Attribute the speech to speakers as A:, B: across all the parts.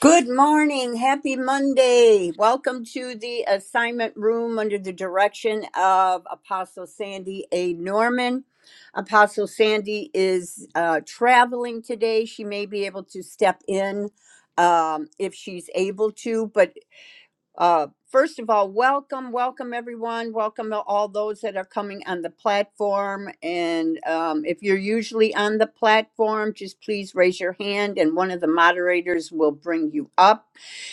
A: Good morning. Happy Monday. Welcome to the assignment room under the direction of Apostle Sandy A. Norman. Apostle Sandy is uh, traveling today. She may be able to step in um, if she's able to, but uh, first of all, welcome, welcome everyone. Welcome to all those that are coming on the platform. And um, if you're usually on the platform, just please raise your hand and one of the moderators will bring you up.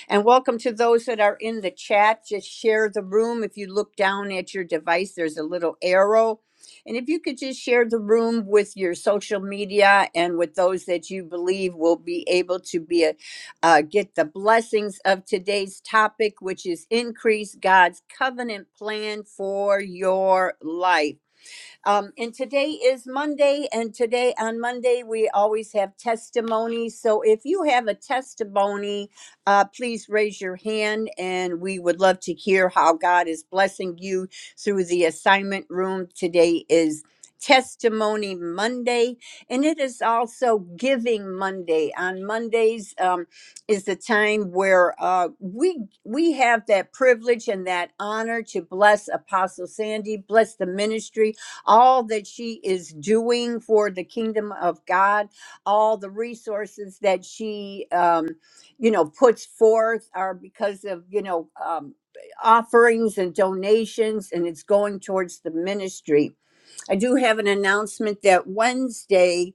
A: And welcome to those that are in the chat. Just share the room. If you look down at your device, there's a little arrow. And if you could just share the room with your social media and with those that you believe will be able to be uh, get the blessings of today's topic, which is increase God's covenant plan for your life. Um, and today is Monday, and today on Monday, we always have testimonies. So if you have a testimony, uh, please raise your hand, and we would love to hear how God is blessing you through the assignment room. Today is Testimony Monday, and it is also Giving Monday. On Mondays um, is the time where uh, we we have that privilege and that honor to bless Apostle Sandy, bless the ministry, all that she is doing for the kingdom of God, all the resources that she, um, you know, puts forth are because of, you know, um, offerings and donations, and it's going towards the ministry. I do have an announcement that Wednesday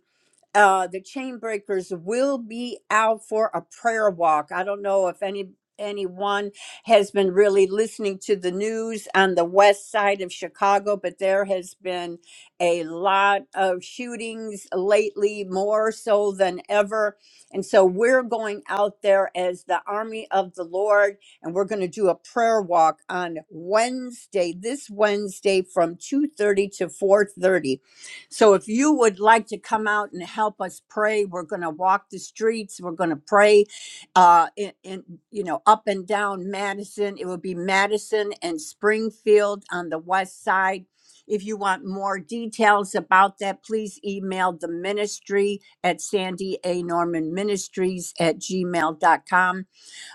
A: uh, the chain breakers will be out for a prayer walk. I don't know if any anyone has been really listening to the news on the west side of Chicago, but there has been a lot of shootings lately, more so than ever. And so we're going out there as the army of the Lord, and we're going to do a prayer walk on Wednesday, this Wednesday from 2:30 to 4:30 so if you would like to come out and help us pray, we're going to walk the streets. We're going to pray, uh, in, in you know up and down Madison. It will be Madison and Springfield on the west side. If you want more details about that, please email the ministry at Sandy A. Norman Ministries at gmail.com.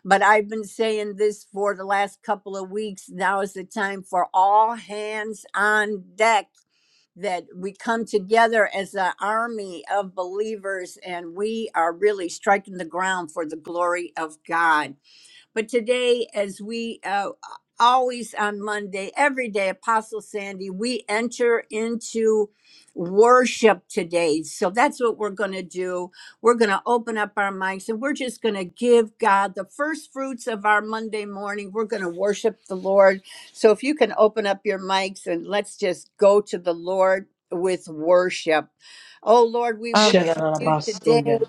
A: But I've been saying this for the last couple of weeks. Now is the time for all hands on deck that we come together as an army of believers and we are really striking the ground for the glory of God. But today, as we uh, always on Monday, every day, Apostle Sandy, we enter into worship today. So that's what we're going to do. We're going to open up our mics and we're just going to give God the first fruits of our Monday morning. We're going to worship the Lord. So if you can open up your mics and let's just go to the Lord with worship. Oh Lord, we worship
B: Hallelujah.
A: you today.
C: Sharabasuya.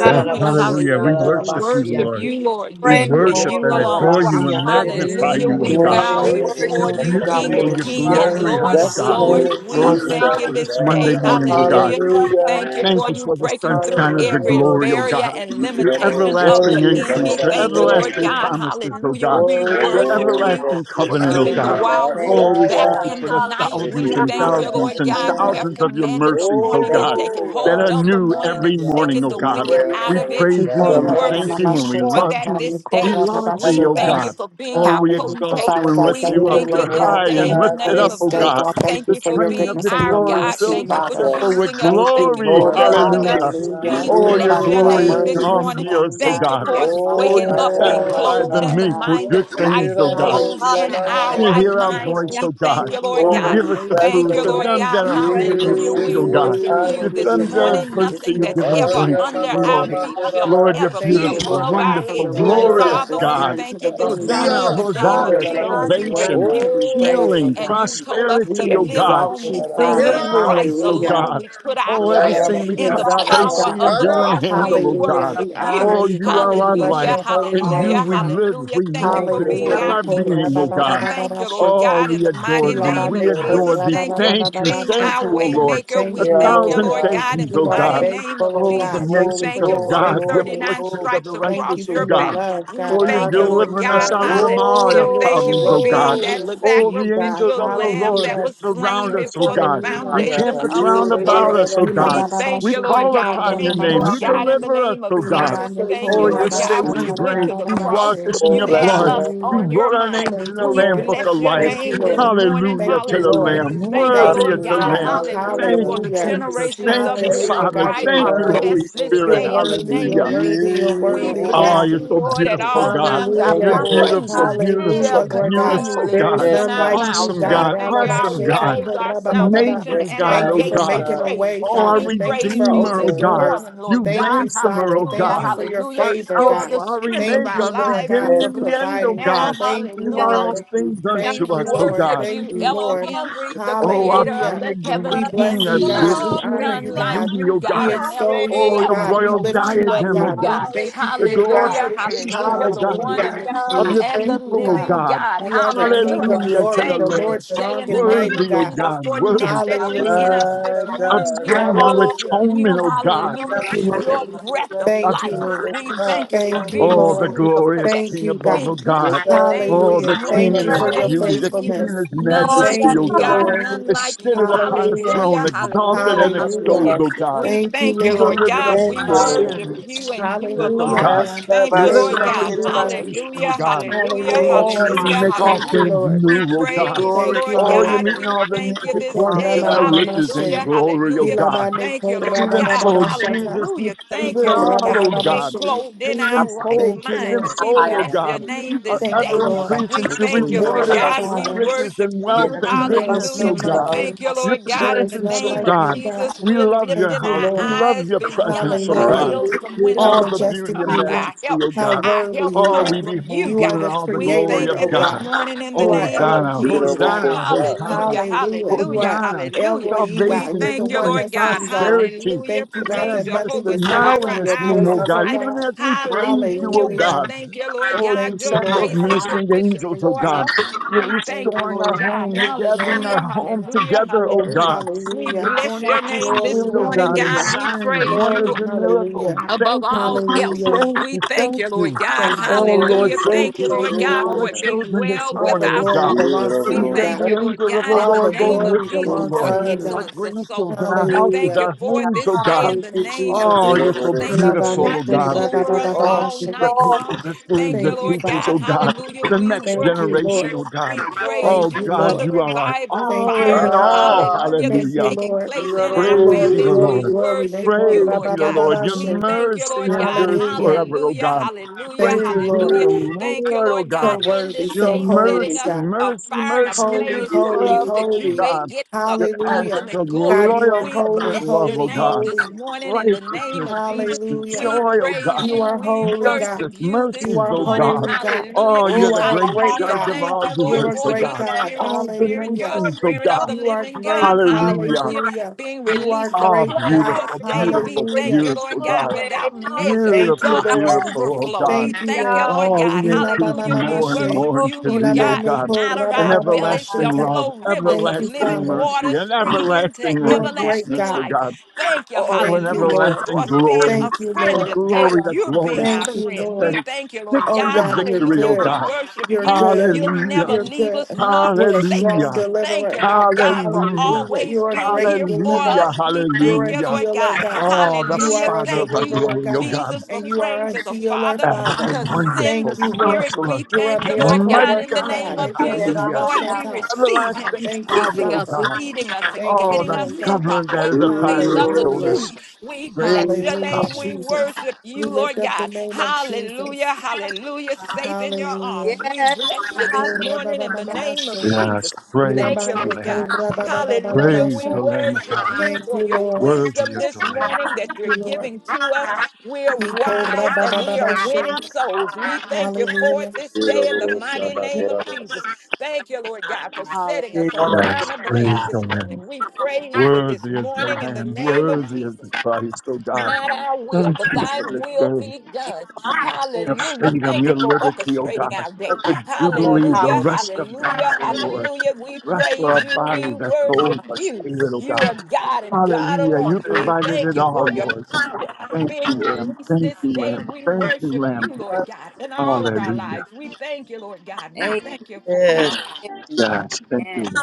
A: I
D: Yes,
C: Yarabasu.
D: hallelujah. We
B: Hallelujah. We
D: worship you,
B: worship
C: Yarabasiyande.
D: Lord.
B: you, Lord,
D: We
A: pray
E: Thank
B: you
E: you,
B: and
D: worship
B: you
E: Lord.
D: and
B: alone.
D: adore
A: you are
D: you and
C: Yorabasiyande.
D: magnify
B: Hallelujah.
D: you, oh
B: We
D: God.
A: all
C: Yosha.
B: bow
F: Lord
E: Rabababasoriandarabashende.
F: of
G: Glory,
F: us,
A: worship.
D: You're
B: before
F: just
G: glory,
C: Oh
B: you,
F: like
C: God, we
B: King
F: you
D: beautiful.
F: are,
B: of
G: glory.
E: Thank
D: You're
E: you,
C: worship.
B: King and
E: Father.
D: glorious,
B: Lord
D: oh
B: of
G: Bless the
D: God.
C: Yarabasiyande.
F: who
E: Rababasoriandarabashe.
F: is
B: Lords.
G: name of
B: We
F: pleased
D: Lord,
F: with
D: thank
G: Jesus.
B: thank
D: you
B: you
F: God, we
D: for
C: Yarabasuya.
B: this
D: this Monday
B: day.
F: magnify
D: morning, oh
F: you, we
A: that
D: God.
B: Hallelujah.
A: You are Jehovah.
G: Hallelujah.
B: Thank
F: grow.
B: you
D: Thank
B: for
D: you
B: you
D: for the
E: Hallelujah.
B: breaking through
D: sunshine of your
G: Hallelujah,
B: every
A: Oh,
G: Lord
D: glory, O
B: barrier
D: God.
G: Jesus.
B: and
F: You
D: Your
F: are our
B: limitation of
F: Father,
D: everlasting
B: the
G: Worthy is
F: God
G: the
D: increase,
F: of
B: enemy.
D: your
F: us,
B: Thank you,
G: Lamb,
B: Lord
D: everlasting
G: worthy,
F: Satanaya.
B: God.
D: promises, O
B: Hallelujah.
D: God.
B: We
F: Oh,
D: Your
G: worthy.
B: worship
F: Lord
B: you
F: of
D: everlasting
G: We
B: for
F: us,
D: covenant, O
F: Lord
G: honor
B: keeping the
G: you.
D: God.
F: of
G: We
B: wild
F: us,
G: thank
D: Oh,
B: wolves
G: you,
D: we
B: back
F: Shaya,
D: thank you
A: Hallelujah,
B: in
G: God.
D: for
B: the
D: the
B: night.
F: the
D: thousands
B: We
G: You're the
D: and
F: glory
B: thank
F: of
B: you,
G: great
A: hallelujah,
D: thousands
F: us,
B: Lord
D: and
G: I
B: God.
F: Shia.
B: You have
D: thousands
G: am.
D: of your
B: commanded the
D: mercies, O
B: morning
G: Thank
B: and
D: God,
G: you for
B: taken
F: Oh,
G: your
D: that
B: hold
D: are
B: of
G: awesome
B: the
D: new
B: morning
G: love,
D: every
B: and
G: your
D: morning,
B: shaken
D: O
B: the
G: awesome
F: you
D: God.
B: wicked
F: are
G: grace,
B: out
D: We
B: of
F: our
B: it.
F: Shia,
D: praise
H: Hallelujah,
D: you
B: We
G: your
D: and we
F: Shia.
D: thank
B: worship
D: you
G: mercy,
B: you
D: and we
B: for
D: love
B: that
D: you.
B: this
D: We
B: day.
G: that's
D: love thee,
B: We
D: O
B: thank you
D: God.
B: for
G: everlasting,
B: being
G: God.
D: Oh,
B: our
D: we exalt
A: Lord.
B: potentate.
D: you
H: Father
D: and
H: God.
G: That's
D: lift
B: We
D: you
H: Thank
G: new
H: you,
D: up.
B: thank
G: every
B: you
D: You're
H: Lord
B: this
H: God.
D: high
G: morning,
B: day
D: and
H: Thank
B: in the
H: you
G: God.
H: for
D: lifted
B: name
D: up,
G: Thank
B: of
H: this
D: O
H: day,
G: you.
D: God
H: God.
B: Jesus. Thank
H: Thank you
D: the
B: you
H: for
B: for
H: your
D: train of
B: being
H: goodness
D: your
H: and
B: our
H: your
D: glory
B: God.
H: mercy,
D: fills
B: Thank you
D: our
B: for
H: Father.
D: temple
G: Jesus.
D: with
B: choosing us.
H: Thank you,
B: Thank you for
D: glory.
G: Oh,
H: Lord.
G: da, da, da,
B: using
G: ba,
B: us.
D: Hallelujah.
G: sha,
B: We
H: Hallelujah.
D: Oh, your
B: bless
H: Father,
B: your
H: you are
D: glory is
B: name
H: worthy
B: this
D: on
H: this
B: morning.
D: the
G: Jesus.
D: earth,
H: morning,
D: oh
B: Thank
H: God.
B: you
D: God.
H: We
B: for
F: Oh, you
B: us
H: exalt
D: Oh,
H: you,
B: waking
D: you
G: My
H: God.
B: up,
H: We
B: being
G: God, my
H: lift
D: satisfy
H: you
D: the
B: clothed
H: up,
B: in
G: God.
B: the
D: meek
H: God.
D: with
B: mind
D: good
B: of
E: Yes,
D: things,
B: Christ
D: oh
B: and
F: are
G: Thank
D: God.
G: you,
F: our
B: clothed
G: Jesus.
B: in
H: Hallelujah,
B: our
A: Hallelujah,
H: Father.
G: Thank
D: You
B: right
G: you,
D: hear
H: Thank
D: our
H: you,
F: Shia,
G: Jesus.
B: minds.
H: Lord,
D: voice,
A: hallelujah.
D: oh
B: We
H: for
B: thank
D: God.
H: who
B: you,
H: you
B: Lord
D: You
H: are.
B: God.
G: Oh,
D: give
G: we
D: us the
H: Thank
G: bless
H: you,
B: Thank
D: food.
G: your
B: you,
D: To
G: name.
H: Lord
B: Lord
A: Great,
E: Hallelujah.
D: them
B: God.
D: that are
H: for
D: hungry,
A: great,
H: your
D: you
B: Hallelujah.
D: feed,
B: We
D: oh
H: mercy.
G: We
D: God.
H: Thank
B: worship
H: you,
F: Shia. Yeah.
G: honor
D: To
B: you
H: Lord,
G: you.
H: that
B: this
G: We
H: your
D: them that are
G: love
B: morning.
G: you.
H: mercy
G: We
H: is
D: thirsty,
B: Nothing
D: you
H: new
G: thank
B: that's
D: give
H: each
D: them
G: you.
H: and
B: ever
D: drink,
F: Aya
H: every
B: under
D: oh
F: mama
B: our
D: Lord.
F: mama
H: morning.
B: feet
A: yeah,
B: shall
F: koraba
D: Lord, you're
G: Thank
B: ever
G: you
B: be
H: Thank you,
G: for
F: si
A: hallelujah,
G: your
D: beautiful,
H: Lord
B: above
E: Lord.
G: goodness
B: our
H: God, from
A: hallelujah.
D: wonderful,
G: and
H: the
B: heads.
G: your
H: rising
F: ura
G: loving
D: glorious
H: of
B: Father,
H: the
B: we
G: kindness.
D: God.
H: sun to
B: thank
H: the
B: you
G: God.
B: this
H: going
E: Hallelujah.
H: down
B: morning
H: of
D: Hosanna,
B: in
H: the
B: the
F: yes
H: sun.
G: Oh,
B: name
A: Glory
G: da
E: Nobody
B: of
H: Your
D: Hosanna,
G: la
E: can
G: la
H: name
B: Jesus.
G: ba
H: is
A: and honor.
B: You
G: sha
D: salvation,
H: worthy
G: da.
H: to
B: rebuked
H: be
B: death
F: oh
H: praised, Lord
D: healing,
B: and
H: God.
B: you told us to
D: prosperity,
H: We
D: oh
B: live
G: Yes,
D: God.
H: exalt
B: on.
G: da
H: you,
G: la
B: We
G: la ba
B: thank you
F: get
H: Father.
G: sha
B: in
G: da.
F: us
B: Christ
D: Deliverance, oh
H: Hallelujah.
B: alone.
D: God.
B: We put our
D: Oh,
G: Yeah, Da
F: aya
G: la la
B: trust
G: ba
D: everything we
H: We
A: hallelujah,
G: sha
B: in the
D: touch,
G: da, da
H: exalt
G: la
H: you,
G: ba
D: taste,
B: power
A: hallelujah.
D: see,
H: God.
G: sha
B: of
D: and
B: the
D: do
G: da.
F: ara
D: and
B: cross.
D: handle,
B: We
D: oh
H: Hallelujah.
D: God.
E: come
B: worship
H: We
E: around
B: you
H: honor
D: Oh,
H: you,
D: you
G: Jesus,
H: God.
D: are
H: We
D: our
H: bless
G: Jesus.
B: Hallelujah,
D: life.
H: your holy
D: In
E: all the
D: you
B: hallelujah,
H: name,
E: eyes.
D: we
H: God.
D: live,
B: hallelujah.
D: we
B: Thank you
G: Thank
D: move,
B: for
G: you,
D: and
H: Hallelujah.
B: being
D: have
G: Lord
H: They
B: our
D: our
G: Jesus.
H: called
E: Thank
B: keeper.
E: you,
D: being, oh
E: Lord.
B: We
D: God.
B: thank you, Lord
D: Oh,
B: God, in
D: we
B: the
D: adore
B: mighty
D: thee.
B: name
G: Thank
D: We
G: you,
B: of
G: Lord
D: adore
B: Jesus.
D: thee.
B: Thank
G: Jesus.
B: you for
D: Thank you.
B: being
D: Thank
B: our
D: you, O
B: way
D: Lord.
B: maker.
D: A
H: Thank
G: We
B: We
H: you,
G: are
B: thank you,
G: for
D: thousand
H: Lord.
B: Lord
D: thank
G: body.
B: God,
D: yous,
B: in the
H: You
D: O
G: We
H: are
B: mighty
D: God.
G: are.
B: name
H: faithful,
B: of
H: oh
D: Oh, the
B: Jesus.
H: God. Thank
G: Glory,
H: you
D: mercies
H: for
B: Thank you
H: your
D: of
B: for
G: glory,
B: the
D: God, the
G: glory,
H: faithfulness.
B: 39
G: glory.
D: afflictions of the
B: stripes
H: Thank you
B: across
D: righteous, O
H: for
B: your
H: your
B: back.
D: God.
H: love,
B: We
H: God.
D: Oh, you're
B: thank you,
G: Honor
B: Lord
G: you,
D: delivering us
B: God.
H: Hallelujah.
D: out
G: honor
D: of
G: you,
D: them all
B: Hallelujah.
H: We
D: our
G: God.
H: lift
B: Thank you
H: you
D: problems,
B: for
D: O
H: up,
D: God.
H: God.
B: being
H: We
F: oh
B: that
H: look to
D: Oh,
H: you,
D: the
H: God.
D: angels
B: sacrificial
D: of the
B: lamb
D: Lord
B: that
D: that
H: Hallelujah.
B: was slain
D: surround us,
E: Hallelujah.
D: O
B: before the
D: God,
H: Hallelujah.
G: We are
B: foundation
G: my
D: encampeth
B: of the
D: round
F: yero
G: Savior,
B: world.
D: about
F: yero
D: us, O
F: bako
E: Hallelujah.
B: We
D: God.
B: thank
D: We
B: you, Lord
D: call
B: God.
D: upon
E: Thank
D: your
B: Thank
E: you,
B: you,
D: name.
B: Lord
D: You
E: Father.
B: God, in
G: Jesus,
B: the
D: deliver us,
B: name
D: O
B: of
D: God.
B: Jesus.
E: Praise
B: Thank
E: you
D: Oh,
B: you,
E: this
D: your
B: Lord
G: Jesus,
B: God,
E: morning.
B: when you
D: saving
G: Jesus.
B: went
D: grace.
B: to the
D: You wash
B: cross.
D: us in
G: Oh,
B: You
D: your
E: Thank you.
B: had
G: bless your
D: blood.
G: name,
B: us
D: You
H: Hallelujah.
B: on your
D: wrote our
B: mind.
D: names in
H: Thank
D: the
H: you,
B: We
D: Lamb
H: Lord.
D: Book
E: Thank
D: of
B: bless
E: you.
B: your
E: for
D: Life.
H: Thank
G: bless
H: you,
B: name
G: your
B: this
E: strength.
G: name.
H: Lord.
B: morning.
D: Hallelujah
H: Thank you,
D: to the
B: Hallelujah.
H: Lord.
D: Lamb.
E: meaningful
B: Thank you,
E: blessings
D: Worthy
H: Thank
D: is
B: Lord
H: you,
D: the
E: that
B: God.
G: Hallelujah,
E: you
H: Father.
D: Lamb.
E: need
B: Hallelujah.
D: Thank
G: hallelujah.
B: For
D: you,
B: the
H: Hallelujah.
E: every
D: Jesus.
B: generations
E: single
D: Thank
B: of
D: you,
B: the
E: day.
H: Hallelujah.
D: Father.
H: God,
B: upright
H: you're
D: Thank
B: are
D: you,
G: Because,
D: Holy
H: worthy.
B: blessed this
G: oh my
H: You're
D: Spirit.
B: day
E: Thank
G: God,
B: in
E: you,
B: the
H: worthy.
B: name
H: You're
D: Hallelujah.
B: of
H: worthy.
B: Jesus.
H: You're
B: We
F: yero
H: worthy,
G: thank you,
F: boro
D: Oh,
H: God.
B: bless
D: you're
B: you,
G: Jesus.
D: so
B: Lord, at
D: beautiful,
B: all
A: Lord,
D: God.
B: times. Our-
E: thank
G: Thank
E: you,
D: You're
B: Your
A: I
G: you,
H: Hallelujah.
E: Lord.
G: Lord
D: beautiful,
G: Jesus.
A: hallelujah.
B: praises
A: thank
D: beautiful,
H: Hallelujah,
B: shall
A: you,
H: Lord God.
D: beautiful,
A: Lord.
B: continually
H: There is
D: God.
B: be
G: Yes,
B: in
H: none
B: our
E: Thank
G: God,
H: like
E: you,
G: yes,
H: you,
B: mouths.
D: Awesome,
G: God,
B: We
H: God.
D: God.
G: yes,
B: thank you.
G: God,
B: Our
D: Awesome, God.
H: Alabashete
B: walls, our
H: korabababa.
B: salvation,
D: Amazing,
G: yes,
B: and our
D: God.
H: Thank
G: God,
H: you
D: Oh,
H: for
G: yes,
B: gates of
D: God.
H: making
G: God.
H: a
B: praise
H: way,
D: Oh, our
H: Father.
B: we
H: Thank you
B: praise
H: for
B: you
G: Jesus,
D: Redeemer, oh
H: open
B: this
G: yes, God,
D: God.
H: doors.
B: morning,
D: You
B: Lord
H: Thank you,
B: God.
D: ransomer,
H: Father.
D: oh
H: Thank
B: Hallelujah.
H: you
E: thank
D: God.
H: for
E: you,
H: your
B: Hallelujah.
D: Our
H: favor,
B: You're
D: Alpha,
B: the
H: God.
D: our
B: strength of
H: Thank
B: our
H: you,
D: Omega, the
H: Lord
B: lives.
H: God,
D: beginning
B: We
G: Yes,
H: for
D: and the
B: bless
D: end,
B: your
D: oh
H: providing, God.
A: Oh,
D: God.
B: name.
H: Thank you,
D: You
A: hallelujah,
B: Hallelujah.
D: are all
A: hallelujah.
H: Lord.
E: thank you.
D: things
B: We
H: Thank
D: unto
H: you,
D: us, oh
H: Lord.
B: worship
D: God.
B: you,
H: Thank you,
G: Jesus,
H: Lord.
B: Elohim,
A: Glory to
B: the
A: the
D: Oh, our
B: creator
A: Lord.
B: of
H: Hallelujah.
B: the
D: bridegroom, our
H: We
B: heavens
H: bless
B: and
D: king,
H: you,
D: our
B: the earth.
D: good
H: God.
G: Jesus,
H: We
D: king and
A: Glory,
H: honor
D: his
B: None
H: you,
B: like
H: God.
D: beauty,
A: glory,
B: you,
D: oh
H: We
B: God,
D: God.
B: and there
H: extol
B: will
H: you, oh
D: Oh,
A: glory.
D: your
B: never
H: God.
B: be
H: We
D: royal
B: a
H: lift you
B: one like
H: up,
D: diadem, oh
G: Jesus,
B: you,
H: God. We
B: God.
D: God.
A: Hallelujah,
H: thank you,
D: The
H: dear God.
B: Hallelujah,
D: glorification,
B: hallelujah,
D: oh
B: the
D: God,
B: one and
H: Hallelujah.
B: the
E: Hallelujah.
D: of
B: true
D: your
B: and
G: Jesus,
B: the
D: people,
H: Thank you,
D: oh
H: God.
B: living
D: God.
B: God.
E: Oh,
H: You
E: God,
H: are the
E: that I
H: King
B: Hallelujah.
H: of
E: love
D: Hallelujah to
E: you.
H: glory,
G: Jesus.
D: the
H: the
B: Thank you
H: Lord
D: Lamb.
B: this
E: That I love
B: day
H: strong
B: in the
H: and
B: name
H: mighty
B: of
D: Worthy, oh
H: God.
A: hallelujah.
B: Jesus
D: God,
B: for
E: you.
D: worthy.
E: That I
A: Hallelujah.
E: love you.
G: My
B: fetching
H: Hallelujah.
B: in us this
D: A
B: morning.
G: God,
B: We
D: friend, our
A: Glory,
B: worship
G: hallelujah.
B: you,
D: atonement, oh
A: glory,
D: God.
E: That I
B: hallelujah
H: Thank
E: love you.
H: you, Lord.
B: your
A: glory.
G: Somebody
B: breath
G: bless
B: of
G: you,
H: Thank
D: Abs-
H: you,
B: life.
G: God,
H: Lord.
G: yes,
B: We
G: God.
B: thank you for
H: Thank you,
B: being
D: Oh,
B: the
D: the
H: Lord.
B: root
G: Something
B: of
D: glorious
H: Thank
B: Kadesh.
D: King
H: you,
D: above,
B: We
D: O
H: God.
B: bless
D: God.
B: your name
D: Oh,
A: We
B: this
H: Hallelujah.
D: the
E: Thank
D: King
B: morning
H: Thank
E: you,
D: in
B: in
H: you
B: the
D: his
H: for
A: praise
H: your
B: name of
D: beauty,
A: you,
D: the King
B: Jesus.
D: in
H: faithfulness.
D: his
B: None
A: glory,
B: like
D: majesty,
A: and
H: Thank
D: O
B: you,
H: you,
D: God.
B: God,
H: Lord.
B: none
D: Is
B: like you.
D: seated upon a
H: Hallelujah.
D: throne,
B: Hallelujah,
D: exalted
B: hallelujah,
D: and
E: thank
B: hallelujah.
H: Hallelujah.
D: extolled,
G: about
E: you,
D: O
G: you.
D: God.
B: We
H: Thank you,
B: thank
D: You
B: you, Lord
H: Lord.
D: delivered
E: thank
B: God.
D: us
E: you,
B: We
G: Thank
D: from
G: you,
E: Father.
D: sin
G: Lord.
B: worship
D: and
B: you and you
D: sickness, O
E: Oh,
H: Hallelujah.
B: alone.
D: God.
E: God,
G: Master,
E: that
B: Thank
E: I
B: you,
G: say
B: Lord
D: Delivered us
E: shine, that
B: God.
E: I
D: from
E: love
H: Hallelujah.
E: you.
D: temptation, O
B: Hallelujah,
D: God.
G: yes.
B: hallelujah,
E: Thank
H: Hallelujah,
E: you,
D: Oh,
G: Lord.
D: you
H: Jesus.
B: hallelujah,
D: make
E: Jesus.
D: all
H: Thank you,
B: hallelujah.
D: things
H: Lord.
B: We
D: new, O
E: Be
G: You
D: God.
G: can
B: praise you,
G: take
H: Thank you,
B: Lord
G: my
D: Oh,
E: glorified
D: you're
H: Lord.
B: God.
E: today.
D: meeting
B: We
D: all the
B: thank you
D: needs
G: whole
B: this
D: according
H: Ikora
D: to
B: day.
D: thy
G: life.
H: mama mama
E: Hallelujah.
D: riches and
H: she.
B: Hallelujah,
D: glory, O
B: hallelujah.
D: God.
H: Ilabane
B: Thank you,
D: Pay
H: kora
B: Lord
D: them
H: baba
B: God.
D: full,
H: baba shata.
D: Jesus. You
B: Hallelujah.
D: paid
B: Thank
D: it
B: you,
D: all,
B: Lord
H: Ikora
B: God,
H: baba
D: oh
B: for
H: baba
B: being
D: God.
H: she.
B: clothed
D: Pay
B: in
D: them
B: our
D: full,
B: right
H: Thank you,
D: pay them
B: minds.
C: Yarabasuya.
H: Lord.
B: We
D: full, oh
A: Ramahaya.
B: bless your
D: God.
B: name
D: Our
B: this
H: Thank you,
B: day.
D: ever
H: Lord.
D: increasing,
B: We
D: you
B: thank
C: Yarabasuya.
B: you,
H: Thank
B: Lord
D: rewarded
H: you,
D: us
B: God.
D: with
B: We
H: Father.
D: riches
B: worship
D: and wealth
B: you.
D: and
H: There is
D: goodness,
B: Hallelujah.
C: Yarabasuya.
D: oh
H: none like
D: God.
B: Thank
H: you.
B: you,
C: Yarabasuya.
D: Your
B: Lord God.
H: There
B: In the
H: is
D: presence,
H: none
D: oh
B: name
H: like
B: of
H: you,
D: God.
B: Jesus,
H: God.
D: We
B: we're
D: love your
H: Thank
B: lifting
H: you,
D: house.
B: our
D: We
H: Lord.
D: love
B: eyes
D: your presence,
B: beyond
D: oh
B: the
H: Hallelujah.
D: God
B: hills
G: Hallelujah.
B: from
G: Get
B: when
H: how
G: up
D: all the
B: whence
D: beauty
H: majestic
D: and
B: cometh
H: you are,
B: our
D: majesty,
B: help.
D: O
H: how
D: God.
B: Our
H: worthy
B: help
H: you
D: Oh,
B: coming
D: we
H: are.
B: from you,
D: behold
H: You
D: you
H: are
D: in
B: God.
H: the
D: all the
B: We
D: glory
H: creator,
B: thank
G: and
B: you
D: of
H: oh
B: this
D: God.
H: God.
B: morning in the
H: You are
B: name of
D: Hosanna,
F: yero
H: Elohim,
B: Jesus.
H: God.
F: boko
D: Hosanna,
F: sa
D: Hosanna,
B: Hallelujah.
H: Hallelujah. You
B: Hallelujah.
H: are
D: Hosanna.
B: Hallelujah.
H: Elroy,
B: We
H: God.
D: Salvation,
H: You're the
B: thank you,
H: one
D: healing,
H: that
B: Lord God.
H: sees all.
D: prosperity.
B: Hallelujah
H: Thank
B: for
H: you, God,
B: being
H: that nothing
B: Jehovah
D: Manifested
H: is
D: now
H: hidden
D: in
B: Jireh,
H: from
D: this
H: your
B: our
D: room,
G: say,
D: O
G: I'm
H: presence,
D: God,
H: oh
B: provider.
D: even
H: God.
D: as we praise you,
B: Hallelujah.
D: O
G: thankful.
B: We
H: Hallelujah.
D: God.
B: thank you, Lord
D: Oh, you
B: God.
H: Thank you,
B: Your
D: send those
H: Lord.
B: grace is
D: ministering
B: sufficient
D: angels,
H: Thank
D: oh
B: for
D: God.
B: us.
D: You're
B: We
H: thank
B: thank
H: you,
B: you,
D: restoring our
B: Lord
H: Lord.
B: God.
D: home.
H: Thank you,
D: You're gathering
H: Lord.
D: our
B: Hallelujah.
D: home
B: Hallelujah.
D: together, oh
H: Glory,
B: Hallelujah.
D: God.
B: We
D: You're
H: hallelujah.
B: bless
D: pouring out
B: your
D: your
B: name this
H: Glory,
D: spirit, oh
B: morning,
D: God, and
B: God.
H: hallelujah.
B: We
D: signs,
B: praise
D: wonders,
B: you
H: Glory,
D: and miracles.
H: hallelujah.
B: above
D: Thank you.
B: all else.
H: Hallelujah.
D: Thank
B: We
D: you.
B: thank
D: Thank
B: you, Lord
D: you.
B: God.
H: Thank
D: Oh
H: you, Lord.
D: Lord,
B: Hallelujah.
G: Glory,
D: thank
B: Thank you,
D: you
G: glory,
D: for
B: Lord
H: Thank
D: even
H: you,
B: God,
D: all
G: glory.
B: for
D: the
B: it
H: Father.
B: being
D: children this
B: well
H: All
B: with
H: the
D: morning,
B: our
D: oh God.
H: glory
F: yero
B: souls.
H: belongs to
D: You
B: We
H: you,
F: boro
D: send
H: God.
D: the
B: thank
G: Bless
B: you, Lord
D: angels of the
B: God, in
H: All
B: the
H: the
D: Lord go
B: name of
D: with
H: glory
D: them, oh
B: Jesus
G: and
H: belongs
B: for
H: to
D: Lord.
H: you,
G: honor.
D: Our
H: God.
B: excellence of soul.
D: grandchildren, our
B: We
D: houses,
B: thank
H: Hallelujah.
B: you
D: our
B: for it
A: hallelujah.
D: homes,
B: this
D: oh
B: day
D: God.
B: in
H: Thank
B: the
H: you,
B: name of
A: Hallelujah.
D: Oh,
H: Jesus.
F: yero
D: you're so
B: Jesus.
F: boro
B: Thank
F: sa
B: you for
D: beautiful, oh
H: Thank
F: teki
B: watching
D: God.
B: over
F: sikiri
B: us
F: anda
D: Oh,
B: all
D: teach the
B: night
A: Glory.
D: people,
B: long.
D: the
A: We
D: schools,
B: Thank you,
D: the
H: you,
B: Lord
D: teachers,
B: God.
H: Father.
D: oh God,
B: Hallelujah.
D: the
B: We
A: give
D: next
H: Thank you,
B: worship
H: Lord.
D: generation,
B: you.
D: oh
A: you,
D: God.
B: We
A: the glory,
B: praise
D: Oh
H: Thank you,
B: you for
D: God,
H: Lord.
B: the
D: you are our
B: revival
H: Thank
D: all
H: you,
D: and in
B: fires.
H: Lord.
D: all.
F: ah
B: Hallelujah. That's
H: Thank you,
D: Hallelujah.
B: taking
H: Lord.
B: place in
F: yero
B: our
F: boro
D: Praise ye
H: Glory,
D: the
B: families.
H: glory,
B: We
D: Lord.
H: glory.
B: worship you,
D: Praise ye
B: Lord
D: the
B: God.
D: Lord. Your
B: We thank you,
D: mercy
B: Lord God.
D: endures
H: Hallelujah.
D: forever, oh
B: Hallelujah.
D: God.
B: Hallelujah.
H: Thank you,
D: Praise ye
H: Lord.
B: Hallelujah.
D: the
B: Thank you,
D: Lord, oh
B: Lord
H: So
B: God,
D: God.
B: in
H: worthy,
B: this
D: Your
H: so
B: day, setting
H: holy,
D: mercy,
B: us
H: God.
D: mercy,
B: afire and
D: mercy
H: Holy,
D: endures
B: ablaze for
H: holy,
B: you
D: forever,
B: that
D: oh
B: you
H: holy.
B: may
D: God.
B: get the
D: Your acts
H: Hallelujah.
B: ultimate
D: of
H: God, you
B: glory.
D: loyal
H: are
B: We
D: covenant
H: holy,
B: bless
D: love,
B: your
D: oh
H: holy,
B: name
D: God
B: this
H: holy.
B: morning in the name
D: righteousness,
B: of
D: peace,
B: Jesus.
D: and
H: Hallelujah.
B: We
D: joy, O God
B: praise
H: You
B: you.
H: are
B: We
H: holy,
B: worship
D: justice,
H: God.
B: you this
H: You
D: mercies,
H: are
D: oh
B: morning.
D: God.
H: holy, God.
B: Hallelujah.
D: Oh, you're
H: You
D: the
H: are a
A: Glory,
D: great
H: great
B: Hallelujah.
D: judge of
H: God.
B: Thank
D: all
B: you,
D: the
B: Lord,
H: You're
D: earth,
H: a
B: for
D: oh
B: your
H: great
D: God.
H: God.
B: spirit,
D: All the
B: spirit, your
H: Hallelujah.
D: nations, oh
A: glory, glory,
B: spirit of
D: God.
B: the
H: You are
B: living
H: great.
B: God.
D: Hallelujah.
B: Hallelujah
H: Hallelujah.
B: being
H: You are
B: released
D: Oh,
B: upon
H: great,
A: glory,
B: us
H: God.
B: this
D: beautiful,
B: day. We
D: beautiful,
A: glory.
B: thank
H: Hallelujah.
B: you,
D: beautiful
B: Lord God,
D: God.
B: without
A: Hallelujah.
B: measure.
H: Thank you,
D: Beautiful,
B: The
D: beautiful,
H: Lord.
D: oh
B: overflow. We
D: God.
H: Thank you,
B: thank you,
H: Lord.
B: Lord
D: Oh,
B: God.
D: we
H: Bila ba
D: increase
H: ma
B: Hallelujah.
H: ma ma
B: We
D: more and
H: she.
B: worship
D: more
B: you,
D: into
B: Lord
H: Bila
D: thee, oh
H: ba
B: God.
H: ne
D: God.
H: ko
B: Out of
H: ra ba
D: An
B: our
H: ba ba ba
B: bellies
H: she
D: everlasting
B: shall
H: te.
D: love,
B: flow rivers of
H: Thank you,
D: everlasting
B: living
H: Father.
D: mercy,
B: water
D: and
B: springing into
D: everlasting
H: You are great,
B: everlasting
D: righteousness, oh
H: God.
B: life.
D: God.
B: Thank you,
D: Oh, an
H: Thank you,
B: hallelujah,
H: Lord.
B: for
D: everlasting
B: us being
D: glory,
B: a
H: Thank you,
B: friend
D: from
H: Lord.
B: of God.
D: glory to
B: You're
D: glory,
B: being our
H: Thank
D: faith
H: you,
D: to
B: friend. We
H: Lord.
D: faith,
B: thank you, Lord
H: Oh,
D: victory
B: God.
D: to
H: God, you're
D: victory,
B: Hallelujah.
D: oh
H: good.
B: We
D: God.
B: worship
H: You're
B: you.
H: good.
B: You'll
D: Hallelujah,
B: never
H: You're
B: leave us
H: good.
B: nor
H: You're a
B: forsake us.
H: strong
D: hallelujah,
B: Thank
H: deliverer.
B: you, Lord God, for
D: hallelujah,
H: Hallelujah.
B: always
H: You're a
B: being
H: great
B: here for
D: hallelujah,
H: deliverer.
B: us. We thank
H: You're a
B: you,
D: hallelujah.
B: Lord
H: healer,
B: God.
H: God.
D: Oh, the
H: You
B: Hallelujah.
H: are a
D: Father of
B: Thank
D: our
B: you,
H: deliverer,
D: glory, oh
H: God.
D: God,
B: Jesus, for
H: And you are
B: praying
H: a
B: to the
H: healer,
B: Father
D: Ah, the
H: Father.
B: to send
H: Thank
B: the
D: wonderful
H: you, Lord.
B: Spirit.
D: counselor,
B: We
H: You're a
B: thank you, Lord
H: miracle
A: Glory,
B: God,
D: mighty
B: in the
H: worker, God.
B: name
D: God,
B: of
H: Eko
B: Jesus
D: hallelujah,
B: for it.
A: hallelujah.
B: We
H: rabashata.
B: receive Him
D: everlasting
H: Thank you,
D: Father,
B: teaching
D: oh
B: us,
H: Father.
D: God.
B: leading us, and
H: Thank you,
D: Oh,
B: getting
D: the
B: us
H: Lord
B: into
H: God.
D: government that is upon
B: ways
D: your
B: of the
F: yero boro
H: Hallelujah.
B: truth.
D: shoulders.
B: We bless your
D: Praise
H: Hallelujah,
D: God.
B: name. We
H: Jesus.
B: worship
H: We
B: you,
H: lift
B: Lord
H: up the
B: God.
H: name of
B: Hallelujah.
H: Jesus.
B: Hallelujah. Safe in your arms.
H: Hallelujah.
B: We
A: Yes,
B: bless you
A: God.
B: this morning in the name of
H: Korabababababasha.
D: Yes,
B: Jesus. Thank
D: praise
B: you,
D: the
H: Ilabane
B: Lord
D: Lamb.
B: God. Hallelujah.
D: Praise
B: We
D: the
H: korabababababasha.
D: Lamb of
B: worship
D: God.
B: you
H: Thank
B: for
H: you,
B: your
H: Lord. Thank
D: Worthy
B: wisdom
D: is
B: this
D: the Lamb.
B: morning that you're
H: you, Lord.
B: giving to us. We are wise and we are
H: Ikorababababasha.
B: winning souls. We thank you for it
H: Hallelujah.
B: this
F: yero
B: day in the
F: boro
B: mighty name of
F: sa
B: Jesus. Thank you, Lord God, for setting
G: Yeah,
B: us
G: I
A: Hallelujah.
G: love
B: afire
D: Yes,
B: and ablaze
D: praise the
B: this
D: Lamb.
B: morning. We praise you this
D: Worthy is the
B: morning in the
D: Lamb.
B: name of
D: Worthy is
B: Jesus.
D: the Christ, oh God.
B: Not our will,
D: Thank
B: but
D: you for
B: thine
D: this
B: will
D: day.
B: be done.
A: Amen.
G: you.
D: The
B: Hallelujah.
D: freedom,
B: Thank you
D: your
B: for
D: liberty, oh
B: orchestrating
D: God.
B: our day.
G: Love
D: The
G: you. Love
D: jubilee,
G: you,
D: the
B: Hallelujah.
G: Lord.
D: rest of God,
B: Hallelujah.
D: oh Lord.
B: Hallelujah. We
D: Rest for
B: praise
D: our
B: you. We
D: bodies, our souls,
B: worship
D: our
B: you.
D: spirit, oh
B: You are
D: God.
B: God and God
D: Hallelujah.
B: alone.
D: You
B: We
D: provided
B: thank
D: it
B: you
D: all,
B: for your
D: Lord.
B: power
D: Thank
B: being
D: you, Lamb.
B: released
D: Thank
B: this
D: you,
B: day.
D: Lamb.
B: We
D: Thank you,
B: worship
D: Lamb.
B: you, Lord God, in all of our
D: Hallelujah.
B: lives. We thank you, Lord God. We
A: Hallelujah.
B: thank you for it, God.
G: Yes. Yes.
A: Amen.
D: Yes, thank you,
A: Amen.
D: Lord.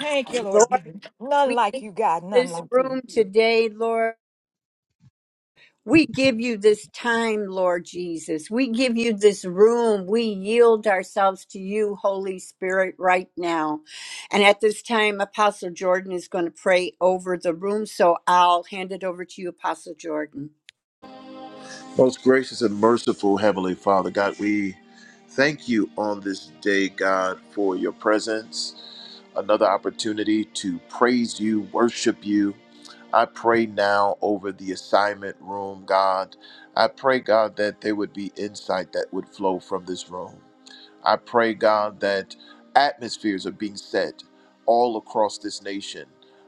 B: Thank you, Lord
A: Lord.
B: God. None like you, God. None
A: this
B: like you.
A: room today, Lord. We give you this time, Lord Jesus. We give you this room. We yield ourselves to you, Holy Spirit, right now. And at this time, Apostle Jordan is going to pray over the room. So I'll hand it over to you, Apostle Jordan.
F: Most gracious and merciful Heavenly Father, God, we Thank you on this day, God, for your presence, another opportunity to praise you, worship you. I pray now over the assignment room, God. I pray, God, that there would be insight that would flow from this room. I pray, God, that atmospheres are being set all across this nation.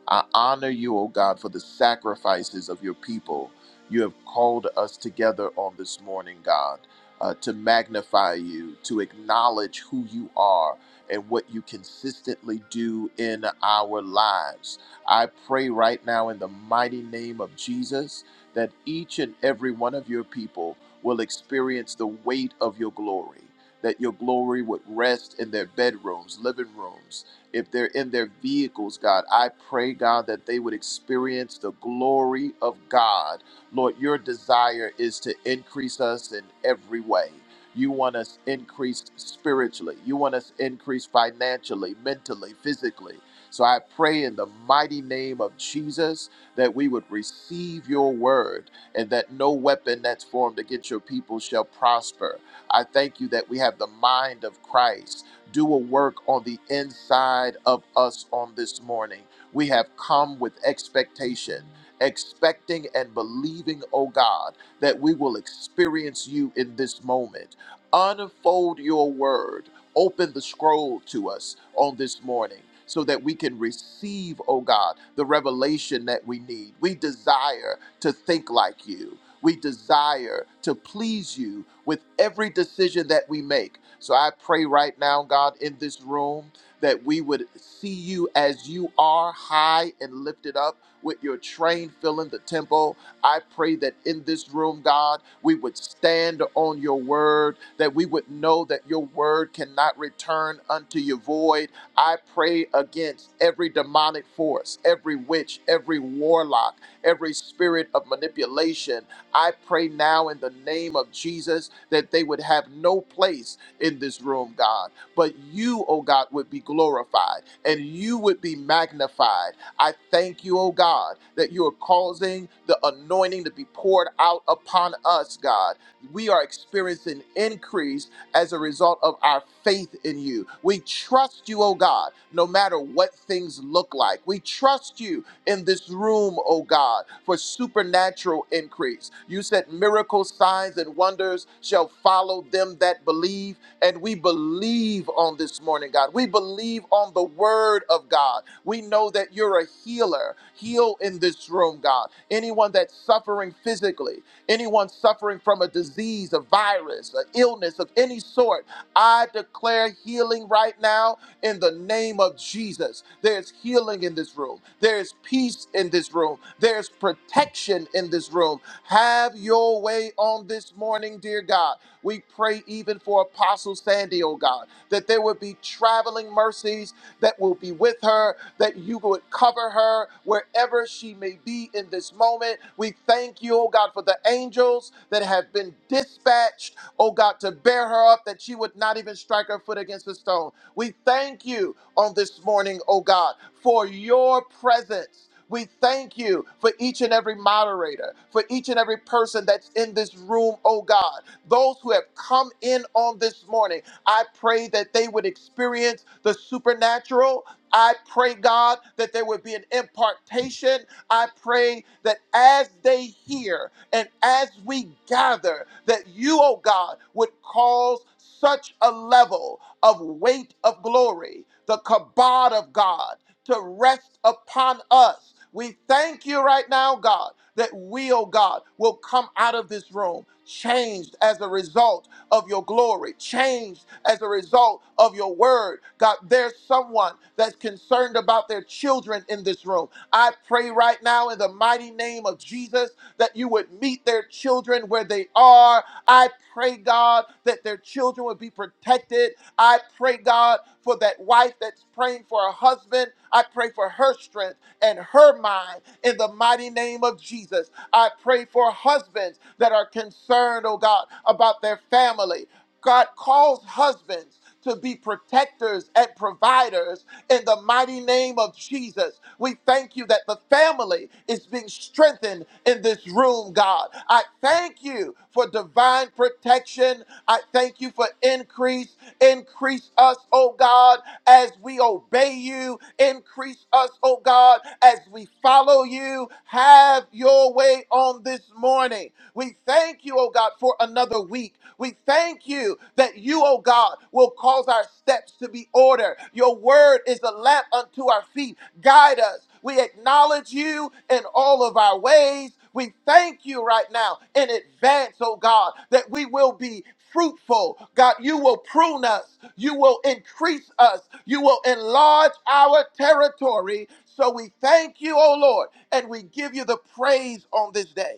F: I honor you, O God, for the sacrifices of your people. You have called us together on this morning, God uh, to magnify you, to acknowledge who you are and what you consistently do in our lives. I pray right now in the mighty name of Jesus that each and every one of your people will experience the weight of your glory. That your glory would rest in their bedrooms, living rooms, if they're in their vehicles, God. I pray, God, that they would experience the glory of God Lord, your desire is to increase us in every way. You want us increased spiritually. You want us increased financially, mentally, physically. So I pray in the mighty name of Jesus that we would receive your word and that no weapon that's formed against your people shall prosper. I thank you that we have the mind of Christ. Do a work on the inside of us on this morning. We have come with expectation expecting and believing, oh God, that we will experience you in this moment. Unfold your word. Open the scroll to us on this morning so that we can receive, oh God, the revelation that we need. We desire to think like you. We desire to please you with every decision that we make. So I pray right now, God, in this room, that we would see you as you are, high and lifted up with your train filling the temple. I pray that in this room, God, we would stand on your word, that we would know that your word cannot return unto you void. I pray against every demonic force, every witch, every warlock, every spirit of manipulation. I pray now in the name of Jesus that they would have no place in this room, God. But you, oh God, would be glorified and you would be magnified I thank you, oh God, that you are causing the anointing to be poured out upon us, God. We are experiencing increase as a result of our faith in you. We trust you, oh God, no matter what things look like. We trust you in this room, oh God, for supernatural increase. You said miracles, signs, and wonders shall follow them that believe. And we believe on this morning, God. We believe on the word of God. We know that you're a healer. Heal in this room, God. Anyone that's suffering physically, anyone suffering from a disease, a virus, an illness of any sort, I declare healing right now in the name of Jesus. There's healing in this room. There's peace in this room. There's protection in this room. Have your way on this morning, dear God. We pray even for Apostle Sandy, oh God, that there would be traveling mercies that will be with her, that you would cover her wherever she may be in this moment. We thank you, oh God, for the angels that have been dispatched, oh God, to bear her up, that she would not even strike her foot against a stone. We thank you on this morning, oh God, for your presence. We thank you for each and every moderator, for each and every person that's in this room, oh God. Those who have come in on this morning, I pray that they would experience the supernatural. I pray, God, that there would be an impartation. I pray that as they hear and as we gather, that you, oh God, would cause such a level of weight of glory, the kabod of God to rest upon us. We thank you right now, God, that we, oh God, will come out of this room changed as a result of your glory, changed as a result of your word. God, there's someone that's concerned about their children in this room. I pray right now in the mighty name of Jesus that you would meet their children where they are. I pray, God, that their children would be protected I pray, God, for that wife that's praying for a husband. I pray for her strength and her mind in the mighty name of Jesus. I pray for husbands that are concerned, oh God, about their family. God calls husbands to be protectors and providers in the mighty name of Jesus. We thank you that the family is being strengthened in this room, God. I thank you for divine protection. I thank you for increase. Increase us, oh God, as we obey you. Increase us, oh God, as we follow you. Have your way on this morning. We thank you, oh God, for another week. We thank you that you, oh God, will cause our steps to be ordered. Your word is a lamp unto our feet. Guide us. We acknowledge you in all of our ways. We thank you right now in advance, oh God, that we will be fruitful. God, you will prune us. You will increase us. You will enlarge our territory. So we thank you, O Lord, and we give you the praise on this day.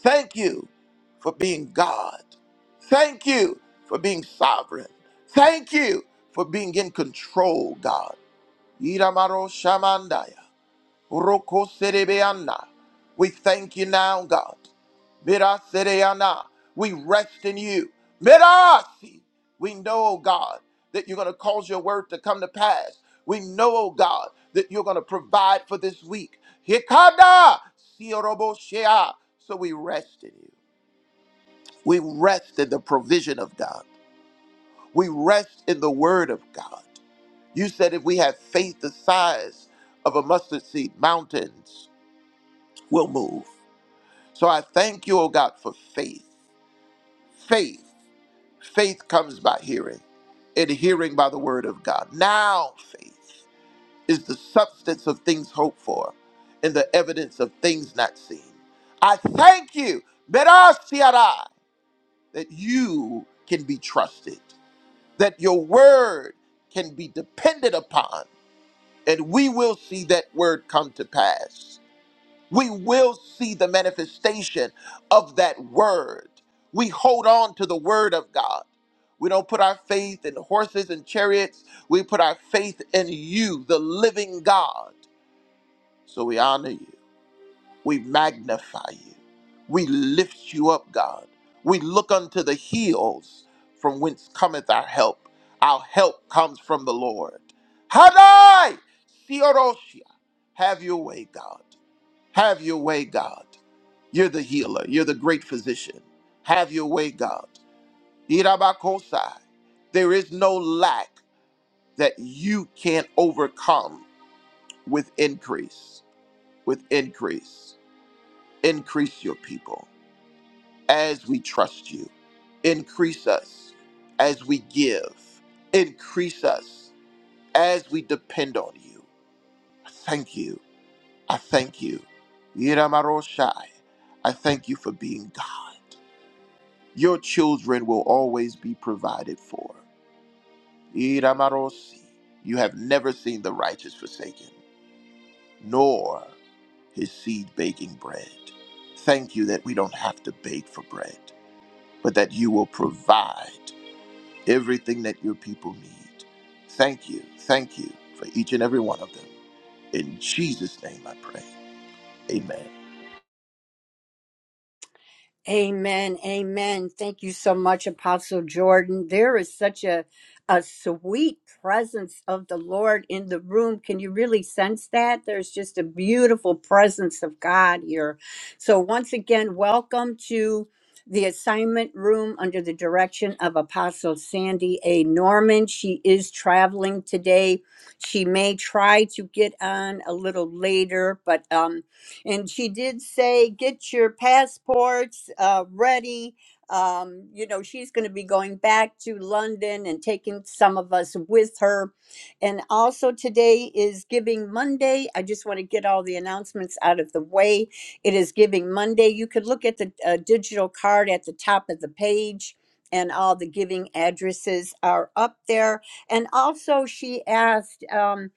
F: Thank you for being God. Thank you for being sovereign. Thank you for being in control, God. Iramaro shamandaya, roko serebeanda. We thank you now, God. Mirasereana, we rest in you. Mirasi, we know, oh God, that you're going to cause your word to come to pass. We know, oh God, that you're going to provide for this week. Hikada, sioroboshea. So we rest in you. We rest in the provision of God. We rest in the word of God. You said if we have faith the size of a mustard seed, mountains will move. So I thank you, oh God, for faith. Faith. Faith comes by hearing, and hearing by the word of God. Now faith is the substance of things hoped for and the evidence of things not seen. I thank you, Berasiara, that you can be trusted, that your word can be depended upon, and we will see that word come to pass we will see the manifestation of that word. We hold on to the word of God. We don't put our faith in horses and chariots. We put our faith in you, the living God. So we honor you. We magnify you. We lift you up, God. We look unto the hills from whence cometh our help. Our help comes from the Lord. Hadai! Sioroshia. Have your way, God. Have your way, God. You're the healer. You're the great physician. Have your way, God. Irabakosai. There is no lack that you can't overcome with increase, with increase. Increase your people as we trust you. Increase us as we give. Increase us as we depend on you. I Thank you. I thank you. Iramaroshai. I thank you for being God. Your children will always be provided for. Iramarosi, you have never seen the righteous forsaken, nor his seed baking bread. Thank you that we don't have to bake for bread, but that you will provide everything that your people need. Thank you, thank you for each and every one of them. In Jesus' name I pray. Amen.
A: Amen. Amen. Thank you so much, Apostle Jordan. There is such a a sweet presence of the Lord in the room. Can you really sense that? There's just a beautiful presence of God here. So once again, welcome to the assignment room under the direction of Apostle Sandy A. Norman. She is traveling today. She may try to get on a little later, but um and she did say, get your passports uh, ready. Um, you know, she's going to be going back to London and taking some of us with her. And also, today is Giving Monday. I just want to get all the announcements out of the way. It is Giving Monday. You could look at the uh, digital card at the top of the page, and all the giving addresses are up there. And also, she asked. Um,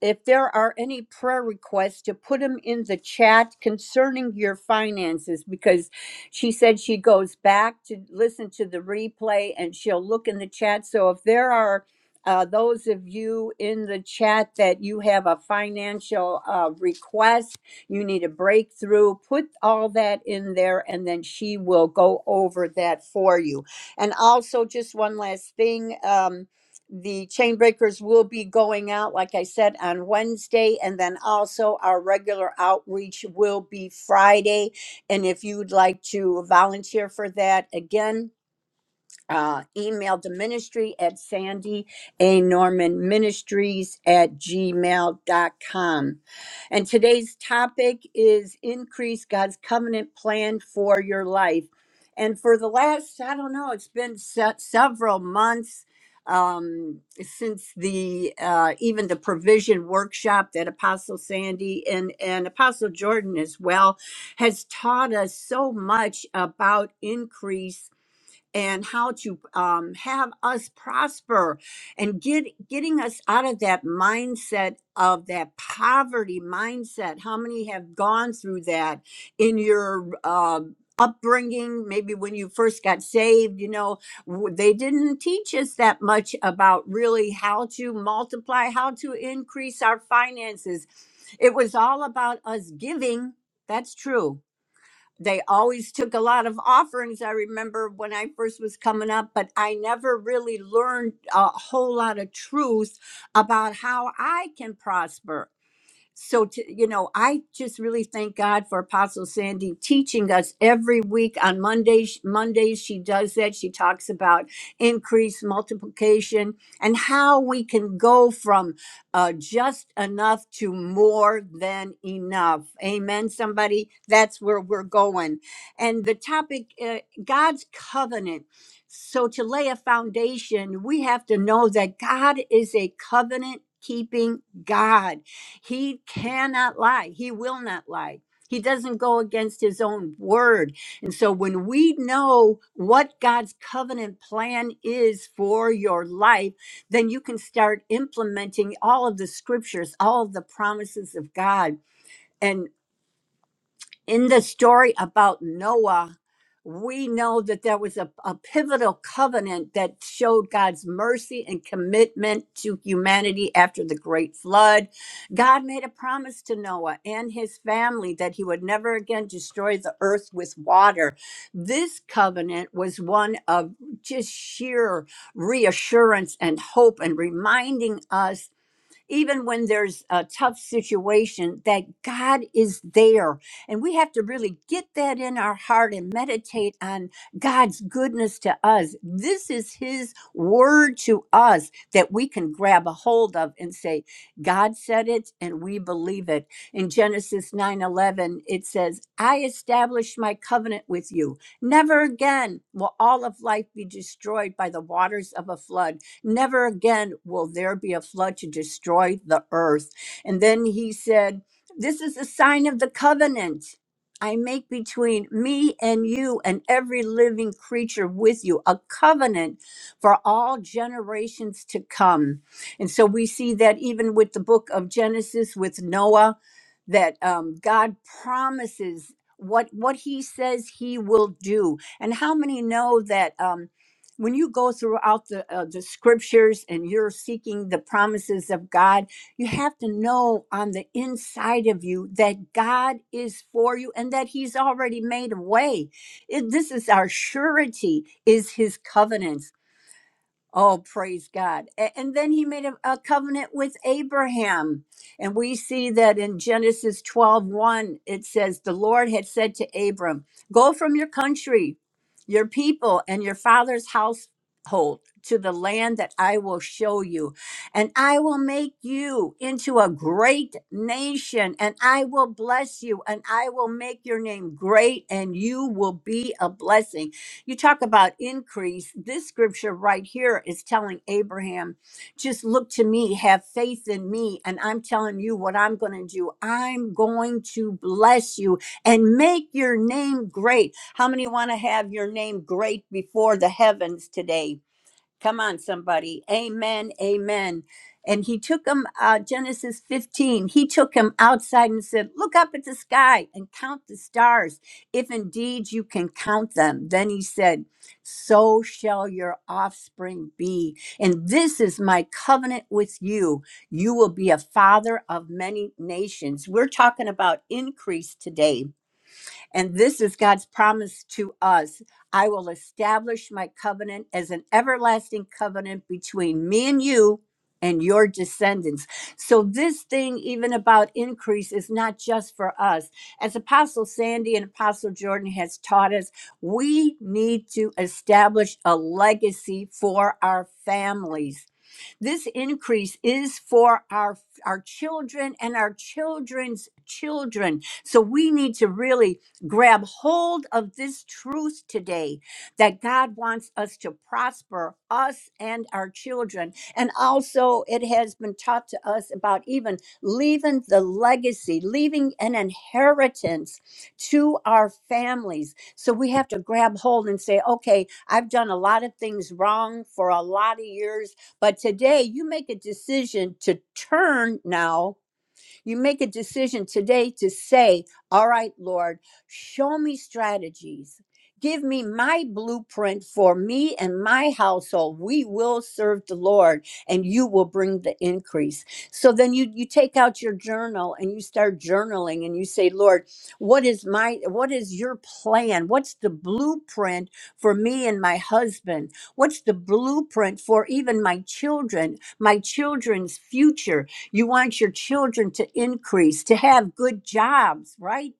A: if there are any prayer requests to put them in the chat concerning your finances because she said she goes back to listen to the replay and she'll look in the chat so if there are uh, those of you in the chat that you have a financial uh, request you need a breakthrough put all that in there and then she will go over that for you and also just one last thing Um, the chain breakers will be going out, like I said, on Wednesday, and then also our regular outreach will be Friday. And if you'd like to volunteer for that, again, uh, email the ministry at sandy a norman ministries at gmail dot com, and today's topic is increase god's covenant plan for your life and for the last i don't know it's been se- several months um, since the uh, even the provision workshop that apostle sandy and and apostle jordan as well has taught us so much about increase and how to um, have us prosper and get getting us out of that mindset of that poverty mindset how many have gone through that in your um upbringing maybe when you first got saved you know w- they didn't teach us that much about really how to multiply how to increase our finances it was all about us giving that's true they always took a lot of offerings. I remember when I first was coming up, but I never really learned a whole lot of truth about how I can prosper so to, you know i just really thank god for apostle sandy teaching us every week on mondays mondays she does that she talks about increase multiplication and how we can go from uh, just enough to more than enough amen somebody that's where we're going and the topic uh, god's covenant so to lay a foundation we have to know that god is a covenant keeping god he cannot lie. He will not lie. He doesn't go against his own word. And so when we know what God's covenant plan is for your life, then you can start implementing all of the scriptures, all of the promises of God. and in the story about Noah, we know that there was a, a pivotal covenant that showed God's mercy and commitment to humanity after the great flood. God made a promise to Noah and his family that he would never again destroy the earth with water. This covenant was one of just sheer reassurance and hope and reminding us even when there's a tough situation, that God is there. And we have to really get that in our heart and meditate on God's goodness to us. This is His word to us that we can grab a hold of and say, God said it and we believe it. In Genesis 9 11, it says, I establish my covenant with you. Never again will all of life be destroyed by the waters of a flood. Never again will there be a flood to destroy the earth. And then he said, This is a sign of the covenant. I make between me and you and every living creature with you a covenant for all generations to come. And so we see that even with the book of Genesis with Noah, that um, God promises what what he says he will do. And how many know that? um, when you go throughout the uh, the scriptures and you're seeking the promises of God, you have to know on the inside of you that God is for you and that He's already made a way. It- this is our surety, is His covenants Oh, praise God. A- And then he made a, a covenant with Abraham. And we see that in Genesis 12 it says, The Lord had said to Abram, Go from your country, your people, and your father's household to the land that I will show you. And I will make you into a great nation, and I will bless you, and I will make your name great, and you will be a blessing. You talk about increase. This scripture right here is telling Abraham, just look to me, have faith in me, and I'm telling you what I'm going to do. I'm going to bless you and make your name great. How many want to have your name great before the heavens today? Come on, somebody. Amen. Amen. And he took him, uh, Genesis 15, he took him outside and said, Look up at the sky and count the stars, if indeed you can count them. Then he said, So shall your offspring be. And this is my covenant with you. You will be a father of many nations. We're talking about increase today and this is God's promise to us I will establish my covenant as an everlasting covenant between me and you and your descendants. So, this thing, even about increase, is not just for us. As Apostle Sandy and Apostle Jordan has taught us, we need to establish a legacy for our families this increase is for our our children and our children's children. So we need to really grab hold of this truth today that God wants us to prosper us and our children. And also it has been taught to us about even leaving the legacy, leaving an inheritance to our families. So we have to grab hold and say, okay, I've done a lot of things wrong for a lot of years but today you make a decision to turn now you make a decision today to say, All right, Lord, show me strategies. Give me my blueprint for me and my household. We will serve the Lord and you will bring the increase. So then you, you take out your journal and you start journaling and you say, Lord, what is my what is your plan? What's the blueprint for me and my husband? What's the blueprint for even my children, my children's future? You want your children to increase, to have good jobs, right?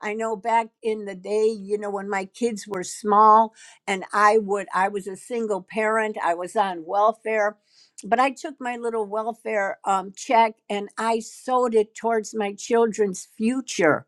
A: I know back in the day, you know, when my kids were small and I would, I was a single parent, I was on welfare, but I took my little welfare um, check and I sewed it towards my children's future.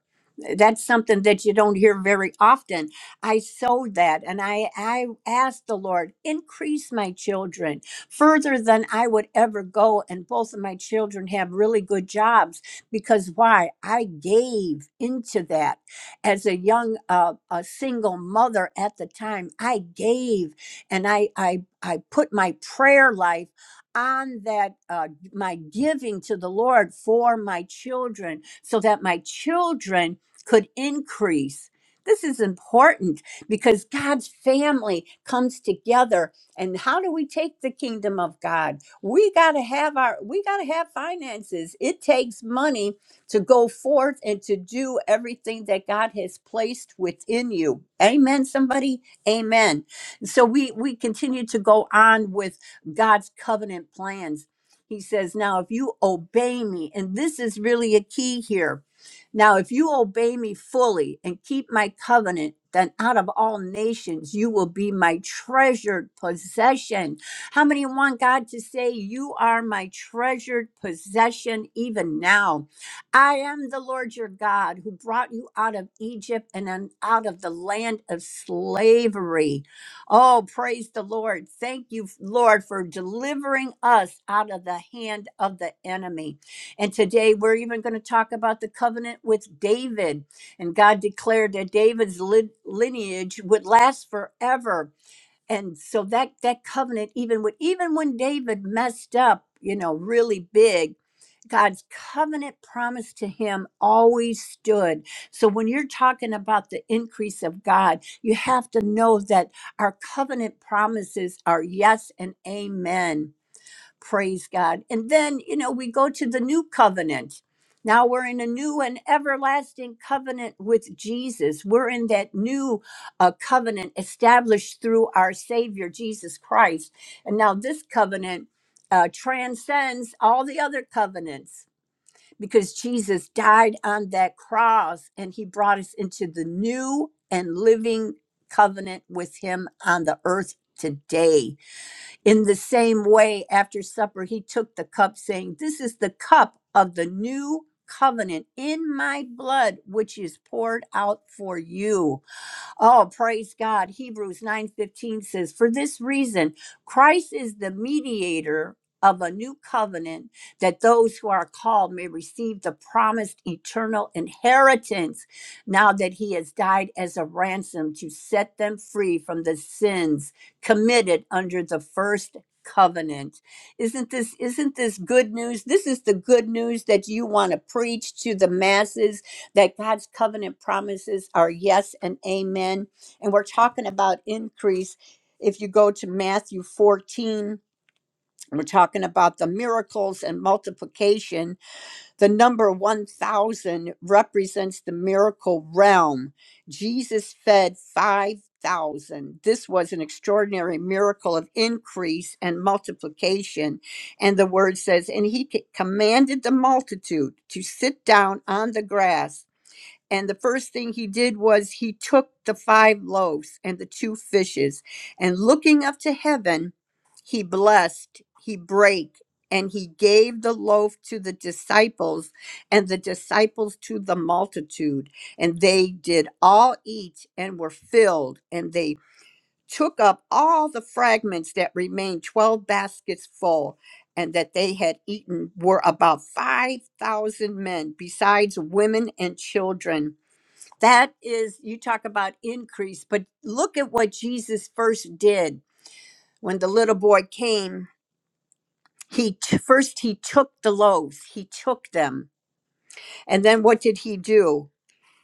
A: That's something that you don't hear very often. I sowed that and I, I asked the Lord, increase my children further than I would ever go. And both of my children have really good jobs because why? I gave into that as a young, uh, a single mother at the time. I gave and I, I, I put my prayer life on that uh, my giving to the lord for my children so that my children could increase this is important because god's family comes together and how do we take the kingdom of god we got to have our we got to have finances it takes money to go forth and to do everything that god has placed within you amen somebody amen so we we continue to go on with god's covenant plans he says now if you obey me and this is really a key here now, if you obey me fully and keep my covenant, then out of all nations you will be my treasured possession. How many want God to say, You are my treasured possession even now? I am the Lord your God who brought you out of Egypt and then out of the land of slavery. Oh, praise the Lord. Thank you, Lord, for delivering us out of the hand of the enemy. And today we're even going to talk about the covenant with David. And God declared that David's lin- lineage would last forever. And so that that covenant even with even when David messed up, you know, really big, God's covenant promise to him always stood. So when you're talking about the increase of God, you have to know that our covenant promises are yes and amen Praise God. And then, you know, we go to the new covenant. Now we're in a new and everlasting covenant with Jesus. We're in that new uh, covenant established through our Savior, Jesus Christ. And now this covenant uh, transcends all the other covenants because Jesus died on that cross and he brought us into the new and living covenant with him on the earth today in the same way, after supper, he took the cup, saying, This is the cup of the new covenant in my blood, which is poured out for you. Oh, praise God. Hebrews 9:15 says, "For this reason, Christ is the mediator of a new covenant that those who are called may receive the promised eternal inheritance now that he has died as a ransom to set them free from the sins committed under the first covenant isn't this isn't this good news this is the good news that you want to preach to the masses that God's covenant promises are yes and amen. And we're talking about increase. If you go to Matthew 14, we're talking about the miracles and multiplication. The number 1,000 represents the miracle realm. Jesus fed 5,000. This was an extraordinary miracle of increase and multiplication. And the word says, and he c- commanded the multitude to sit down on the grass and the first thing he did was he took the five loaves and the two fishes, and looking up to heaven, he blessed, he brake, and he gave the loaf to the disciples, and the disciples to the multitude. And they did all eat and were filled, and they took up all the fragments that remained, 12 baskets full. And that they had eaten were about 5,000 men, besides women and children. That is, you talk about increase, but look at what Jesus first did when the little boy came. He t- first he took the loaves, he took them, and then what did he do?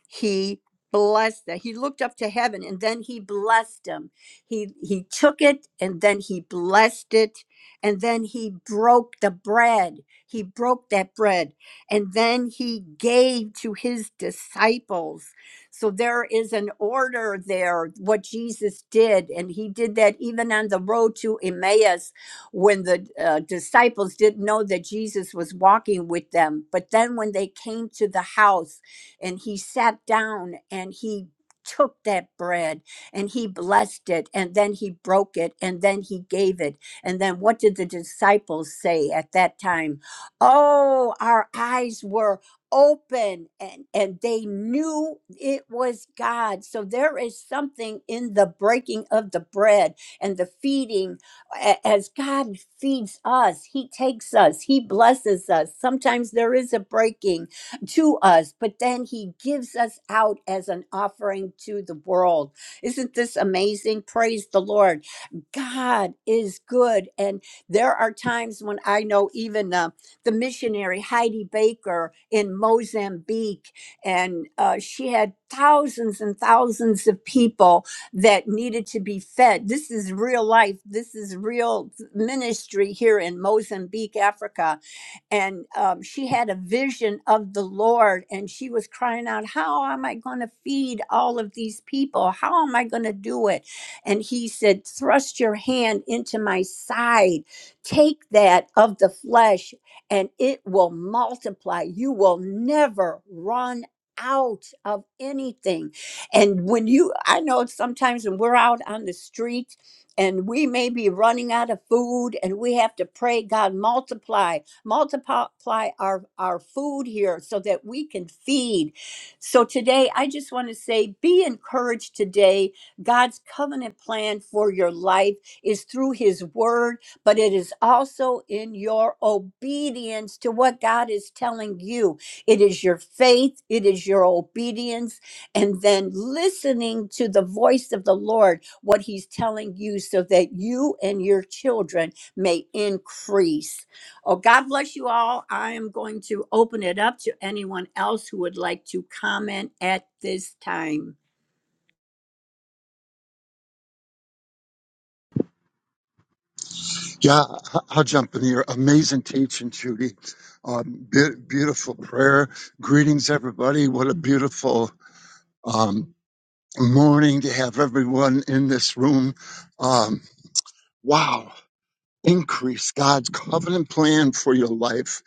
A: he blessed that he looked up to heaven and then he blessed him he he took it and then he blessed it and then he broke the bread he broke that bread and then he gave to his disciples so there is an order there what jesus did and he did that even on the road to emmaus when the uh, disciples didn't know that jesus was walking with them but then when they came to the house and he sat down and he took that bread and he blessed it and then he broke it and then he gave it and then what did the disciples say at that time oh our eyes were open and and they knew it was God so there is something in the breaking of the bread and the feeding a- as God feeds us he takes us he blesses us sometimes there is a breaking to us, but then he gives us out as an offering to the world. Isn't this amazing? Praise the Lord. God is good. And there are times when I know even uh, the missionary Heidi Baker in Mozambique, and uh, she had thousands and thousands of people that needed to be fed. This is real life, this is real ministry here in Mozambique, Africa and um, she had a vision of the Lord, and she was crying out, "How am I going to feed all of these people? How am I going to do it?" And he said, "Thrust your hand into my side, take that of the flesh, and it will multiply. You will never run." out of anything and when you i know sometimes when we're out on the street and we may be running out of food and we have to pray god multiply multiply our, our food here so that we can feed. So today, I just want to say be encouraged today. God's covenant plan for your life is through his word, but it is also in your obedience to what God is telling you. It is your faith, it is your obedience, and then listening to the voice of the Lord, what he's telling you, so that you and your children may increase. Oh, God bless you all. I am going to open it up to anyone else who would like to comment at this time.
D: Yeah, I- will jump in here. Amazing teaching, Judy. Um, be- beautiful prayer. Greetings, everybody. What a beautiful um, morning to have everyone in this room. Um, wow. Increase God's covenant plan for your life.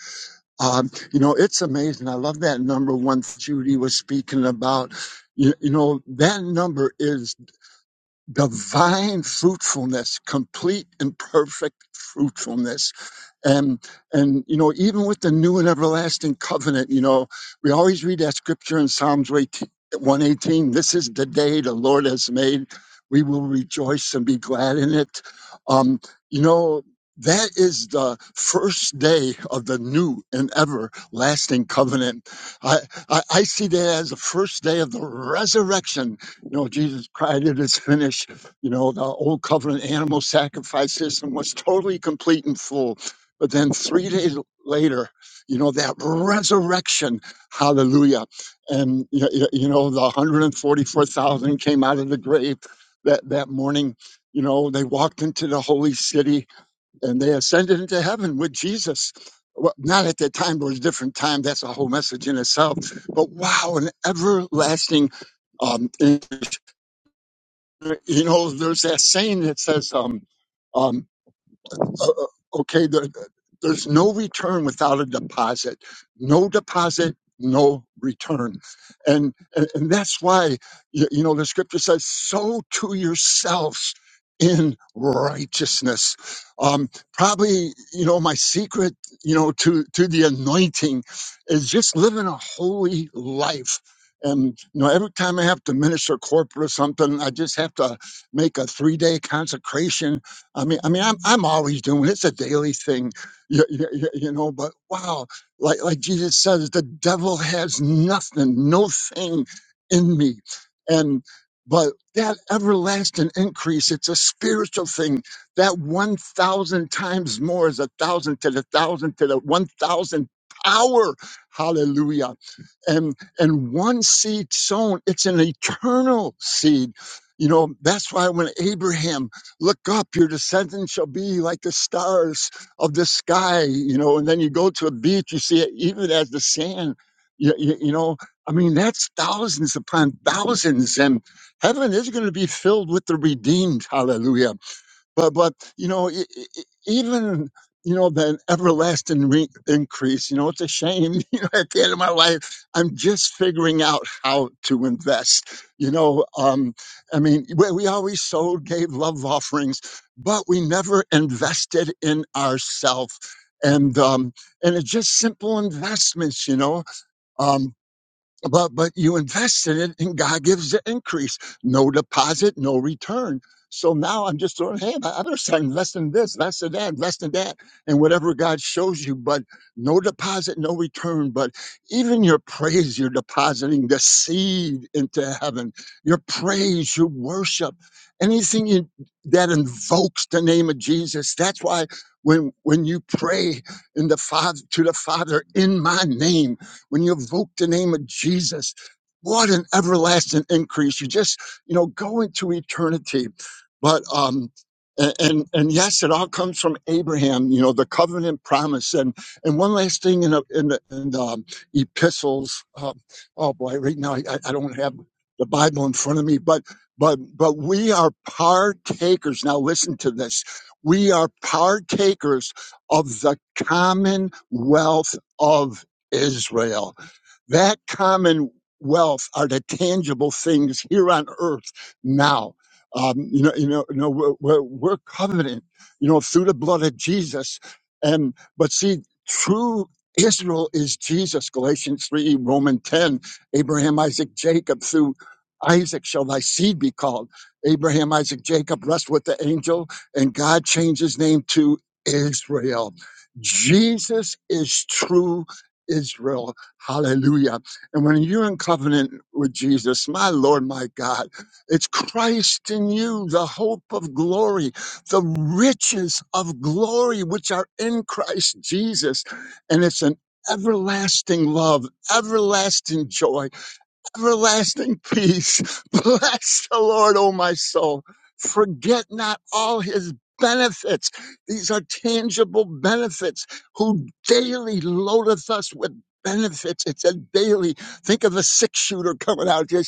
D: Um, you know, it's amazing. I love that number one Judy was speaking about. You, you know, that number is divine fruitfulness, complete and perfect fruitfulness and and you know, even with the new and everlasting covenant, you know, we always read that scripture in Psalms one 18 118. This is the day the Lord has made. We will rejoice and be glad in it. Um, you know, that is the first day of the new and everlasting covenant. I, I, I see that as the first day of the resurrection. You know, Jesus cried, It is finished. You know, the old covenant animal sacrifice system was totally complete and full but then three days later, you know, that resurrection, hallelujah. And, you, you you know, the 144,000 came out of the grave that, that morning. You know, they walked into the holy city and they ascended into heaven with Jesus. Well, not at that time, but it was a different time. That's a whole message in itself. But wow, an everlasting, um, you know, there's that saying that says, um, um, uh, okay, the, there's no return without a deposit. No deposit, no return. And, and, and that's why, you, you know, the scripture says, sow to yourselves in righteousness. Um, probably, you know, my secret, you know, to, to the anointing is just living a holy life. And you know, every time I have to minister corporate or something, I just have to make a three-day consecration I mean, I mean, I'm I'm always doing it. it's a daily thing, you, you, you know. But wow, like like Jesus says, the devil has nothing, no thing in me, and but that everlasting increase, it's a spiritual thing. That one thousand times more is a thousand to the thousand to the one thousand power. Hallelujah! And and one seed sown, it's an eternal seed. You know, that's why when Abraham look up your descendants shall be like the stars of the sky you know and then you go to a beach you see it even as the sand you, you, you know i mean that's thousands upon thousands and heaven is going to be filled with the redeemed hallelujah but but you know e- e- e- even you know that everlasting re- increase you know it's a shame you know at the end of my life i'm just figuring out how to invest you know um i mean we, we always sold gave love offerings but we never invested in ourselves and um and it's just simple investments you know Um, but but you invest in it and god gives the increase no deposit no return so now i'm just throwing hey i I better start investing in this invest in that invest in that and whatever god shows you but no deposit no return but even your praise you're depositing the seed into heaven your praise your worship anything you, that invokes the name of jesus that's why when when you pray in the father to the father in my name when you invoke the name of Jesus, what an everlasting increase. You just, you know, go into eternity. But, um, a- and and yes, it all comes from Abraham, you know, the covenant promise. And and one last thing in the, in the, in the um, epistles, uh, oh boy, right now I, I I don't have the Bible in front of me, but but but we are partakers. Now listen to this: we are partakers of the commonwealth of Israel that commonwealth are the tangible things here on earth now. Um, you know, you know, you know we're, we're, we're covenant, you know, through the blood of Jesus. And but see, true Israel is Jesus. Galatians three, Romans ten, Abraham, Isaac, Jacob. Through Isaac shall thy seed be called. Abraham, Isaac, Jacob rest with the angel, and God changed his name to Israel. Jesus is true Israel. Hallelujah. And when you're in covenant with Jesus, my Lord, my God, it's Christ in you, the hope of glory, the riches of glory which are in Christ Jesus. And it's an everlasting love, everlasting joy everlasting peace. Bless the Lord, O my soul. Forget not all his benefits. These are tangible benefits who daily loadeth us with benefits. It's a daily. Think of a six shooter coming out. just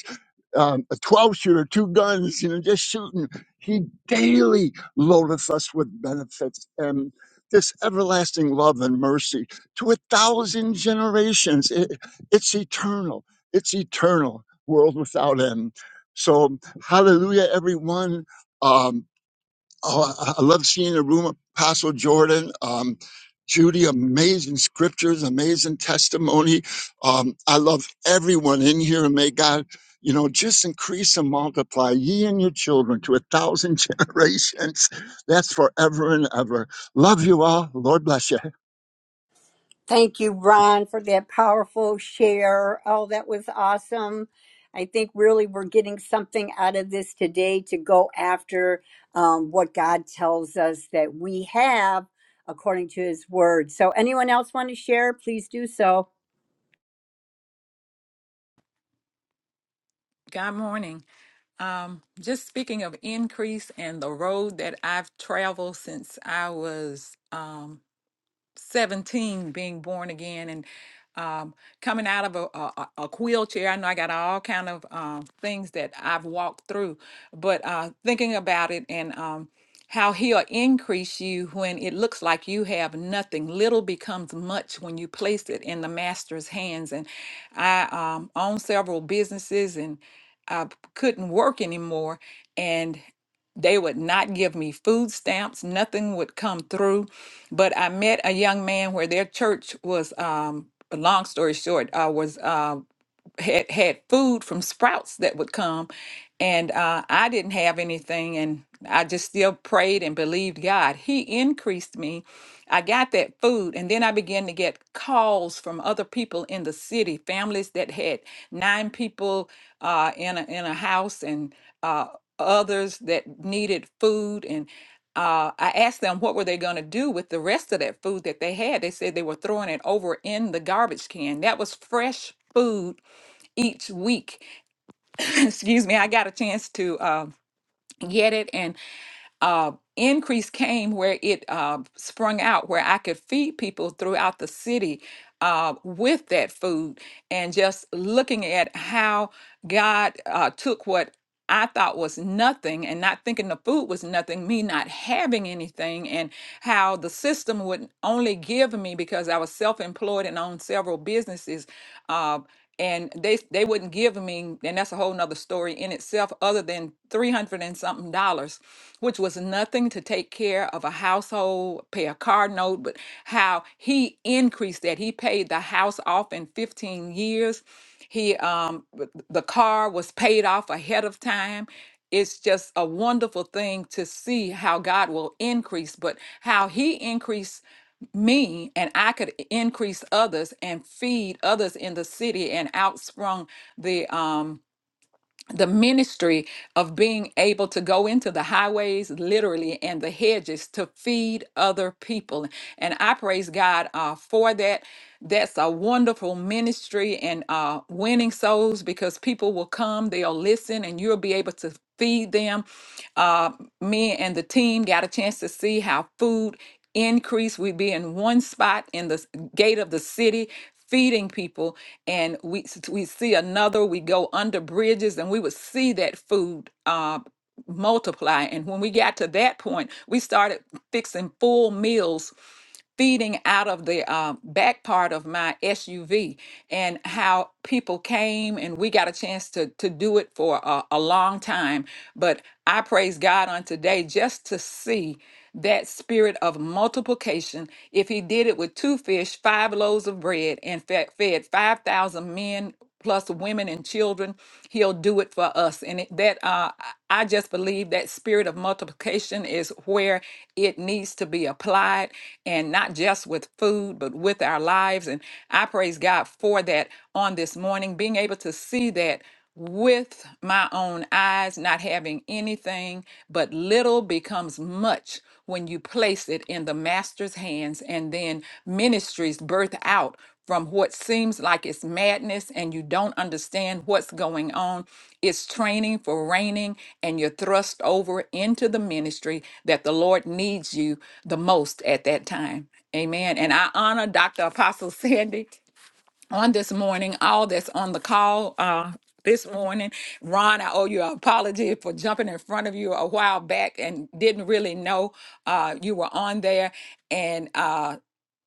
D: um, a 12 shooter, two guns, you know, just shooting. He daily loadeth us with benefits and this everlasting love and mercy to a thousand generations. It, it's eternal. It's eternal, world without end. So, hallelujah, everyone. Um, Oh, I I love seeing the room, Apostle Jordan. Um, Judy, amazing scriptures, amazing testimony. Um, I love everyone in here, and may God, you know, just increase and multiply ye and your children to a thousand generations. That's forever and ever. Love you all. Lord bless you.
A: Thank you, Ron, for that powerful share. Oh, that was awesome. I think really we're getting something out of this today to go after um, what God tells us that we have according to his word. So, anyone else want to share? Please do so.
B: Good morning. Um, just speaking of increase and the road that I've traveled since I was um, 17 being born again and um, coming out of a, a, a a wheelchair i know i got all kind of um, things that i've walked through but uh, thinking about it and um, how he'll increase you when it looks like you have nothing little becomes much when you place it in the master's hands and i um, own several businesses and i couldn't work anymore and they would not give me food stamps nothing would come through but I met a young man where their church was um a long story short, uh was um had had food from Sprouts that would come, and uh, I didn't have anything, and I just still prayed and believed God. He increased me. I got that food, and then I began to get calls from other people in the city, families that had nine people uh, in a, in a house, and uh, others that needed food, and uh, I asked them what were they going to do with the rest of that food that they had. They said they were throwing it over in the garbage can. That was fresh food each week. Excuse me, I got a chance to uh, get it, and uh, increase came where it uh, sprung out, where I could feed people throughout the city uh, with that food, and just looking at how God uh, took what. I thought was nothing, and not thinking the food was nothing, me not having anything, and how the system would only give me because I was self employed and owned several businesses uh, and they they wouldn't give me and that's a whole nother story in itself other than 300 and something dollars which was nothing to take care of a household pay a car note but how he increased that he paid the house off in 15 years he um w- the car was paid off ahead of time it's just a wonderful thing to see how God will increase, but how He increased me and I could increase others and feed others in the city and outsprung the um the ministry of being able to go into the highways literally and the hedges to feed other people and i praise god uh, for that that's a wonderful ministry and uh, winning souls because people will come they'll listen and you'll be able to feed them uh, me and the team got a chance to see how food increased we'd be in one spot in the s- gate of the city feeding people and we s- we see another we go under bridges and we would see that food uh, multiply and when we got to that point we started fixing full meals feeding out of the um, back part of my SUV and how people came and we got a chance to to do it for a, a long time. But I praise God on today just to see that spirit of multiplication. If he did it with two fish, five loaves of bread, and fed, fed 5,000 men plus women and children. He'll do it for us. And it, that uh, I I just believe that spirit of multiplication is where it needs to be applied and not just with food, but with our lives. And I praise God for that on this morning, being able to see that with my own eyes, not having anything, but little becomes much when you place it in the master's hands, and then ministries birth out from what seems like it's madness and you don't understand what's going on. It's training for reigning, and you're thrust over into the ministry that the Lord needs you the most at that time. Amen. And I honor Dr. Apostle Sandy on this morning, all that's on the call uh, this morning. Ron, I owe you an apology for jumping in front of you a while back and didn't really know uh, you were on there. And uh,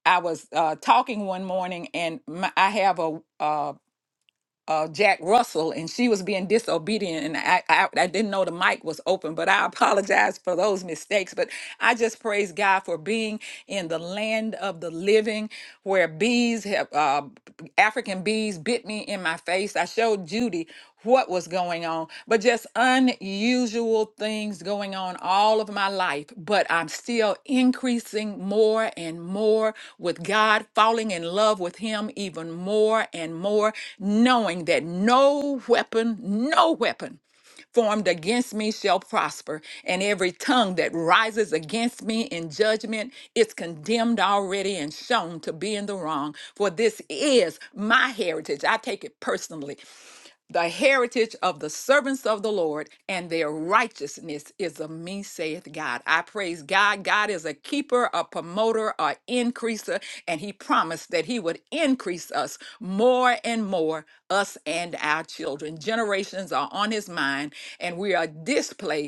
B: I was uh, talking one morning, and my, I have a, uh, uh, Jack Russell, and she was being disobedient, and I, I I didn't know the mic was open, but I apologize for those mistakes. But I just praise God for being in the land of the living, where bees have uh, African bees bit me in my face. I showed Judy what was going on, but just unusual things going on all of my life. But I'm still increasing more and more with God, falling in love with Him even more and more, knowing that no weapon, no weapon formed against me shall prosper, and every tongue that rises against me in judgment is condemned already and shown to be in the wrong. For this is my heritage. I take it personally the heritage of the servants of the Lord, and their righteousness is of me, saith God. I praise God. God is a keeper, a promoter, a increaser, and He promised that He would increase us more and more, us and our children. Generations are on His mind, and we are displayed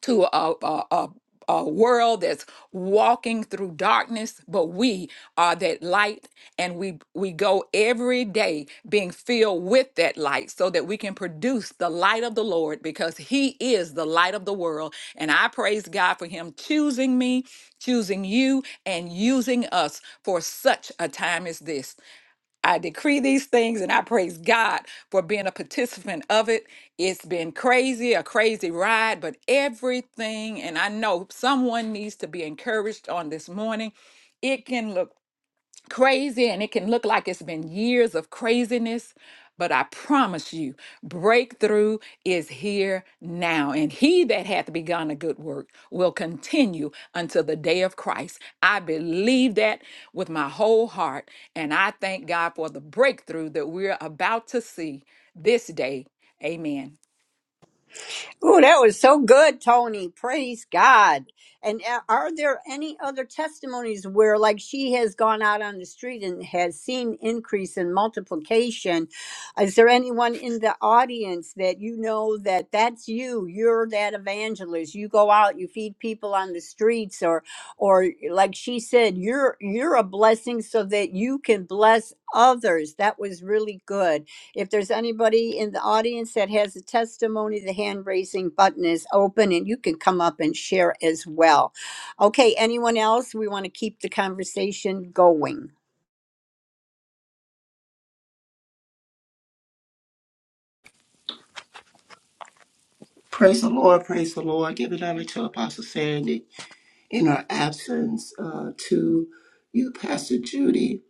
B: to a, a, a, a world that's walking through darkness, but we are that light, and we we go every day being filled with that light, so that we can produce the light of the Lord, because He is the light of the world. And I praise God for Him choosing me, choosing you, and using us for such a time as this. I decree these things and I praise God for being a participant of it. It's been crazy, a crazy ride, but everything, and I know someone needs to be encouraged on this morning. It can look crazy and it can look like it's been years of craziness. But I promise you, breakthrough is here now. And he that hath begun a good work will continue until the day of Christ. I believe that with my whole heart. And I thank God for the breakthrough that we're about to see this day. Amen.
A: Oh, that was so good, Tony. Praise God. And uh, are there any other testimonies where, like, she has gone out on the street and has seen increase in multiplication? Is there anyone in the audience that you know that that's you? You're that evangelist. You go out, you feed people on the streets, or, or like she said, you're you're a blessing so that you can bless others. That was really good. If there's anybody in the audience that has a testimony, the hand raising button is open and you can come up and share as well. Okay, anyone else? We want to keep the conversation going.
G: Praise the Lord, praise the Lord. Give it honor to Apostle Sandy. in our absence uh, to you, Pastor Judy,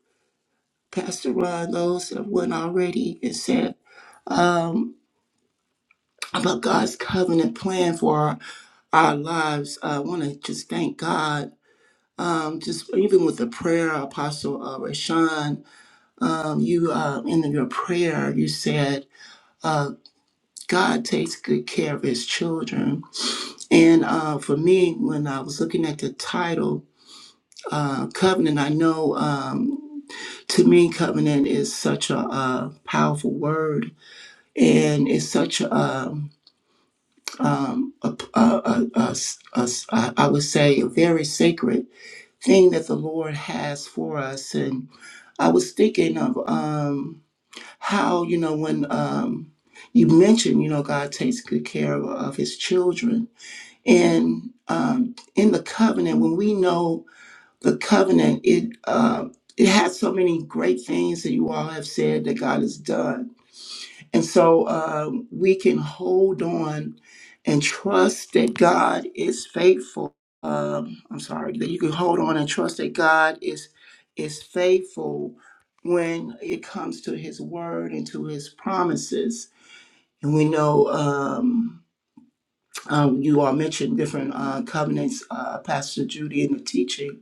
G: Pastor Ron, those that went already and said um, about God's covenant plan for our, our lives. I want to just thank God. Um, just even with the prayer, Apostle uh, Rashawn, um, you uh, in your prayer, you said, uh, God takes good care of his children. And uh, for me, when I was looking at the title, uh, covenant. I know um, to me, covenant is such a, uh powerful word, and it's such a, um, um, a, a, a- a s- a s- I- I would say, a very sacred thing that the Lord has for us. And I was thinking of um, how you know when. Um, you mentioned, you know, God takes good care of, of his children. And um, in the covenant, when we know the covenant it uh, it has so many great things that you all have said that God has done, and so um, we can hold on and trust that God is faithful. Um, I'm sorry that you can hold on and trust that God is is faithful when it comes to His word and to His promises. And we know um, um, you all mentioned different uh, covenants, uh, Pastor Judy, in the teaching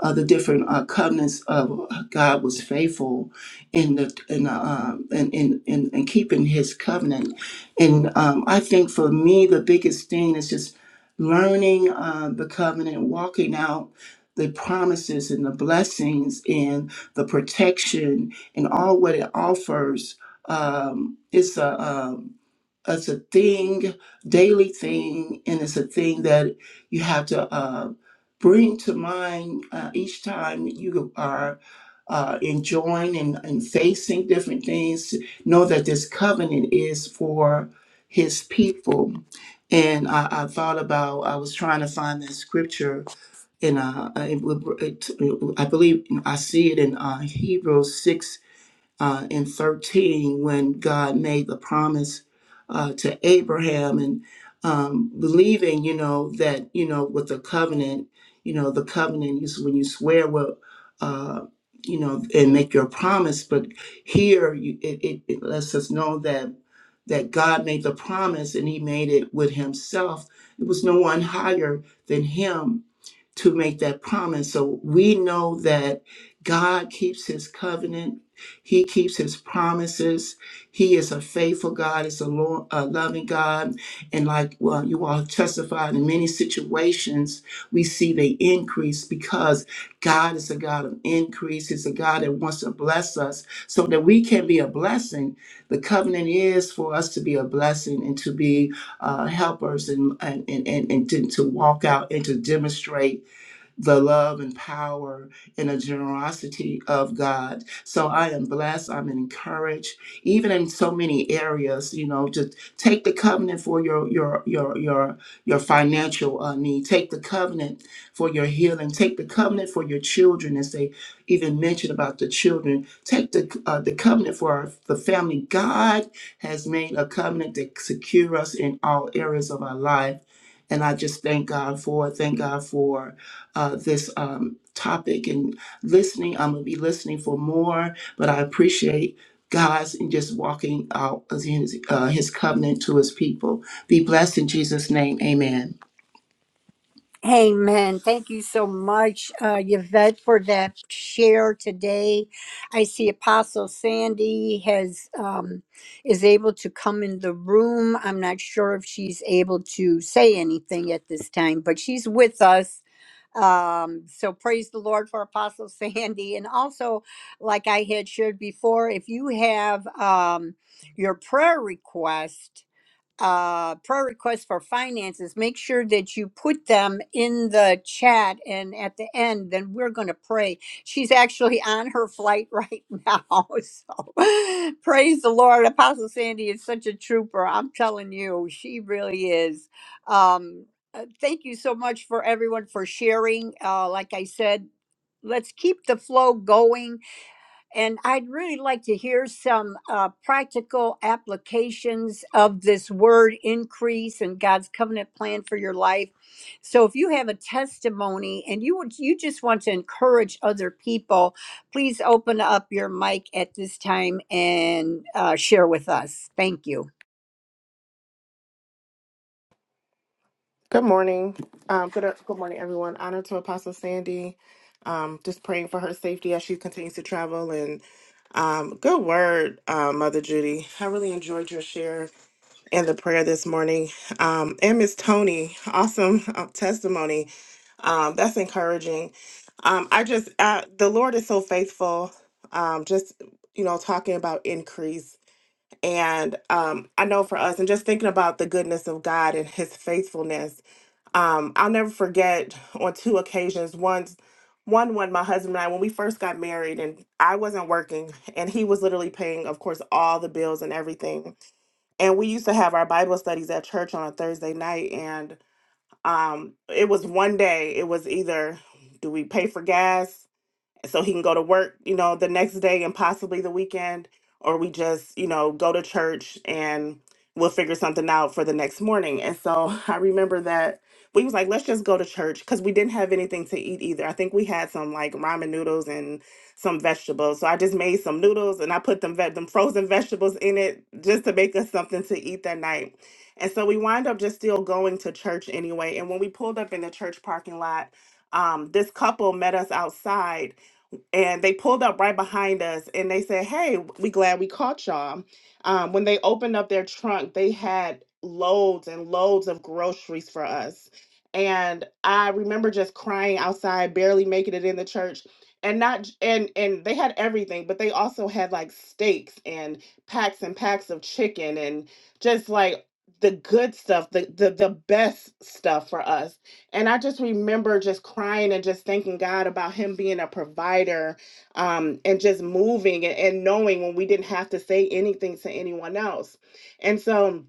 G: uh, the different uh, covenants of God was faithful in the in uh, uh, in, in in in keeping His covenant, and um, I think for me the biggest thing is just learning uh, the covenant, walking out the promises and the blessings and the protection and all what it offers. Um, it's a um, it's a thing, daily thing, and it's a thing that you have to. Um, bring to mind uh, each time you are uh, enjoying and, and facing different things. Know that this covenant is for his people. And I, I thought about, I was trying to find that scripture, and uh, it, would- it, I believe I see it in uh, Hebrews 6 uh, in 13 when God made the promise uh, to Abraham and um, believing, you know, that, you know, with the covenant, you know, the covenant is when you swear, well, uh, you know, and make your promise. But here you, it, it, it lets us know that that God made the promise and he made it with himself. There was no one higher than him to make that promise. So we know that God keeps his covenant he keeps his promises. He is a faithful God. He's a, lo- a loving God. And like well, you all have testified in many situations, we see the increase because God is a God of increase. He's a God that wants to bless us so that we can be a blessing. The covenant is for us to be a blessing and to be uh, helpers and, and, and, and, and to to walk out and to demonstrate the love and power and the generosity of God. So I am blessed. I'm encouraged, even in so many areas. You know, just take the covenant for your your your your your financial uh, need. Take the covenant for your healing. Take the covenant for your children, as they even mentioned about the children. Take the uh, the covenant for our, the family. God has made a covenant that secure us in all areas of our life, and I just thank God for it. Thank God for uh, this um, topic and listening. I'm going to be listening for more, but I appreciate God's and just walking out as his, uh, his covenant to his people. Be blessed in Jesus' name. Amen.
A: Amen. Thank you so much, uh, Yvette, for that share today. I see Apostle Sandy has um, is able to come in the room. I'm not sure if she's able to say anything at this time, but she's with us. Um, so praise the Lord for Apostle Sandy. And also, like I had shared before, if you have um, your prayer request, uh, prayer requests for finances, make sure that you put them in the chat. And at the end, then we're going to pray. She's actually on her flight right now. So praise the Lord. Apostle Sandy is such a trooper. I'm telling you, she really is. Um, uh, thank you so much for everyone for sharing. Uh, like I said, let's keep the flow going and I'd really like to hear some uh, practical applications of this word increase and God's covenant plan for your life. So, if you have a testimony and you would, you just want to encourage other people, please open up your mic at this time and uh, share with us. Thank you.
H: Good morning. Um, good, good morning, everyone. Honor to Apostle Sandy. Um, just praying for her safety as she continues to travel. And um, good word, uh, Mother Judy. I really enjoyed your share and the prayer this morning. Um, and Miss Tony, awesome uh, testimony. Um, that's encouraging. Um, I just, uh, the Lord is so faithful. Um, just, you know, talking about increase. And um, I know for us, and just thinking about the goodness of God and his faithfulness, um, I'll never forget on two occasions. Once, one, when my husband and I, when we first got married, and I wasn't working, and he was literally paying, of course, all the bills and everything and we used to have our Bible studies at church on a Thursday night, and um, it was one day. It was either do we pay for gas so he can go to work, you know, the next day and possibly the weekend, or we just, you know, go to church and we'll figure something out for the next morning. And so I remember that we was like, let's just go to church because we didn't have anything to eat either. I think we had some like ramen noodles and some vegetables. So I just made some noodles and I put them ve- them frozen vegetables in it just to make us something to eat that night. And so we wind up just still going to church anyway. And when we pulled up in the church parking lot, um, this couple met us outside and they pulled up right behind us and they said, Hey, we glad we caught y'all. Um, when they opened up their trunk, they had loads and loads of groceries for us. And I remember just crying outside, barely making it in the church. And not j- and and they had everything, but they also had like steaks and packs and packs of chicken and just like the good stuff, the the, the best stuff for us and I just remember just crying and just thanking God about Him being a provider um, and just moving and, and knowing when we didn't have to say anything to anyone else. And so,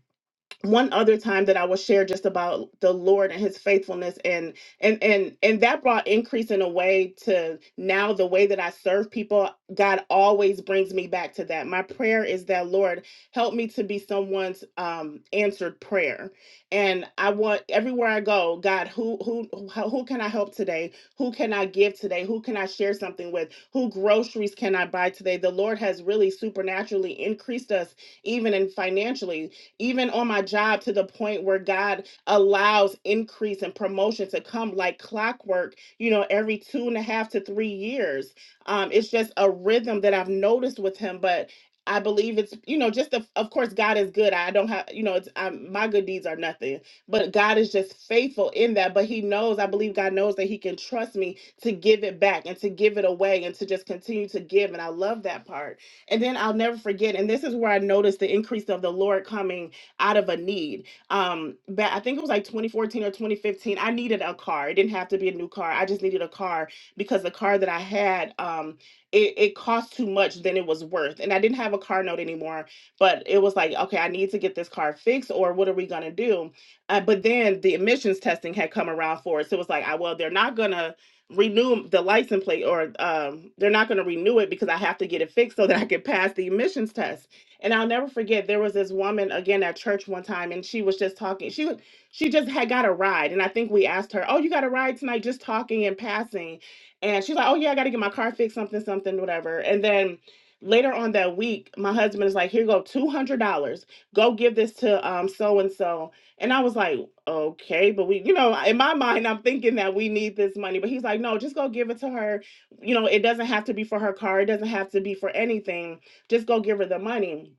H: one other time that I will share just about the Lord and his faithfulness and and and and that brought increase in a way to now the way that I serve people God always brings me back to that. My prayer is that Lord help me to be someone's um answered prayer. And I want everywhere I go, God, who who who who can I help today? Who can I give today? Who can I share something with? Who groceries can I buy today? The Lord has really supernaturally increased us even in financially even on my job to the point where God allows increase and promotion to come like clockwork, you know, every two and a half to three years. Um, it's just a rhythm that I've noticed with him, but I believe it's you know just the, of course God is good. I don't have you know it's i my good deeds are nothing, but God is just faithful in that. But He knows I believe God knows that He can trust me to give it back and to give it away and to just continue to give. And I love that part and then I'll never forget, and this is where I noticed the increase of the Lord coming out of a need. Um, but I think it was like 2014 or 2015. I needed a car. It didn't have to be a new car. I just needed a car because the car that I had, um, it, it cost too much than it was worth. And I didn't have a car note anymore, but it was like, okay, I need to get this car fixed, or what are we gonna do? Uh, but then the emissions testing had come around for it. So it was like, I well, they're not gonna renew the license plate or um, they're not going to renew it because I have to get it fixed so that I can pass the emissions test. And I'll never forget there was this woman again at church one time and she was just talking. She was she just had got a ride and I think we asked her, "Oh, you got a ride tonight just talking and passing." And she's like, "Oh yeah, I got to get my car fixed something something whatever." And then later on that week, my husband is like, "Here you go $200. Go give this to um so and so." And I was like, okay, but we, you know, in my mind, I'm thinking that we need this money. But he's like, no, just go give it to her. You know, it doesn't have to be for her car, it doesn't have to be for anything. Just go give her the money.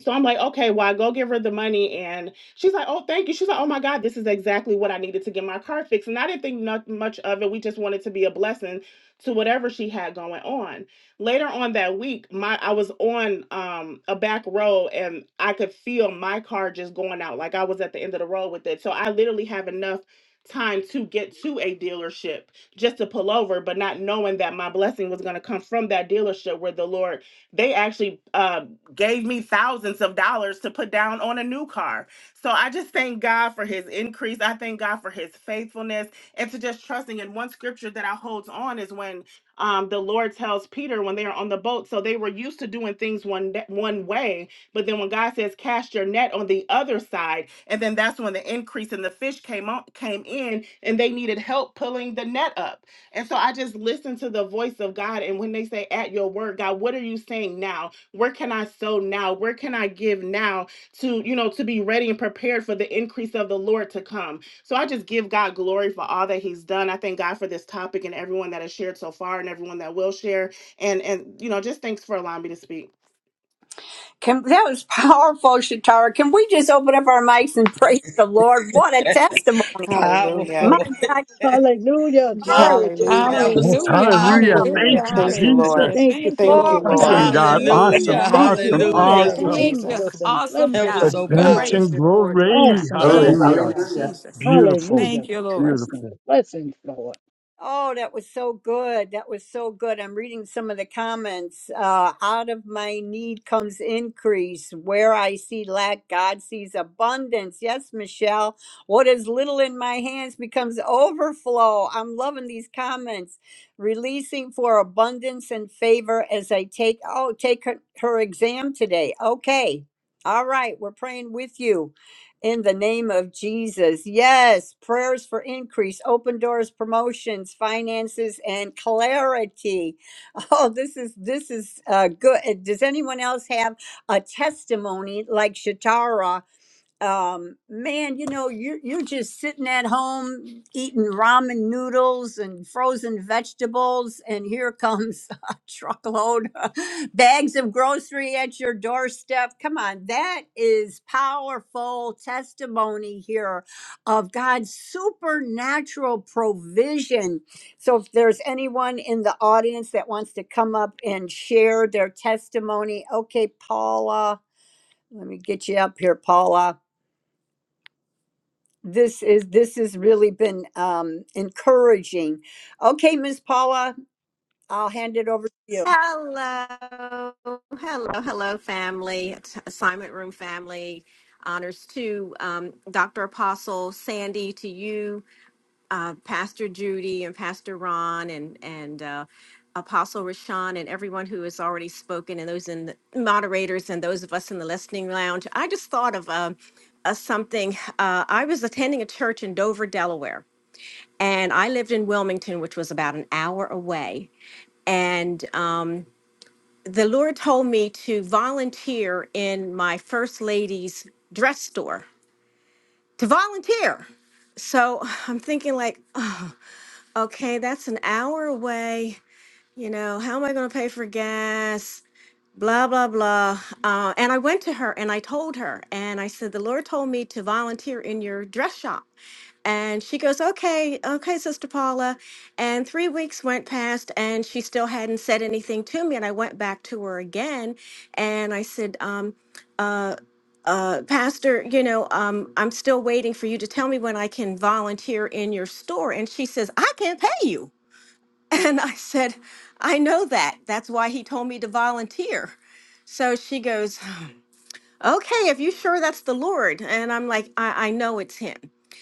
H: So I'm like, okay, well, I go give her the money. And she's like, oh, thank you. She's like, oh my God, this is exactly what I needed to get my car fixed. And I didn't think not much of it. We just wanted to be a blessing to whatever she had going on. Later on that week, my I was on um a back road and I could feel my car just going out. Like I was at the end of the road with it. So I literally have enough time to get to a dealership just to pull over, but not knowing that my blessing was gonna come from that dealership where the Lord they actually um gave me thousands of dollars to put down on a new car. So I just thank God for his increase. I thank God for his faithfulness and to just trusting in one scripture that I holds on is when um, the Lord tells Peter when they are on the boat. So they were used to doing things one da- one way, but then when God says cast your net on the other side, and then that's when the increase in the fish came on came in and they needed help pulling the net up. And so I just listen to the voice of God. And when they say, At your word, God, what are you saying now? where can I sow now? Where can I give now to, you know, to be ready and prepared for the increase of the Lord to come? So I just give God glory for all that he's done. I thank God for this topic and everyone that has shared so far and everyone that will share. And and you know, just thanks for allowing me to speak.
A: Can, that was powerful, Shatara. Can we just open up our mics and praise the Lord? What a testimony!
H: Hallelujah.
A: My
C: Powerful.
A: God, you
I: Hallelujah.
A: are
I: Glory to
C: Hallelujah.
H: Hallelujah.
C: That
I: God.
C: was
D: Yes,
C: so
B: Hallelujah,
I: Thank
D: hallelujah.
A: a
I: you,
C: powerful.
I: Lord
B: hallelujah,
D: Thank you,
H: Thank you,
I: Jesus.
H: Lord.
B: hallelujah.
D: Jesus.
I: Thank you
B: Thank
I: for
B: you,
A: Lord.
I: your
H: Thank you,
B: Lord.
D: Awesome
H: Lord.
I: faithfulness,
D: God.
I: Lord.
D: Awesome,
C: Hallelujah.
B: Hallelujah,
I: Thank you
D: awesome,
I: for how
B: hallelujah.
I: you
H: Thank
C: Hallelujah.
H: you,
D: awesome.
B: Thank you,
I: amaze
H: Jesus.
I: us and
B: awesome
I: bless
C: That
I: us
C: was
B: God.
I: and
C: so
B: We
I: encourage
C: powerful.
I: us.
B: praise
D: Redemption,
B: you for it, Lord
D: glory.
B: God.
I: Awesome,
J: Glory,
B: Thank
I: Father
B: you,
D: Hallelujah.
B: Lord
I: God.
J: hallelujah.
B: Jesus.
D: Beautiful,
I: Hallelujah.
B: Thank you, Lord.
D: beautiful.
I: Blessings, blessings, Lord.
A: Oh, that was so good. That was so good. I'm reading some of the comments. Uh, out of my need comes increase. Where I see lack, God sees abundance. Yes, Michelle. What is little in my hands becomes overflow. I'm loving these comments. Releasing for abundance and favor as I take, oh, take her, her exam today. Okay. All right. We're praying with you in the name of Jesus. Yes, prayers for increase, open doors, promotions, finances, and clarity. Oh, this is this is uh, good. Does anyone else have a testimony like Shatara? um man you know you are you're just sitting at home eating ramen noodles and frozen vegetables and here comes a truckload of bags of grocery at your doorstep come on that is powerful testimony here of God's supernatural provision so if there's anyone in the audience that wants to come up and share their testimony okay Paula let me get you up here Paula this is this has really been um, encouraging. Okay, Miss Paula, I'll hand it over to you.
K: Hello, hello, hello, family, t- assignment room family. Honors to um, Dr. Apostle Sandy, to you, uh, Pastor Judy, and Pastor Ron, and and uh, Apostle Rashawn, and everyone who has already spoken, and those in the moderators, and those of us in the listening lounge. I just thought of um uh, something. Uh, I was attending a church in Dover, Delaware, and I lived in Wilmington, which was about an hour away, and. Um, the Lord told me to volunteer in my first lady's dress store to volunteer. So I'm thinking like, "Uh, okay, that's an hour away. You know, how am I going to pay for gas? blah blah blah uh, and i went to her and i told her and i said the lord told me to volunteer in your dress shop and she goes okay okay sister paula and three weeks went past and she still hadn't said anything to me and i went back to her again and i said um, uh, uh, pastor you know um, i'm still waiting for you to tell me when i can volunteer in your store and she says i can't pay you and I said, I know that. That's why he told me to volunteer. So she goes, Okay, if you sure that's the Lord. And I'm like, I, I know it's him.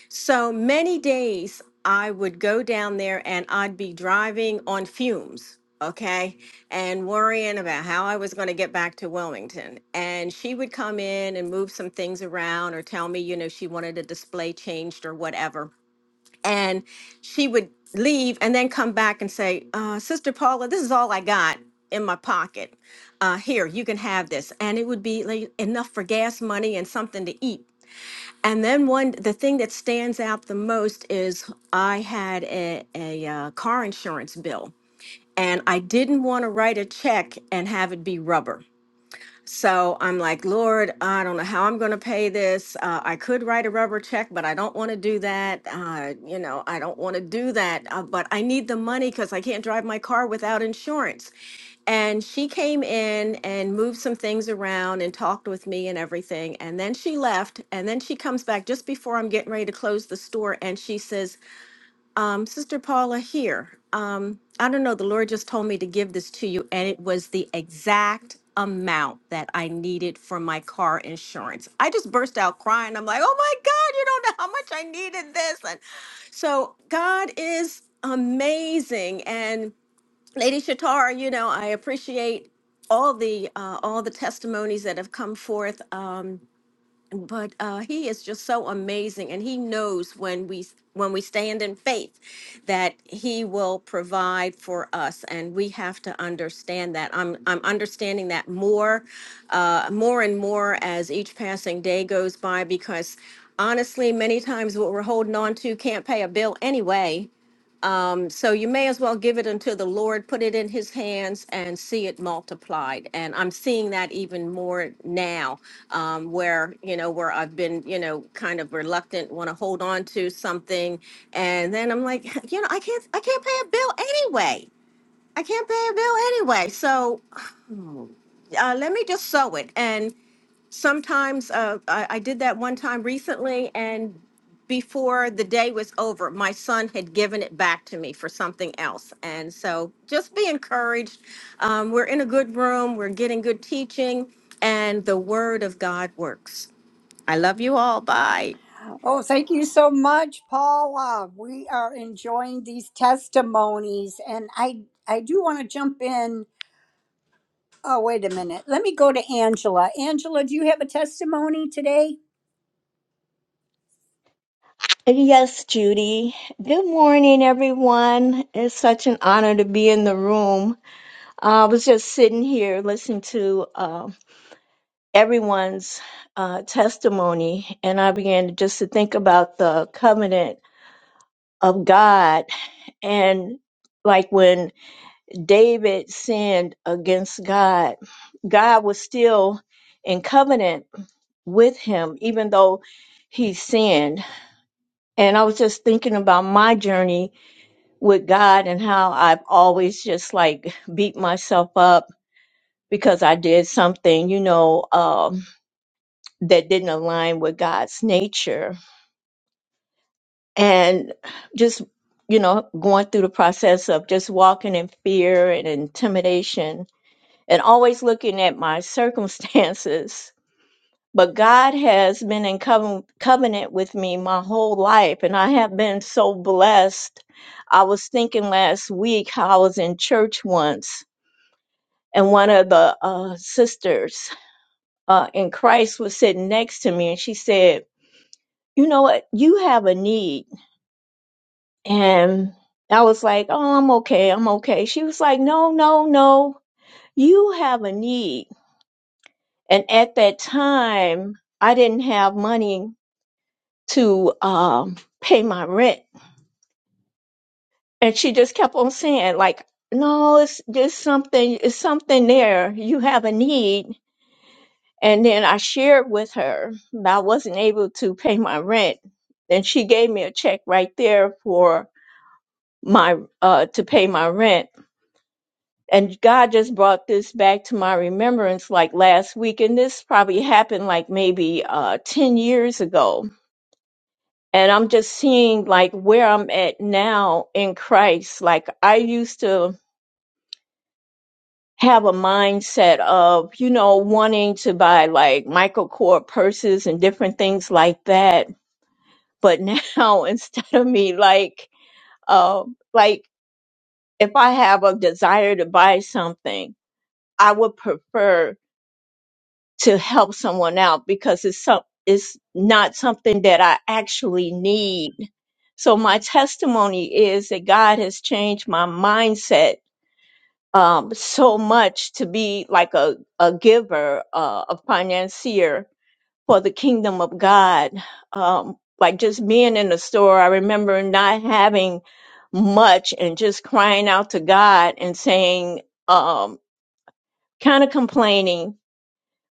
K: So many days I would go down there and I'd be driving on fumes, okay, and worrying about how I was going to get back to Wilmington. And she would come in and move some things around or tell me, you know, she wanted a display changed or whatever and she would leave and then come back and say, uh, Sister Paula, this is all I got in my pocket. Uh, here, you can have this. And it would be like enough for gas money and something to eat. And then one, the thing that stands out the most is I had a, a uh, car insurance bill, and I didn't want to write a check and have it be rubber. So I'm like, Lord, I don't know how I'm going to pay this. Uh, I could write a rubber check, but I don't want to do that. Uh, you know, I don't want to do that. Uh, but I need the money because I can't drive my car without insurance. And she came in and moved some things around and talked with me and everything. And then she left. And then she comes back just before I'm getting ready to close the store. And she says, um, Sister Paula here. Um, I don't know, the Lord just told me to give this to you, and it was the exact amount that I needed for my car insurance. I just burst out crying. I'm like, oh my God, you don't know how much I needed this. And so God is amazing. And Lady Shatar, you know, I appreciate all the uh, all the testimonies that have come forth. Um, but uh, he is just so amazing, and he knows when we when we stand in faith that he will provide for us, and we have to understand that. I'm I'm understanding that more, uh, more and more as each passing day goes by, because honestly, many times what we're holding on to can't pay a bill anyway um, so you may as well give it unto the Lord, put it in his hands and see it multiplied. And I'm seeing that even more now, um, where, you know, where I've been, you know, kind of reluctant, want to hold on to something. And then I'm like, you know, I can't, I can't pay a bill anyway. I can't pay a bill anyway. So uh, let me just sow it sometimes uh, I, I did that one time recently and before the day was over my son had given it back to me for something else and so just be encouraged um, we're in a good room we're getting good teaching and the word of god works i love you all bye
A: Oh, thank you so much, Paula. We are enjoying these testimonies, and I I do want to jump in. Oh, wait a minute. Let me go to Angela. Angela, do you have a testimony today?
L: Hey, Yes, Judy. Good morning, everyone. It's such an honor to be in the room. Uh, I was just sitting here listening to uh, everyone's uh, testimony, and I began to- just to think about the covenant of God and like when David sinned against God, God was still in covenant with him, even though he sinned. And I was just thinking about my journey with God and how I've always just like beat myself up because I did something, you know, um, that didn't align with God's nature. And just, you know, going through the process of just walking in fear and intimidation and always looking at my circumstances. But God has been in coven- covenant with me my whole life, and I have been so blessed. I was thinking last week how I was in church once and one of the uh, sisters uh, in Christ was sitting next to me, and she said, "You know what? You have a need." And I was like, "Oh, I'm okay. I'm okay." She was like, "No, no, no. You have a need." And at that time, I didn't have money to um, pay my rent, and she just kept on saying, "Like, no, it's just something. It's something there. You have a need." And then I shared with her that I wasn't able to pay my rent. And she gave me a check right there for my uh to pay my rent. And God just brought this back to my remembrance like last week. And this probably happened like maybe uh 10 years ago. And I'm just seeing like where I'm at now in Christ. Like I used to have a mindset of, you know, wanting to buy like Michael Kors purses and different things like that But now instead of me like, uh, like if I have a desire to buy something, I would prefer to help someone out because it's some, it's not something that I actually need. So my testimony is that God has changed my mindset um, so much to be like a, a giver, uh, a financier for the kingdom of God. Um, like just being in the store, I remember not having much and just crying out to God and saying, um, kind of complaining.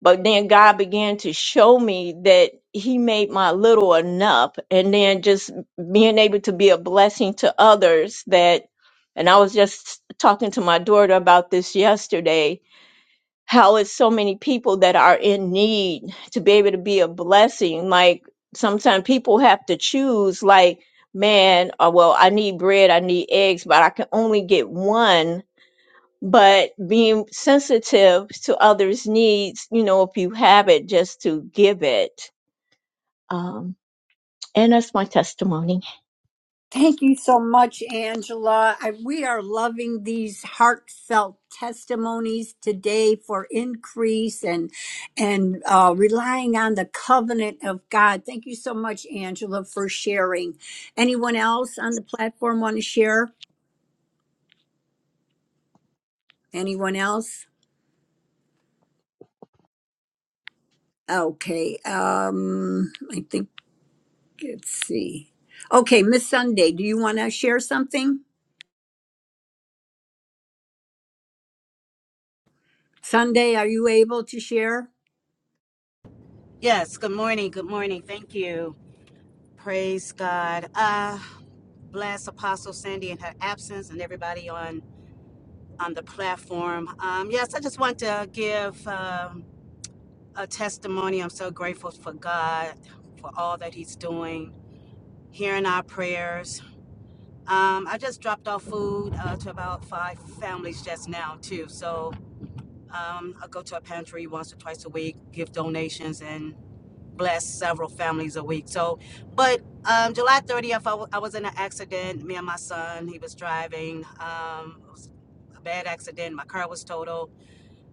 L: But then God began to show me that He made my little enough. And then just being able to be a blessing to others that, and I was just talking to my daughter about this yesterday how it's so many people that are in need to be able to be a blessing. Like sometimes people have to choose, like, man, uh, well, I need bread, I need eggs, but I can only get one. But being sensitive to others' needs, you know, if you have it, just to give it. Um, and that's my testimony.
A: Thank you so much, Angela. I, we are loving these heartfelt testimonies today for increase and and uh, relying on the covenant of God. Thank you so much, Angela, for sharing. Anyone else on the platform want to share? Anyone else? Okay. Um, I think let's see. Okay, Miss Sunday, do you want to share something? Sunday, are you able to share?
M: Yes, good morning. Good morning. Thank you. Praise God. Uh bless Apostle Sandy in her absence and everybody on on the platform. Um yes, I just want to give um a testimony. I'm so grateful for God for all that he's doing, hearing our prayers. Um I just dropped off food uh, to about five families just now too. So um I go to a pantry once or twice a week, give donations and bless several families a week. So, but um, July 30th, I w- I was in an accident. Me and my son, he was driving. Um, it was a bad accident. My car was total.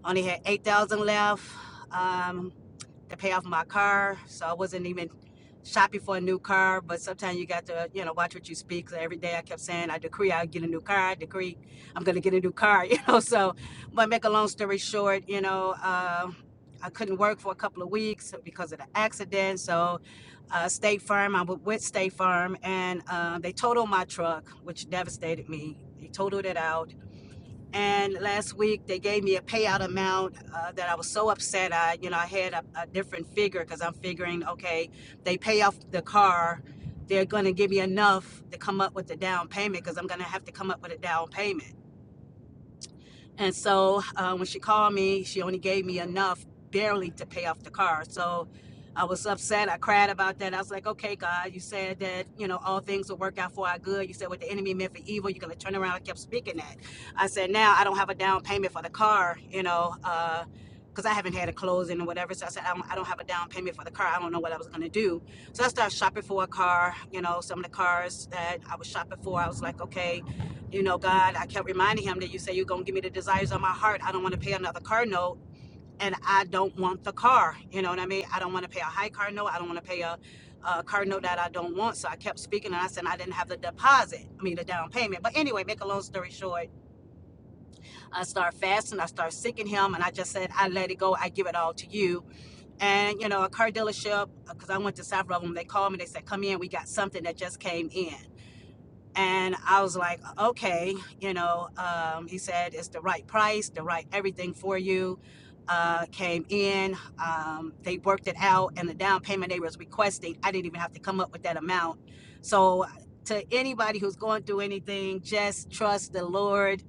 M: Only had 8,000 left. Um, to pay off my car. So I wasn't even shopping for a new car. But sometimes you got to, you know, watch what you speak. So every day I kept saying, I decree I'll get a new car. I decree I'm going to get a new car, you know. So, but make a long story short, you know, uh, I couldn't work for a couple of weeks because of the accident. So, uh, State Farm, I was with State Farm, and uh, they totaled my truck, which devastated me. They totaled it out and last week they gave me a payout amount uh, that I was so upset. I, you know, I had a, a different figure because I'm figuring, okay, they pay off the car, they're going to give me enough to come up with the down payment because I'm going to have to come up with a down payment. And so uh, when she called me, she only gave me enough barely to pay off the car. So I was upset. I cried about that. I was like, okay, God, you said that, you know, all things will work out for our good. You said what the enemy meant for evil, you're going to turn around. I kept speaking that. I said, now I don't have a down payment for the car, you know, uh, because I haven't had a closing or whatever. So I said, I don't, I don't have a down payment for the car. I don't know what I was going to do. So I started shopping for a car, you know, some of the cars that I was shopping for. I was like, okay, you know, God, I kept reminding him that you say you're going to give me the desires of my heart. I don't want to pay another car note and I don't want the car. You know what I mean? I don't want to pay a high car note. I don't want to pay a, a car note that I don't want. So I kept speaking and I said I didn't have the deposit, I mean, the down payment. But anyway, make a long story short, I start fasting, I start seeking him, and I just said, I let it go. I give it all to you. And, you know, a car dealership, because I went to South Rutherland, they called me, they said, come in, we got something that just came in. And I was like, okay, you know, um, he said it's the right price, the right everything for you. Uh, came in, um, they worked it out, and the down payment they was requesting, I didn't even have to come up with that amount. So, to anybody who's going through anything, just trust the Lord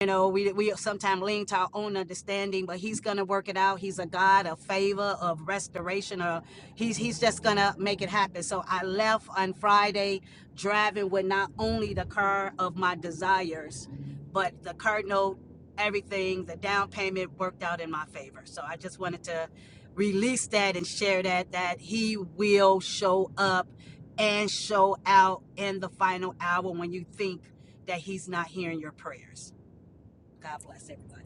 M: you know, we we sometimes lean to our own understanding, but he's gonna work it out. He's a God of favor, of restoration, or he's he's just gonna make it happen. So I left on Friday driving with not only the car of my desires, but the car note, everything, the down payment worked out in my favor. So I just wanted to release that and share that that he will show up and show out in the final hour when you think that he's not hearing your prayers. God bless everybody.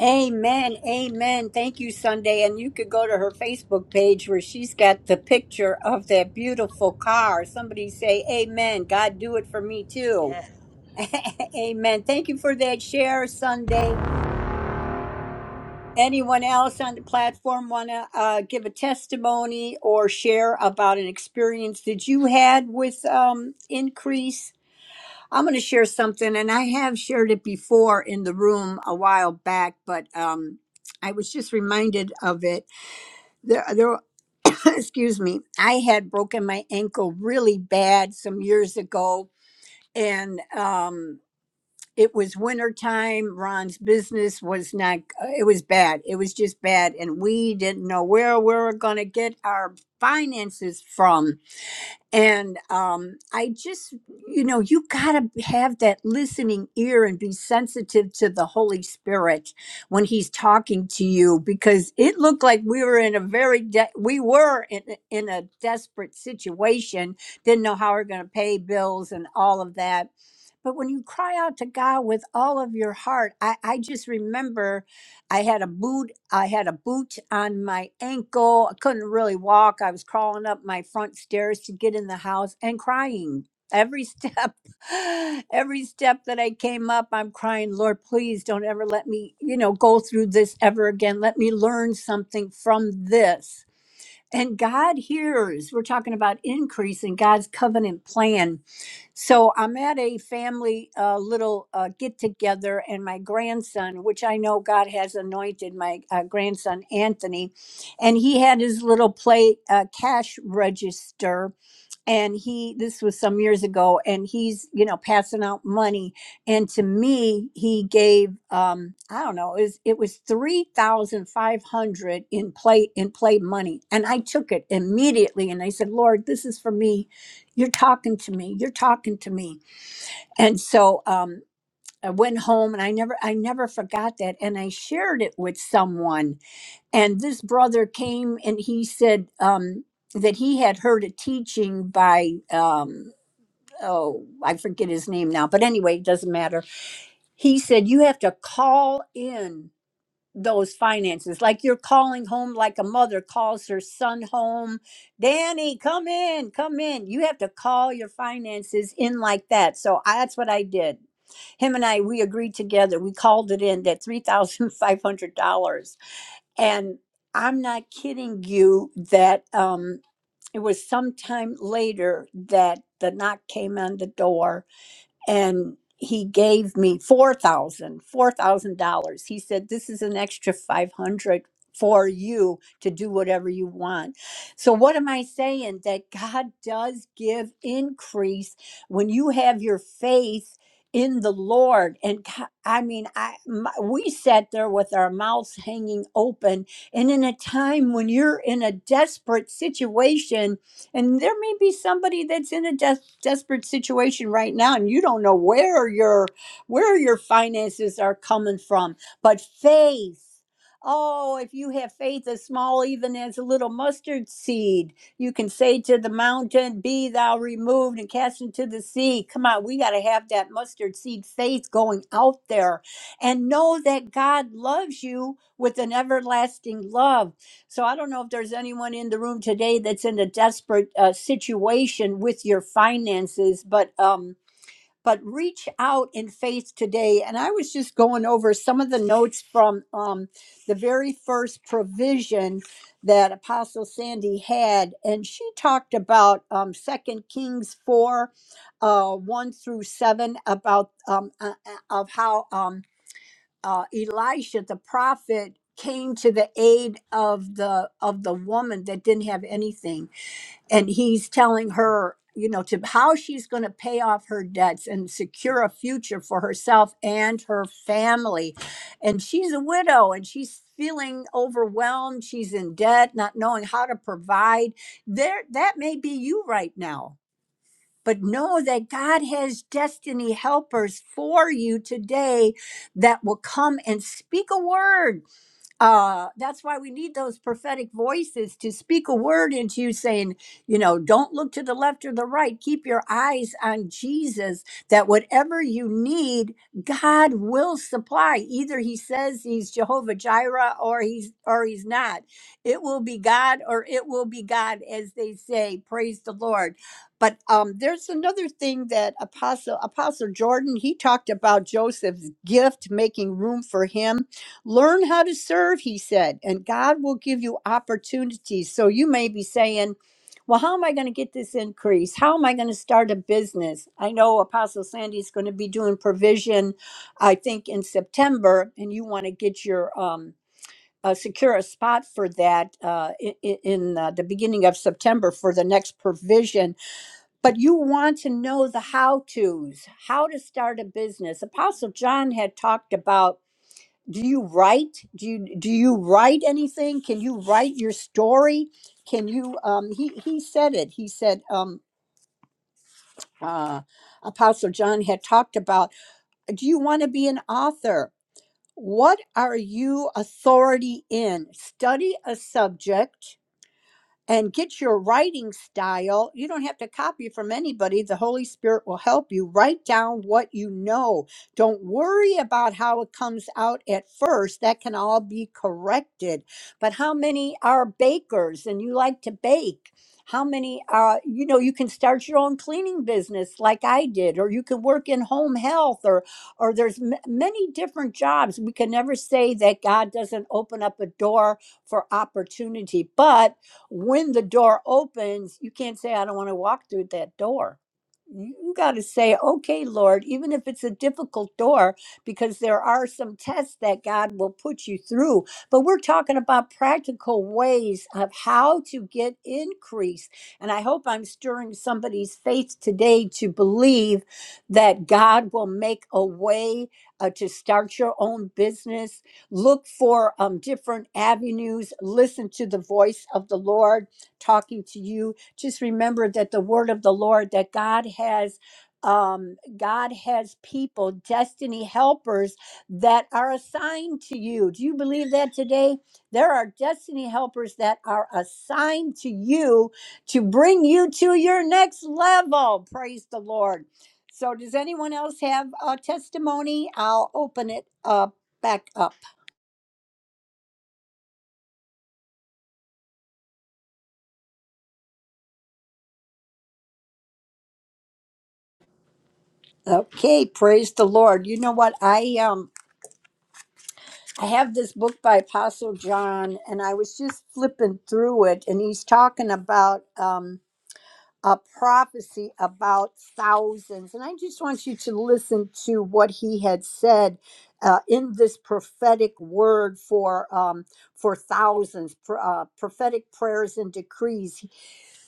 A: Amen. Amen. Thank you, Sunday. And you could go to her Facebook page where she's got the picture of that beautiful car. Somebody say, Amen. God, do it for me
M: Yes.
A: too. Amen. Thank you for that share, Sunday. Anyone else on the platform want to uh, give a testimony or share about an experience that you had with um, Increase? I'm going to share something, and I have shared it before in the room a while back, but um, I was just reminded of it. There, there, excuse me, I had broken my ankle really bad some years ago, and um, it was winter time. Ron's business was not, uh, it was bad. It was just bad, and we didn't know where we were going to get our finances from and um, I just, you know, you got to have that listening ear and be sensitive to the Holy Spirit when He's talking to you, because it looked like we were in a very, de- we were in, in a desperate situation, didn't know how we are going to pay bills and all of that but when you cry out to God with all of your heart, I, I just remember I had a boot, I had a boot on my ankle. I couldn't really walk. I was crawling up my front stairs to get in the house and crying every step. Every step that I came up, I'm crying, Lord, please don't ever let me, you know, go through this ever again. Let me learn something from this. And God hears. We're talking about increase in God's covenant plan so I'm at a family uh, little uh, get together, and my grandson, which I know God has anointed, my uh, grandson Anthony, and he had his little play uh, cash register and he this was some years ago and he's you know passing out money and to me he gave um i don't know it was, it was 3500 in play in play money and i took it immediately and i said lord this is for me you're talking to me you're talking to me and so um I went home and I never I never forgot that and I shared it with someone and this brother came and he said um, that he had heard a teaching by um, oh i forget his name now but anyway it doesn't matter he said you have to call in those finances like you're calling home like a mother calls her son home danny come in come in you have to call your finances in like that so I, that's what i did him and i we agreed together we called it in that $3500 and I'm not kidding you that um, it was sometime later that the knock came on the door and he gave me four thousand four thousand dollars he said this is an extra 500 for you to do whatever you want so what am i saying that god does give increase when you have your faith in the lord and Go- i mean i my, we sat there with our mouths hanging open and in a time when you're in a desperate situation and there may be somebody that's in a des- desperate situation right now, and you don't know where your where your finances are coming from. But faith, oh, if you have faith as small even as a little mustard seed, you can say to the mountain, "Be thou removed," and cast into the sea. Come on, we got to have that mustard seed faith going out there, and know that God loves you with an everlasting love so I don't know if there's anyone in the room today that's in a desperate uh, situation with your finances, but um, but reach out in faith today. And I was just going over some of the notes from um, the very first provision that Apostle Sandy had, and she talked about um, Second Kings four, uh, one through seven, about um, uh, uh, of how. Um, uh, Elisha the prophet came to the aid of the of the woman that didn't have anything, and he's telling her, you know, to how she's going to pay off her debts and secure a future for herself and her family, and she's a widow and she's feeling overwhelmed. She's in debt, not knowing how to provide. There, that may be you right now but know that God has destiny helpers for you today that will come and speak a word uh that's why we need those prophetic voices to speak a word into you saying you know don't look to the left or the right keep your eyes on jesus that whatever you need god will supply either he says he's jehovah jireh or he's or he's not it will be god or it will be god as they say praise the lord but um there's another thing that apostle apostle jordan he talked about joseph's gift making room for him Learn how to serve, he said, and God will give you opportunities. So you may be saying, Well, how am I going to get this increase? How am I going to start a business? I know Apostle Sandy is going to be doing provision, I think, in September, and you want to get your um, uh, secure a spot for that uh, in, in uh, the beginning of September for the next provision. But you want to know the how tos, how to start a business. Apostle John had talked about do you write do you do you write anything can you write your story can you um he he said it he said um uh apostle john had talked about do you want to be an author what are you authority in study a subject and get your writing style. You don't have to copy from anybody. The Holy Spirit will help you. Write down what you know. Don't worry about how it comes out at first. That can all be corrected. But how many are bakers and you like to bake? How many are, you know, you can start your own cleaning business like I did, or you could work in home health, or, or there's m- many different jobs. We can never say that God doesn't open up a door for opportunity, but when the door opens, you can't say, I don't want to walk through that door. You got to say, okay, Lord, even if it's a difficult door, because there are some tests that God will put you through. But we're talking about practical ways of how to get increase. And I hope I'm stirring somebody's faith today to believe that God will make a way uh, to start your own business, look for um, different avenues, listen to the voice of the Lord talking to you. Just remember that the word of the Lord that God has. Um, God has people, destiny helpers that are assigned to you. Do you believe that today? There are destiny helpers that are assigned to you to bring you to your next level. Praise the Lord. So, does anyone else have a testimony? I'll open it up back up. Okay, praise the Lord. You know what? I um I have this book by Apostle John and I was just flipping through it and he's talking about um a prophecy about thousands. And I just want you to listen to what he had said uh, in this prophetic word for um for thousands, pr- uh, prophetic prayers and decrees.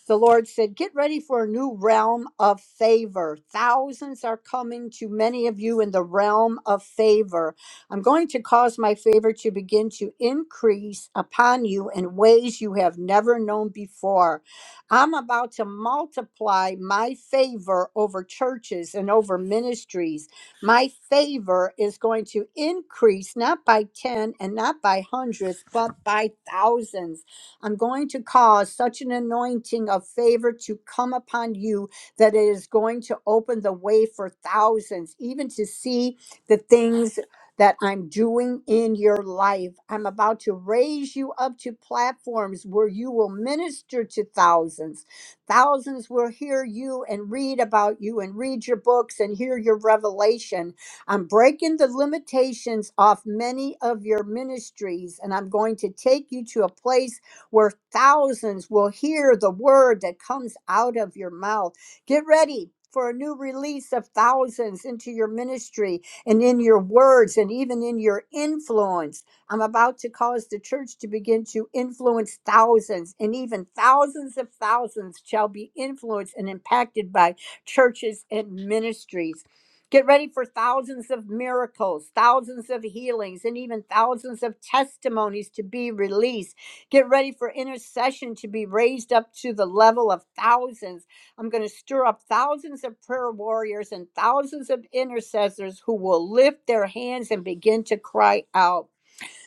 A: The Lord said, Get ready for a new realm of favor. Thousands are coming to many of you in the realm of favor. I'm going to cause my favor to begin to increase upon you in ways you have never known before. I'm about to multiply my favor over churches and over ministries. My favor is going to increase not by 10 and not by hundreds, but by thousands. I'm going to cause such an anointing of favor to come upon you that it is going to open the way for thousands, even to see the things that I'm doing in your life. I'm about to raise you up to platforms where you will minister to thousands. Thousands will hear you and read about you and read your books and hear your revelation. I'm breaking the limitations off many of your ministries and I'm going to take you to a place where thousands will hear the word that comes out of your mouth. Get ready for a new release of thousands into your ministry and in your words and even in your influence. I'm about to cause the church to begin to influence thousands, and even thousands of thousands shall be influenced and impacted by churches and ministries. Get ready for thousands of miracles, thousands of healings, and even thousands of testimonies to be released Get ready for intercession to be raised up to the level of thousands. I'm going to stir up thousands of prayer warriors and thousands of intercessors who will lift their hands and begin to cry out.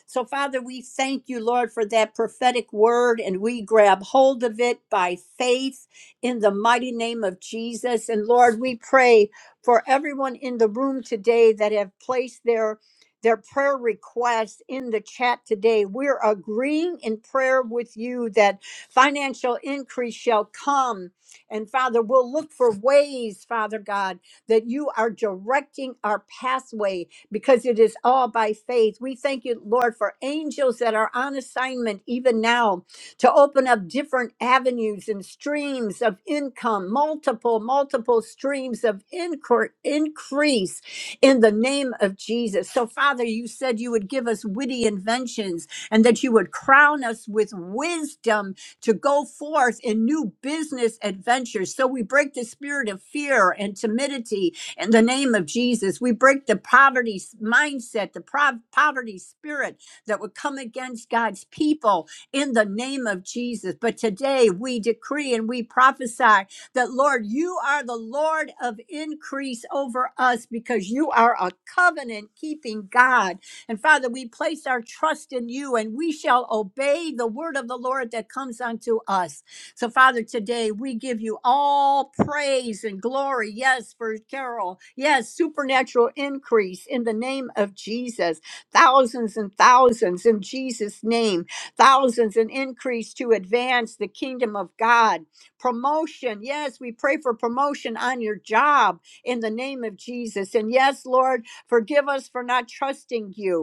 A: So, Father, we thank you, Lord, for that prophetic word, and we grab hold of it by faith in the mighty name of Jesus. And Lord, we pray for everyone in the room today that have placed their their prayer requests in the chat today. We're agreeing in prayer with you that financial increase shall come. And Father, we'll look for ways, Father God, that you are directing our pathway because it is all by faith. We thank you, Lord, for angels that are on assignment even now to open up different avenues and streams of income, multiple, multiple streams of incre- increase in the name of Jesus. So, Father, you said you would give us witty inventions and that you would crown us with wisdom to go forth in new business adventures. So, we break the spirit of fear and timidity in the name of Jesus, we break the poverty s- mindset, the prov- poverty spirit that would come against God's people in the name of Jesus. But today we decree and we prophesy that, Lord, you are the Lord of increase over us because you are a covenant keeping God. And Father, we place our trust in you and we shall obey the word of the Lord that comes unto us. So, Father, today we give you all praise and glory. Yes, for Carol. Yes, supernatural increase in the name of Jesus. Thousands and thousands in Jesus' name. Thousands and increase to advance the kingdom of God. Promotion. Yes, we pray for promotion on your job in the name of Jesus. And yes, Lord, forgive us for not trusting you.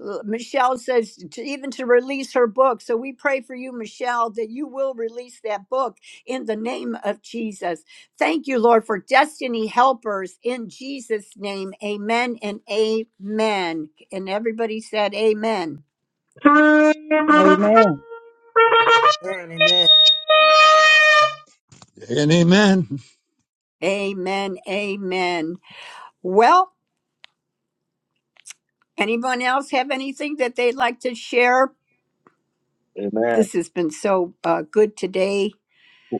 A: L- Michelle says to, even to release her book. So we pray for you, Michelle, that you will release that book in the name of Jesus. Thank you, Lord, for destiny helpers in Jesus' name. Amen and amen. And everybody said amen.
I: Amen.
G: Amen.
D: And amen.
A: Amen. Amen. Well, anyone else have anything that they'd like to share?
N: Amen.
A: This has been so uh, good today.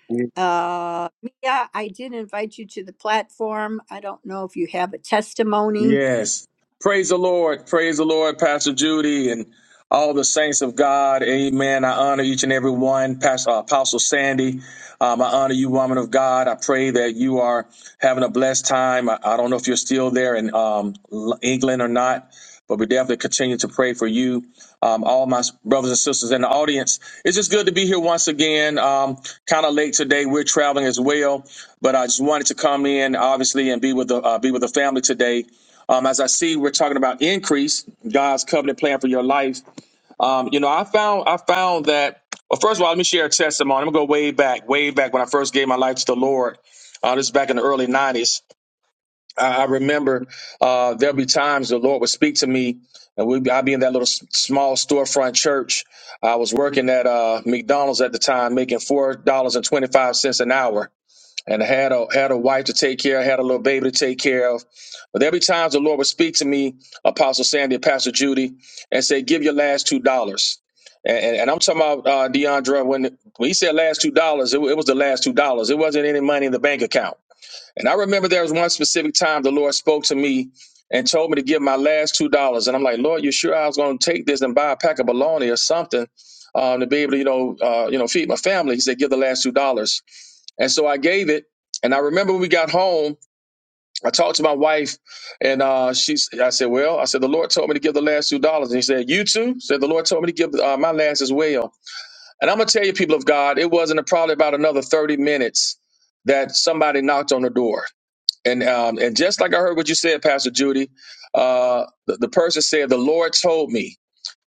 N: We
A: Uh, Mia, I did invite you to the platform. I don't know if you have a testimony.
N: Yes. Praise the Lord. Praise the Lord, Pastor Judy and all the saints of God. Amen. I honor each and every one. Pastor uh, Apostle Sandy, um, I honor you, woman of God. I pray that you are having a blessed time. I, I don't know if you're still there in um, L- England or not, but we definitely continue to pray for you. Um, all my s- brothers and sisters in the audience, it's just good to be here once again. Um, kind of late today. We're traveling as well, but I just wanted to come in, obviously, and be with the uh, be with the family today. Um, as I see, we're talking about increase, God's covenant plan for your life. Um, you know, I found I found that. Well, first of all, let me share a testimony. I'm gonna go way back, way back when I first gave my life to the Lord. Uh, this is back in the early '90s. I, I remember uh, there'll be times the Lord would speak to me, and we'd be, I'd be in that little s- small storefront church. I was working at uh, McDonald's at the time, making four dollars and twenty five cents an hour and I had a had a wife to take care of, had a little baby to take care of. But there'd be times the Lord would speak to me, Apostle Sandy, and Pastor Judy, and say, "Give your last two dollars." And, and, and I'm talking about uh, DeAndre when when he said last two dollars, it, wa- it was the last two dollars. It wasn't any money in the bank account. And I remember there was one specific time the Lord spoke to me and told me to give my last two dollars. And I'm like, Lord, you sure I was going to take this and buy a pack of bologna or something um, to be able to, you know, uh, you know, feed my family? He said, give the last two dollars. And so I gave it. And I remember when we got home, I talked to my wife, and uh, she, I said, "Well, I said the Lord told me to give the last two dollars." And he said, "You too?" Said the Lord told me to give uh, my last as well. And I'm gonna tell you, people of God, it wasn't probably about another thirty minutes that somebody knocked on the door and um, and just like I heard what you said, Pastor Judy, uh, the, the person said, "The Lord told me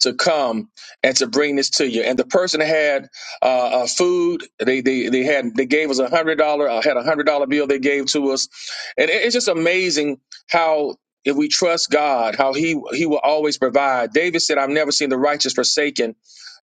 N: to come and to bring this to you." And the person had uh, uh, food. They they they had they gave us a hundred dollar. Uh, had a hundred dollar bill they gave to us, and it- it's just amazing how. If we trust God, how He He will always provide. David said, "I've never seen the righteous forsaken,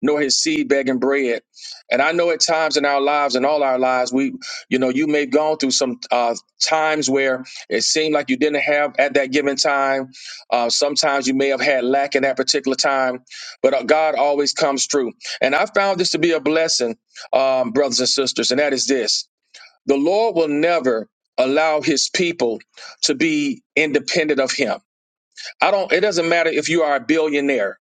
N: nor his seed begging bread." And I know at times in our lives, in all our lives, we you know you may have gone through some uh, times where it seemed like you didn't have at that given time. Uh, sometimes you may have had lack in that particular time, but uh, God always comes through. And I found this to be a blessing, um, brothers and sisters, and that is this the Lord will never allow his people to be independent of him. I don't, it doesn't matter if you are a billionaire.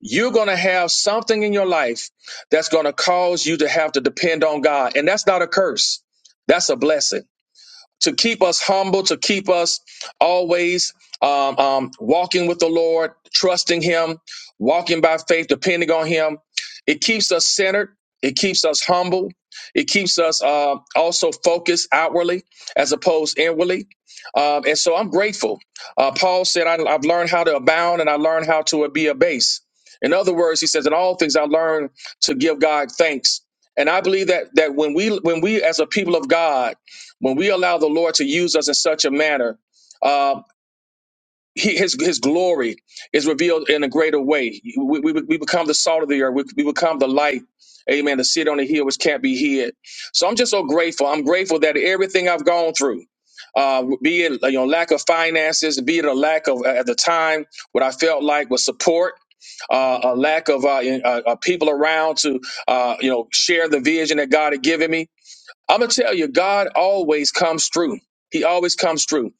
N: You're going to have something in your life that's going to cause you to have to depend on God. And that's not a curse. That's a blessing to keep us humble, to keep us always um, um, walking with the Lord, trusting Him, walking by faith, depending on Him. It keeps us centered. It keeps us humble. It keeps us uh, also focused outwardly as opposed inwardly. Um, and so I'm grateful. Uh, Paul said, I, I've learned how to abound and I learned how to be abased. In other words, he says, in all things I learned to give God thanks. And I believe that that when we when we as a people of God when we allow the Lord to use us in such a manner, uh, he, his his glory is revealed in a greater way. We, we, we become the salt of the earth. We, we become the light. Amen. The city on the hill which can't be hid. So I'm just so grateful. I'm grateful that everything I've gone through, uh, be it you know lack of finances, be it a lack of at the time what I felt like was support, uh, a lack of uh, in- uh, uh, people around to uh, you know share the vision that God had given me I'm gonna tell you, God always comes through. He always comes through.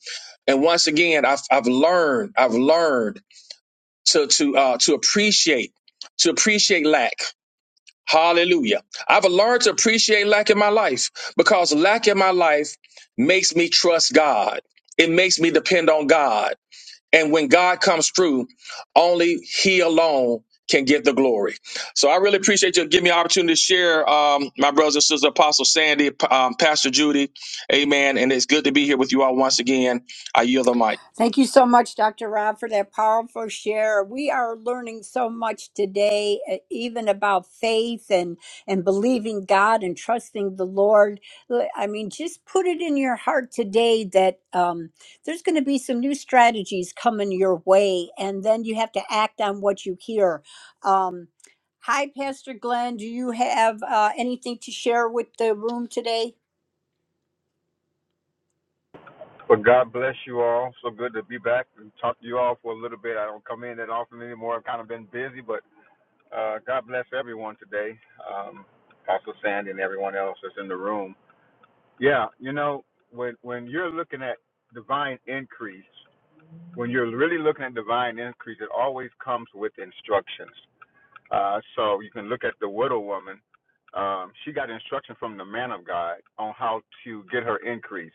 N: And once again, I've I've learned, I've learned to to uh, to appreciate, to appreciate lack. Hallelujah. I've learned to appreciate lack in my life because lack in my life makes me trust God. It makes me depend on God. And when God comes through, only He alone can get the glory. So I really appreciate you giving me an opportunity to share, um, my brothers and sisters, Apostle Sandy, um, Pastor Judy, Amen. And it's good to be here with you all once again. I yield the mic.
A: Thank you so much, Dr. Rob, for that powerful share. We are learning so much today, eh, even about faith and, and believing God and trusting the Lord. L- I mean, just put it in your heart today that um, there's going to be some new strategies coming your way, and then you have to act on what you hear. Um, hi, Pastor Glenn. Do you have uh, anything to share with the room today?
O: Well, God bless you all. So good to be back and talk to you all for a little bit. I don't come in that often anymore. I've kind of been busy, but uh, God bless everyone today. Um, Apostle Sandy and everyone else that's in the room. Yeah, you know, when when you're looking at divine increase, when you're really looking at divine increase, it always comes with instructions. Uh, so you can look at the widow woman. Um, she got instruction from the man of God on how to get her increase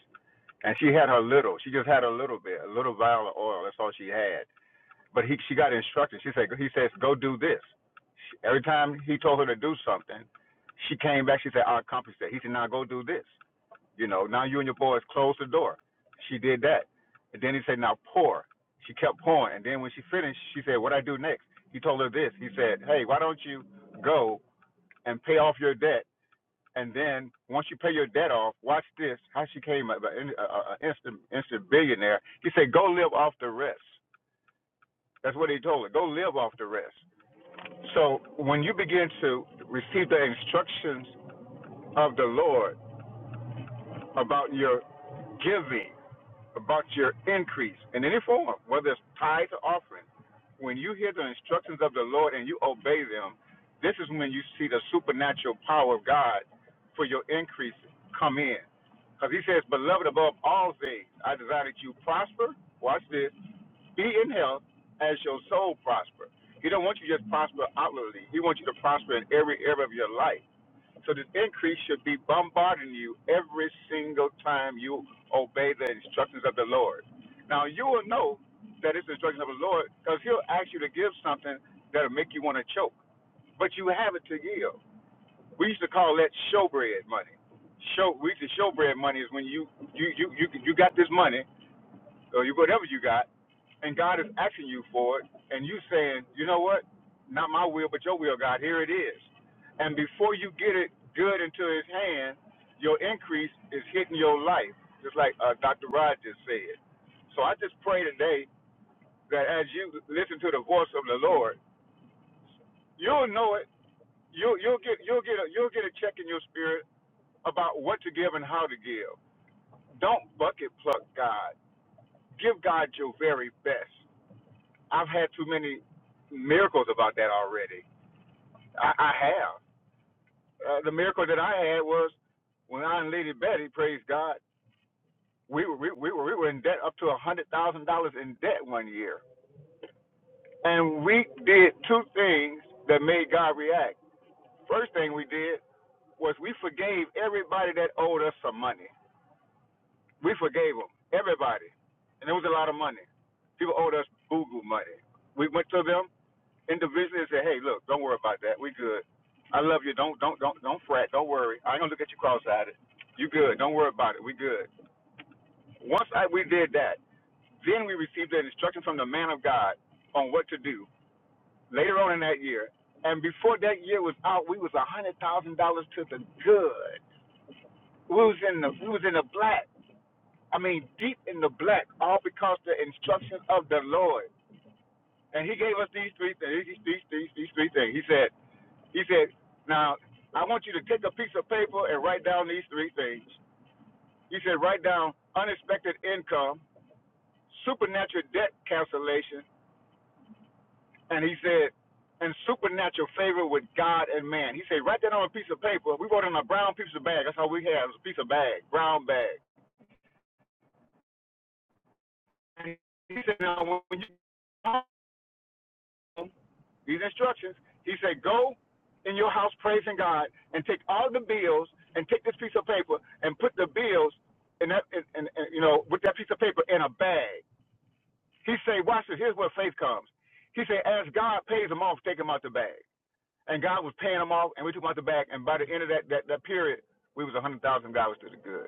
O: and she had her little. She just had a little bit, a little vial of oil. That's all she had. But he, she got instructed. She said, he says, go do this. She, every time he told her to do something, she came back. She said, I accomplished that. He said, now go do this. You know, now you and your boys close the door. She did that. And then he said, now pour. She kept pouring. And then when she finished, she said, what I do next? He told her this. He said, hey, why don't you go and pay off your debt and then once you pay your debt off, watch this. How she came up an instant instant billionaire. He said, "Go live off the rest." That's what he told her. Go live off the rest. So when you begin to receive the instructions of the Lord about your giving, about your increase in any form, whether it's tithe or offering, when you hear the instructions of the Lord and you obey them, this is when you see the supernatural power of God for your increase come in. Because he says, Beloved above all things, I desire that you prosper. Watch this. Be in health as your soul prosper. He don't want you to just prosper outwardly. He wants you to prosper in every area of your life. So this increase should be bombarding you every single time you obey the instructions of the Lord. Now you will know that it's the instructions of the Lord because he'll ask you to give something that'll make you want to choke. But you have it to give we used to call that showbread money. Show we used to showbread money is when you you you you you got this money or you whatever you got, and God is asking you for it, and you saying, you know what, not my will but your will, God. Here it is, and before you get it good into His hand, your increase is hitting your life, just like uh, Dr. Rod just said. So I just pray today that as you listen to the voice of the Lord, you'll know it. You'll you'll get you'll get a, you'll get a check in your spirit about what to give and how to give. Don't bucket pluck God. Give God your very best. I've had too many miracles about that already. I, I have. Uh, the miracle that I had was when I and Lady Betty, praise God, we were we, we were we were in debt up to a hundred thousand dollars in debt one year, and we did two things that made God react. First thing we did was we forgave everybody that owed us some money. We forgave them, everybody. And it was a lot of money. People owed us boo-goo money. We went to them individually and said, hey, look, don't worry about that. We good. I love you. Don't don't don't don't fret. Don't worry. I ain't gonna look at you cross-eyed. You good. Don't worry about it. We good. Once I, we did that, then we received an instruction from the man of God on what to do later on in that year. And before that year was out, we was a hundred thousand dollars to the good. We was in the we was in the black. I mean, deep in the black, all because the instructions of the Lord. And he gave us these three things. These, these, these, these three things. He said, he said, now I want you to take a piece of paper and write down these three things. He said, write down unexpected income, supernatural debt cancellation, and he said, and supernatural favor with God and man. He said, write that on a piece of paper. We wrote it on a brown piece of bag. That's how we have it a piece of bag, brown bag. And he said, now when you these instructions. He said, Go in your house praising God and take all the bills and take this piece of paper and put the bills in that in, in, in, you know, with that piece of paper in a bag. He said, Watch this, here's where faith comes. He said, As God pays them off, take them out the bag. And God was paying them off and we took them out the bag and by the end of that that, that period we was a hundred thousand dollars to the good.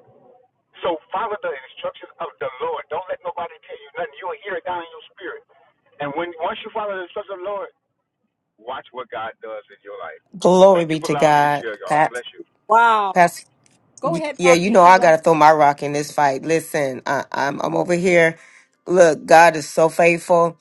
O: So follow the instructions of the Lord. Don't let nobody tell you nothing. You'll hear it down in your spirit. And when once you follow the instructions of the Lord, Watch what God does in your life.
P: Glory
O: Thank you
P: be
O: for
P: to
O: allowing me to
P: God.
O: share, y'all. Bless
P: Pat,
O: you.
A: Wow. Go
P: Y-
A: ahead,
P: Yeah, you
A: Prophet
P: know I
A: Sheila.
P: gotta throw my rock in this fight. Listen, I, I'm I'm over here. Look, God is so faithful.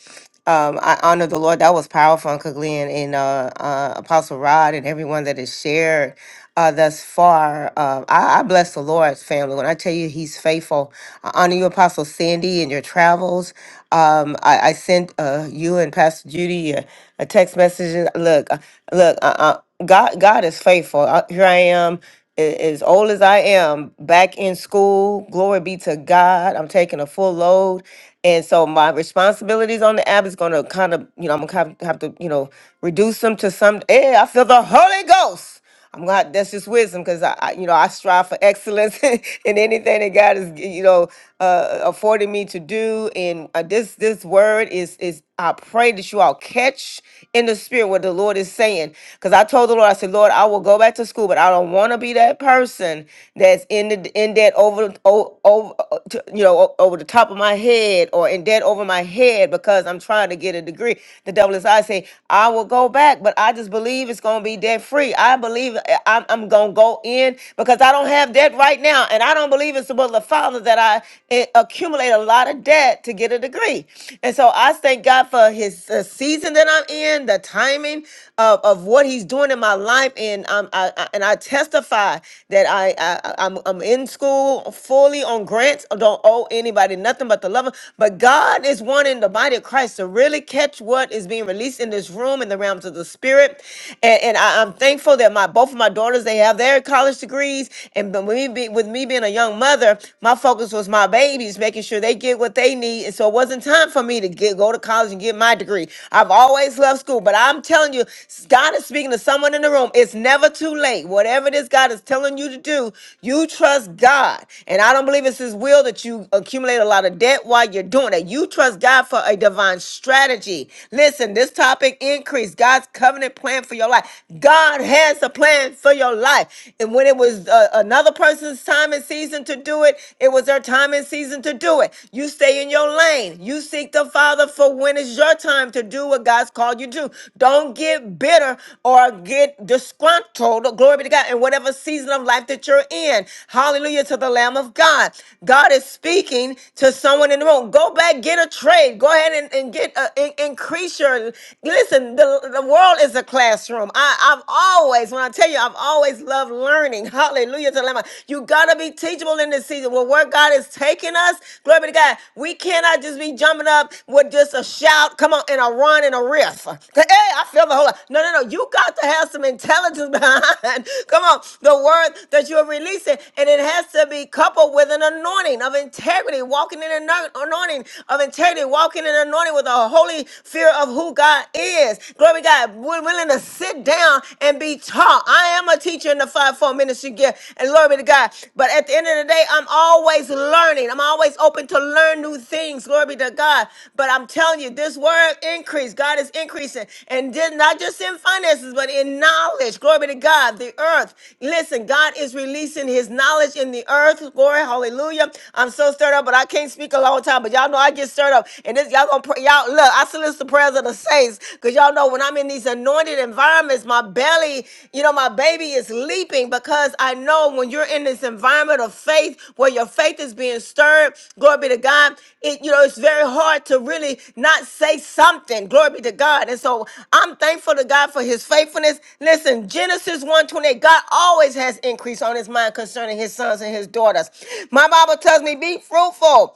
P: Um, I honor the Lord. That was powerful, Uncle Glenn and uh, uh, Apostle Rod and everyone that has shared uh, thus far. Uh, I, I bless the Lord's family. When I tell you He's faithful, I honor you, Apostle Sandy, and your travels. Um, I, I sent uh, you and Pastor Judy a, a text message. Look, uh, look, uh, uh, God, God is faithful. Uh, here I am a- as old as I am, back in school. Glory be to God. I'm taking a full load. And so my responsibilities on the app is going to kind of, you know, I'm going to have to, you know, reduce them to some. Hey, I feel the Holy Ghost. I'm glad that's just wisdom because I, I, you know, I strive for excellence in anything that God is, you know, uh, affording me to do. And uh, this this word is is I pray that you all catch in the spirit what the Lord is saying. Because I told the Lord, I said, Lord, I will go back to school, but I don't want to be that person that's in the in debt over o- over uh, to- you know o- over the top of my head or in debt over my head because I'm trying to get a degree. The devil is I say I will go back, but I just believe it's gonna be debt free. I believe I- I'm, I'm gonna go in because I don't have debt right now, and I don't believe it's about the Father that I eh, accumulate a lot of debt to get a degree. And so I thank God for his the season that I'm in, the timing of, of what he's doing in my life. And um, I, I- and I testify that I, I I'm, I'm in school fully on grants. I don't owe anybody nothing but the love. of- But God is wanting the body of Christ to really catch what is being released in this room in the realms of the spirit. And, and I, I'm thankful that my both of my daughters they have their college degrees. And but me be, with me being a young mother, my focus was my baby babies, making sure they get what they need. And so it wasn't time for me to get go to college and get my degree. I've always loved school, but I'm telling you, God is speaking to someone in the room. It's never too late. Whatever this God is telling you to do, you trust God. And I don't believe it's His will that you accumulate a lot of debt while you're doing it. You trust God for a divine strategy. Listen, this topic increased God's covenant plan for your life. God has a plan for your life. And when it was uh, another person person's time and season to do it, it was their time and season to do it. You stay in your lane. You seek the Father for when it's your time to do what God's called you to do. Don't get bitter or get disgruntled. Glory be to God in whatever season of life that you're in. Hallelujah to the Lamb of God. God is speaking to someone in the room. Go back, get a trade. Go ahead and, and get a, in- increase your. Listen, the, the world is a classroom. I, I've always, when I tell tell you, I've always loved learning. Hallelujah to the Lamb. You gotta be teachable in this season. Well, where God is taking us, glory be to God. We cannot just be jumping up with just a shout, come on, and a run and a riff. Hey, I feel the whole. lot. No, no, no. You got to have some intelligence behind. Come on, the word that you are releasing, and it has to be coupled with an anointing of integrity, walking in an anointing of integrity, walking in an anointing with a holy fear of who God is. Glory to God God, we're willing to sit down and be taught. I am a teacher in the five-fold ministry gift, and glory be to God. But at the end of the day, I'm always learning. I'm always open to learn new things. Glory be to God. But I'm telling you, this word increase. God is increasing, and then not just in finances, but in knowledge. Glory be to God. The earth. Listen, God is releasing His knowledge in the earth. Glory, hallelujah. I'm so stirred up, but I can't speak a long time. But y'all know I get stirred up, and this y'all gonna pray. y'all out. Look, I solicit the prayers of the saints because y'all know when I'm in these anointed environments, my belly, you know, my baby is leaping because I know when you're in this environment of faith where your faith is being stirred, glory be to God, it, you know, it's very hard to really not say something, glory be to God. And so I'm thankful to God for his faithfulness. Listen, Genesis 1:28, God always has increase on his mind concerning his sons and his daughters. My Bible tells me, be fruitful.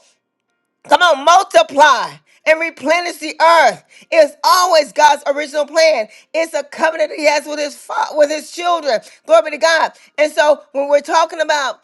P: Come on, multiply and replenish the earth. It's always God's original plan. It's a covenant that He has with His fa- with His children. Glory be to God. And so, when we're talking about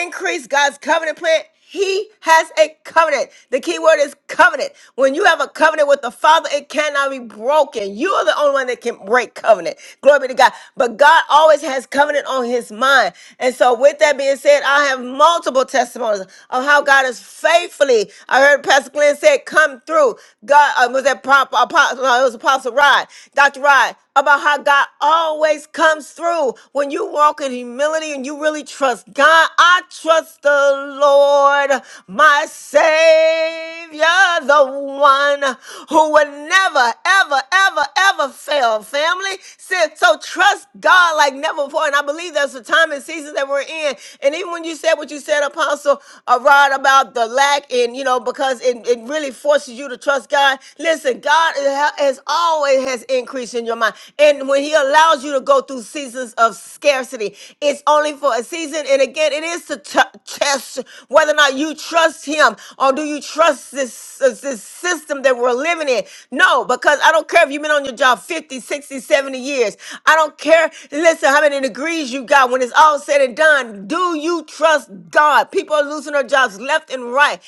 P: increase God's covenant plan, He has a covenant. The key word is covenant. When you have a covenant with the Father, it cannot be broken. You are the only one that can break covenant. Glory be to God. But God always has covenant on His mind. And so, with that being said, I have multiple testimonies of how God is faithfully. I heard Pastor Glenn said, "Come through." God um, was that prop apostle? No, it was Apostle Rod, Doctor Rod, about how God always comes through when you walk in humility and you really trust God. I trust the Lord, my Savior, the one who would never, ever, ever, ever fail. Family, so so trust God like never before, and I believe that's the time and season that we're in. And even when you said what you said, Apostle uh, Rod, about the lack in you know know, because it, it really forces you to trust God. Listen, God ha- has always has increase in your mind. And when he allows you to go through seasons of scarcity, it's only for a season. And again, it is to t- test whether or not you trust him or do you trust this, this this system that we're living in. No, because I don't care if you've been on your job 50, 60, 70 years. I don't care, listen, how many degrees you got when it's all said and done. Do you trust God? People are losing their jobs left and right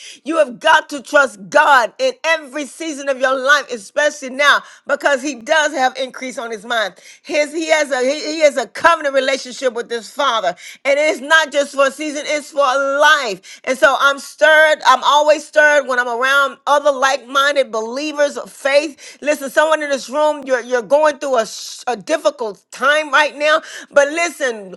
P: have got to trust God in every season of your life, especially now, because He does have increase on His mind. His He has a He, he has a covenant relationship with His Father, and it's not just for a season; it's for a life. And so I'm stirred. I'm always stirred when I'm around other like-minded believers of faith. Listen, someone in this room, you're you're going through a, sh- a difficult time right now, but listen.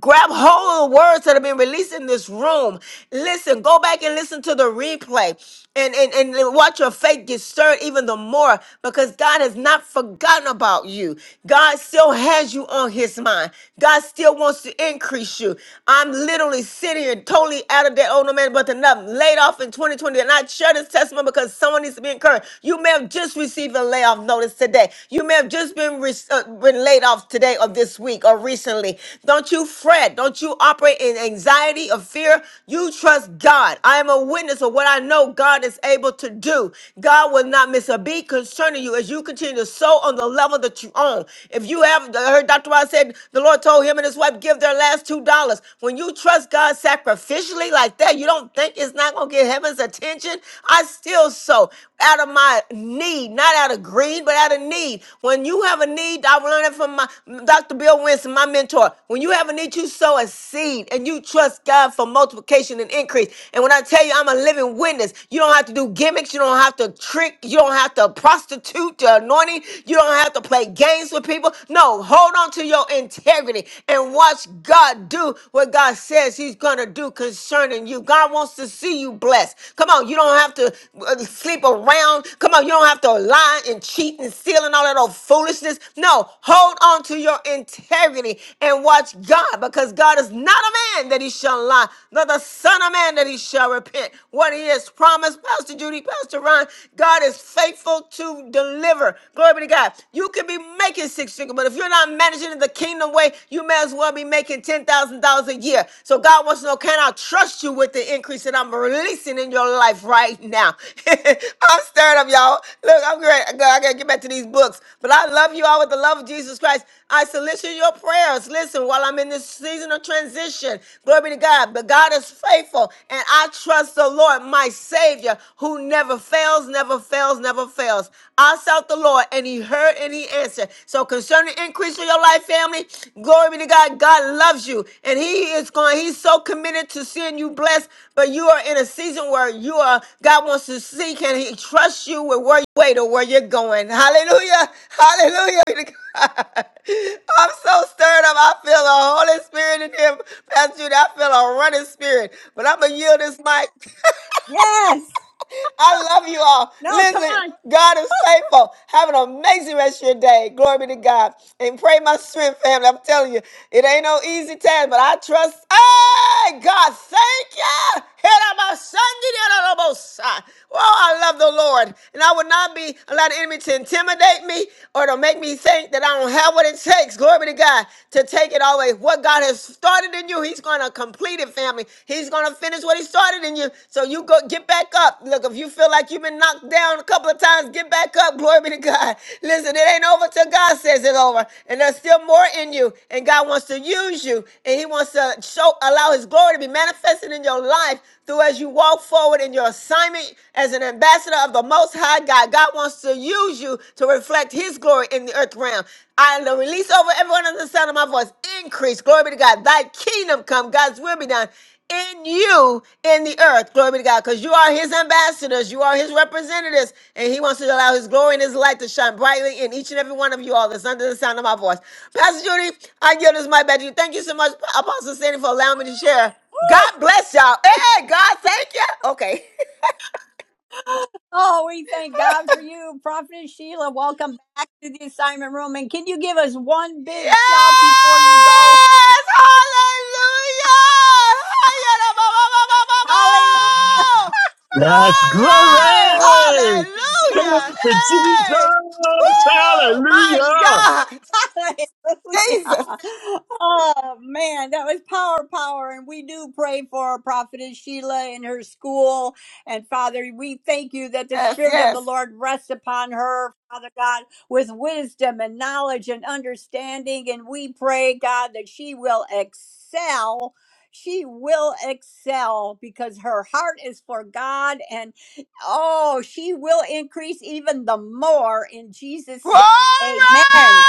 P: Grab hold of the words that have been released in this room. Listen, go back and listen to the replay and, and, and watch your faith get stirred even the more because God has not forgotten about you. God still has you on his mind. God still wants to increase you. I'm literally sitting here totally out of that old no man, but enough laid off in 2020 and I share this testimony because someone needs to be encouraged. You may have just received a layoff notice today. You may have have just been, re- uh, been laid off today or this week or recently, don't you fret. Don't you operate in anxiety or fear. You trust God. I am a witness of what I know God is able to do. God will not miss a beat concerning you as you continue to sow on the level that you own. If you have I heard Dr. Ross said the Lord told him and his wife give their last two dollars. When you trust God sacrificially like that, you don't think it's not gonna get heaven's attention. I still sow out of my need, not out of greed, but out of need. When you have a need, I learned it from my Dr. Bill Winston, my mentor. When you have a need, you sow a seed and you trust God for multiplication and increase. And when I tell you I'm a living witness, you don't have to do gimmicks, you don't have to trick, you don't have to prostitute your anointing, you don't have to play games with people. No, hold on to your integrity and watch God do what God says He's gonna do concerning you. God wants to see you blessed. Come on, you don't have to uh, sleep around. Come on, you don't have to lie and cheat and steal and all that old foolishness. No, hold on to your integrity and watch God because God is not a man that he shall lie, nor the son of man that he shall repent. What he has promised, Pastor Judy, Pastor Ron, God is faithful to deliver. Glory be to God. You could be making six figures, but if you're not managing the kingdom, kingdom way, you may as well be making $10,000 a year. So God wants to know, can I trust you with the increase that I'm releasing in your life right now? I'm stirred up, y'all. Look, I'm great. I gotta get back to these books. But I love you all with the love of Jesus Christ. I solicit your prayers. Listen, while I'm in this season of transition, glory be to God. But God is faithful, and I trust the Lord, my Savior, who never fails, never fails, never fails. I sought the Lord and he heard and he answered. So concerning increase of your life, family, glory be to God. God loves you and he is going, he's so committed to seeing you blessed, but you are in a season where you are, God wants to see, can he trust you with where you wait or where you're going? Hallelujah. Hallelujah. Be to God. I'm so stirred up. I feel the Holy Spirit in him. Pastor Judy, I feel a running spirit. But I'm going to yield this mic.
A: Yes.
P: I love you all.
A: No, come
P: Listen,
A: on.
P: God is faithful. Have an amazing rest of your day. Glory be to God. And pray my strength, family. I'm telling you, it ain't no easy task, but I trust. Hey, God, thank you. Here I, Oh, I love the Lord. And I will not be allowed the enemy to intimidate me or to make me think that I don't have what it takes. Glory be to God to take it all away. What God has started in you, you. He's going to complete it, family. He's going to finish what he started in you. So you go get back up. Look, if you feel like you've been knocked down a couple of times, get back up. Glory be to God. Listen, it ain't over till God says it's over. And there's still more in you. And God wants to use you. And he wants to show, allow his glory to be manifested in your life through as you walk forward in your assignment as an ambassador of the Most High God. God wants to use you to reflect his glory glory in the earth realm. I will release over everyone on the sound of my voice. Increase. Glory be to God. Thy kingdom come. God's will be done in you in the earth. Glory be to God. Because you are his ambassadors, you are his representatives, and he wants to allow his glory and his light to shine brightly in each and every one of you all that's under the sound of my voice. Pastor Judy, I give this mic back to you. Thank you so much, Apostle Sandy, for allowing me to share. God bless y'all. Hey, God, thank you. Okay.
A: Oh, we thank God for you, Prophetess Sheila. Welcome back to the assignment room. And can you give us one
P: Yes!
A: big shout before you go?
P: Hallelujah! Hayara ba ba ba ba ba ba!
D: Yes,
P: Glory!
D: glory!
P: Hallelujah!
D: Thank you,
P: Hey!
D: Jesus!
P: Woo! My
D: Hallelujah!
P: God!
A: Hallelujah.
P: Jesus!
A: Oh man, that was power, power. And we do pray for our prophetess Sheila and her school. And Father, we thank you that the
P: Yes,
A: Spirit of the
P: yes.
A: Lord rests upon her, Father God, with wisdom and knowledge and understanding. And we pray, God, that she will excel. She will excel because her heart is for God and oh, she will increase even the more in Jesus'
P: Glory!
A: name. Amen.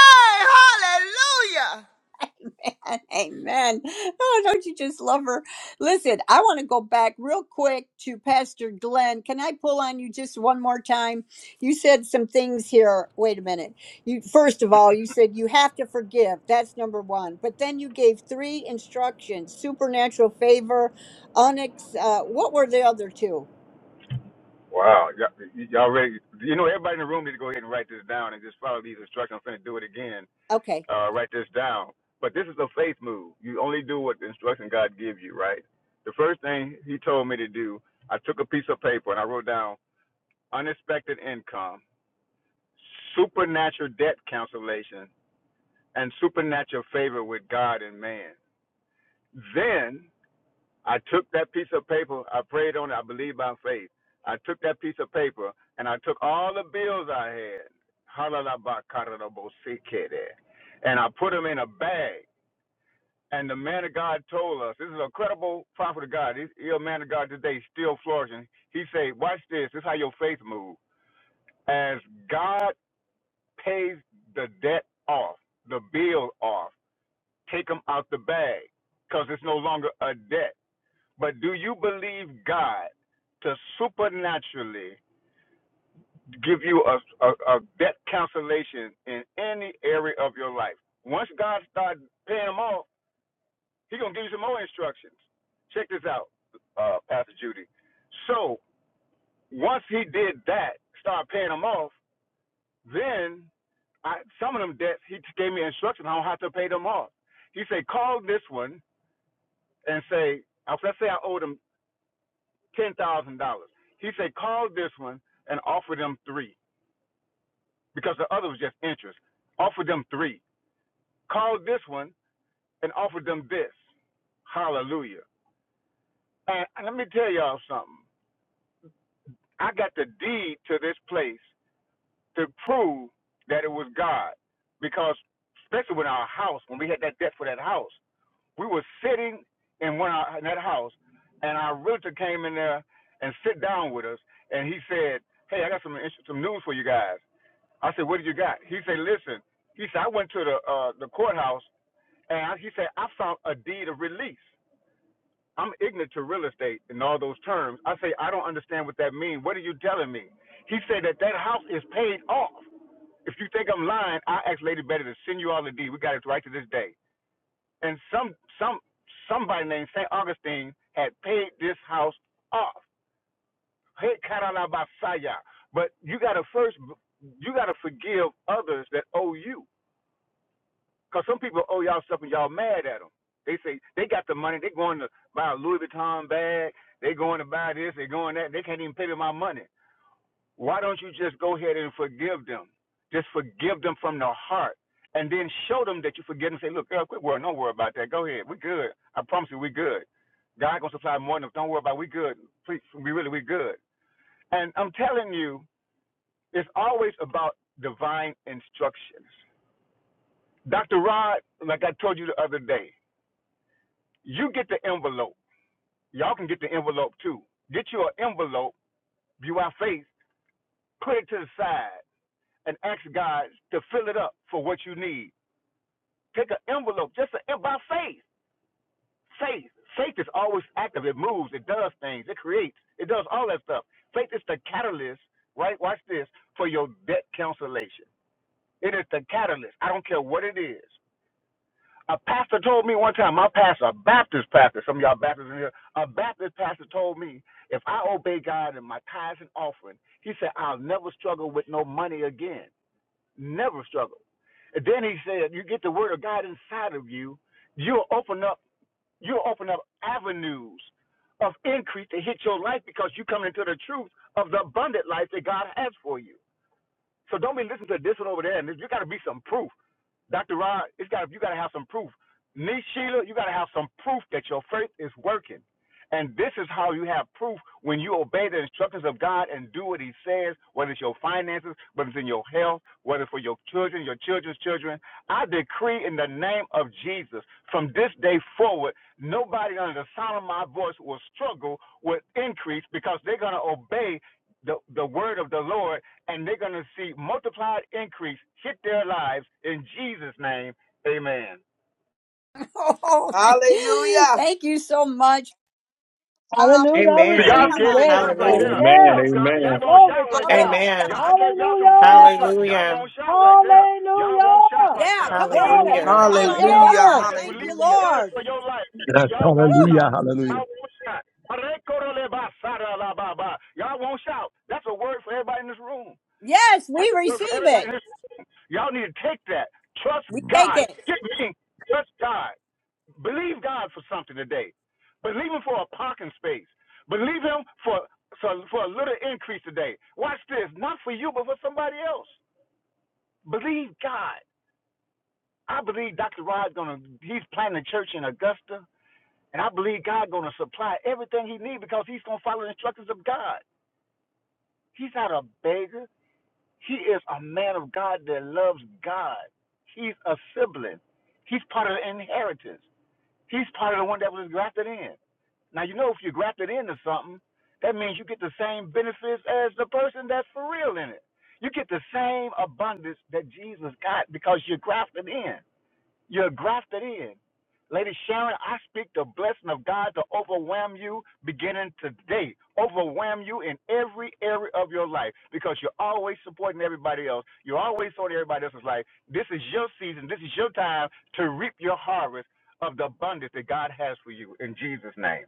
P: Hallelujah!
A: Amen. Amen. Oh, don't you just love her? Listen, I want to go back real quick to Pastor Glenn. Can I pull on you just one more time? You said some things here. Wait a minute. You first of all, you said you have to forgive. That's number one. But then you gave three instructions: supernatural favor, onyx. Uh, what were the other two?
O: Wow, y'all, y'all ready? You know, everybody in the room need to go ahead and write this down and just follow these instructions. I'm going to do it again.
A: Okay.
O: Uh, write this down. But this is a faith move. You only do what the instruction God gives you, right? The first thing He told me to do, I took a piece of paper and I wrote down unexpected income, supernatural debt cancellation, and supernatural favor with God and man. Then. I took that piece of paper, I prayed on it, I believed by faith. I took that piece of paper and I took all the bills I had, halalabakaradabosikede, and I put them in a bag. And the man of God told us, this is a credible prophet of God. He's, he's a man of God today, still flourishing. He said, watch this. This is how your faith moves. As God pays the debt off, the bill off, take them out the bag because it's no longer a debt. But do you believe God to supernaturally give you a, a, a debt cancellation in any area of your life? Once God starts paying them off, He gonna give you some more instructions. Check this out, uh, Pastor Judy. So once He did that, start paying them off, then I, some of them debts He gave me instructions on how to pay them off. He said, call this one and say, let's say I owe them ten thousand dollars. He said, call this one and offer them three because the other was just interest. Offer them three. Call this one and offer them this. Hallelujah. And let me tell y'all something. I got the deed to this place to prove that it was God because especially with our house when we had that debt for that house, we were sitting in one our, in that house and our realtor came in there and sit down with us and he said, "Hey, I got some some news for you guys." I said, "What do you got?" He said, "Listen." He said, "I went to the uh, the courthouse, and he said I found a deed of release. I'm ignorant to real estate and all those terms. I say I don't understand what that means. What are you telling me?" He said that that house is paid off. If you think I'm lying, I asked Lady Betty to send you all the deed. We got it right to this day. And some some somebody named Saint Augustine had paid this house off. Hey, Carolabasaya. But you gotta first, you gotta forgive others that owe you Cause some people owe y'all stuff and y'all mad at them. They say they got the money. They going to buy a Louis Vuitton bag. They going to buy this. They going that. They can't even pay me my money. Why don't you just go ahead and forgive them? Just forgive them from the heart, and then show them that you forgive them. Say, look, girl, quit worrying. Don't worry about that. Go ahead. We good. I promise you, we good. God gonna supply more than us. don't worry about. it. We good. Please, we really we good. And I'm telling you, it's always about divine instructions. Dr. Rod, like I told you the other day, You get the envelope. Y'all can get the envelope too. Get you an envelope, view our face, put it to the side, and ask God to fill it up for what you need. Take an envelope, just a, by faith. Faith. Faith is always active. It moves. It does things. It creates. It does all that stuff. Faith is the catalyst, right? Watch this, for your debt cancellation. It is the catalyst. I don't care what it is. A pastor told me one time, my pastor, a Baptist pastor, some of y'all Baptists in here, a Baptist pastor told me, if I obey God in my tithes and offering, he said, I'll never struggle with no money again. Never struggle. And then he said, you get the word of God inside of you, you'll open up, you'll open up avenues of increase to hit your life because you come into the truth of the abundant life that God has for you. So don't be listening to this one over there. And you got to be some proof. Dr. Rod, it's got you gotta have some proof. Me, Sheila, you gotta have some proof that your faith is working. And this is how you have proof when you obey the instructions of God and do what He says, whether it's your finances, whether it's in your health, whether it's for your children, your children's children. I decree in the name of Jesus, from this day forward, nobody under the sound of my voice will struggle with increase because they're going to obey the, the word of the Lord and they're going to see multiplied increase hit their lives in Jesus' name. Amen.
A: Oh,
E: Hallelujah.
A: thank you so much. How?
I: Hallelujah. I
O: So y'all
H: Amen.
I: receive
A: Come
I: it.
O: scared to
A: on,
I: Yes,
O: shout right
I: yes,
A: people.
H: Hallelujah.
O: there.
N: Amen.
O: Y'all
I: yes.
O: scared.
N: Amen.
O: Y'all won't
I: Glory
O: shout
I: to
O: right there.
I: God.
H: Amen.
A: Hallelujah.
O: Y'all, I gave y'all some free
I: Hallelujah.
O: instructions. Y'all
H: Hallelujah.
O: won't shout right there. Y'all won't shout
I: Hallelujah.
O: right
A: Yeah,
O: there.
A: come on.
O: Y'all won't
I: Yes,
H: Hallelujah.
O: shout
A: Shout
O: right
A: unto
O: there.
E: Hallelujah.
A: God.
I: yes.
O: I just
A: Thank you,
O: released the
E: Hallelujah.
O: word
A: Lord.
O: for your life.
D: Yes,
O: Y'all won't
D: hallelujah,
O: shout.
D: hallelujah.
O: Y'all won't shout. Y'all won't shout. That's a word for everybody in this room.
A: Yes,
O: That's
A: we
O: a word for
A: receive
O: everybody
A: it.
O: in this Y'all need to take that. Trust
A: We take
O: God.
A: it.
O: Get me. Trust God. Believe God for something today. Believe Him for a parking space. Believe Him for for, for a little increase today. Watch this. Not for you, but for somebody else. Believe God. I believe Dr. Rod's gonna. He's planting a church in Augusta, and I believe God gonna supply everything he needs because he's gonna follow the instructions of God. He's not a beggar. He is a man of God that loves God. He's a sibling. He's part of the inheritance. He's part of the one that was grafted in. Now, you know, if you're grafted into something, that means you get the same benefits as the person that's for real in it. You get the same abundance that Jesus got because you're grafted in. You're grafted in. Lady Sharon, I speak the blessing of God to overwhelm you beginning today. Overwhelm you in every area of your life because you're always supporting everybody else. You're always supporting everybody else's life. This is your season. This is your time to reap your harvest of the abundance that God has for you in Jesus' name.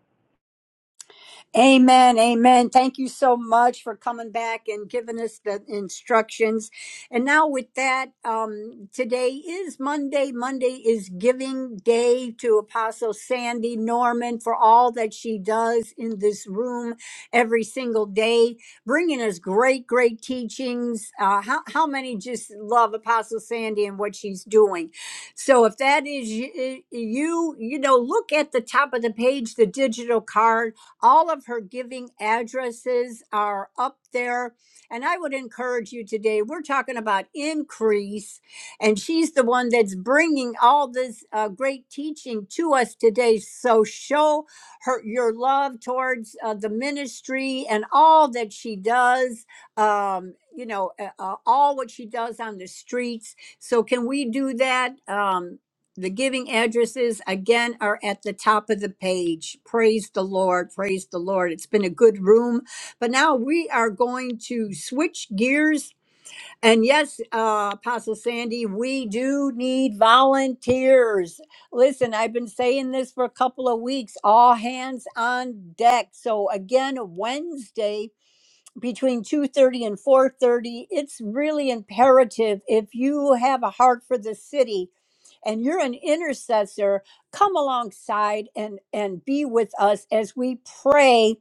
A: Amen. Amen. Thank you so much for coming back and giving us the instructions. And now, with that, um, today is Monday. Monday is giving day to Apostle Sandy Norman for all that she does in this room every single day, bringing us great, great teachings. Uh, how, how many just love Apostle Sandy and what she's doing? So, if that is y- y- you, you know, look at the top of the page, the digital card all of her giving addresses are up there. And I would encourage you today, we're talking about increase, and she's the one that's bringing all this uh, great teaching to us today. So show her your love towards uh, the ministry and all that she does, um, you know, uh, uh, all what she does on the streets. So, can we do that? Um, the giving addresses again are at the top of the page. Praise the Lord. Praise the Lord. It's been a good room. But now we are going to switch gears. And yes, uh, Apostle Sandy, we do need volunteers. Listen, I've been saying this for a couple of weeks all hands on deck. So again, Wednesday, between 2:30 and 4:30 it's really imperative if you have a heart for the city and you're an intercessor come alongside and and be with us as we pray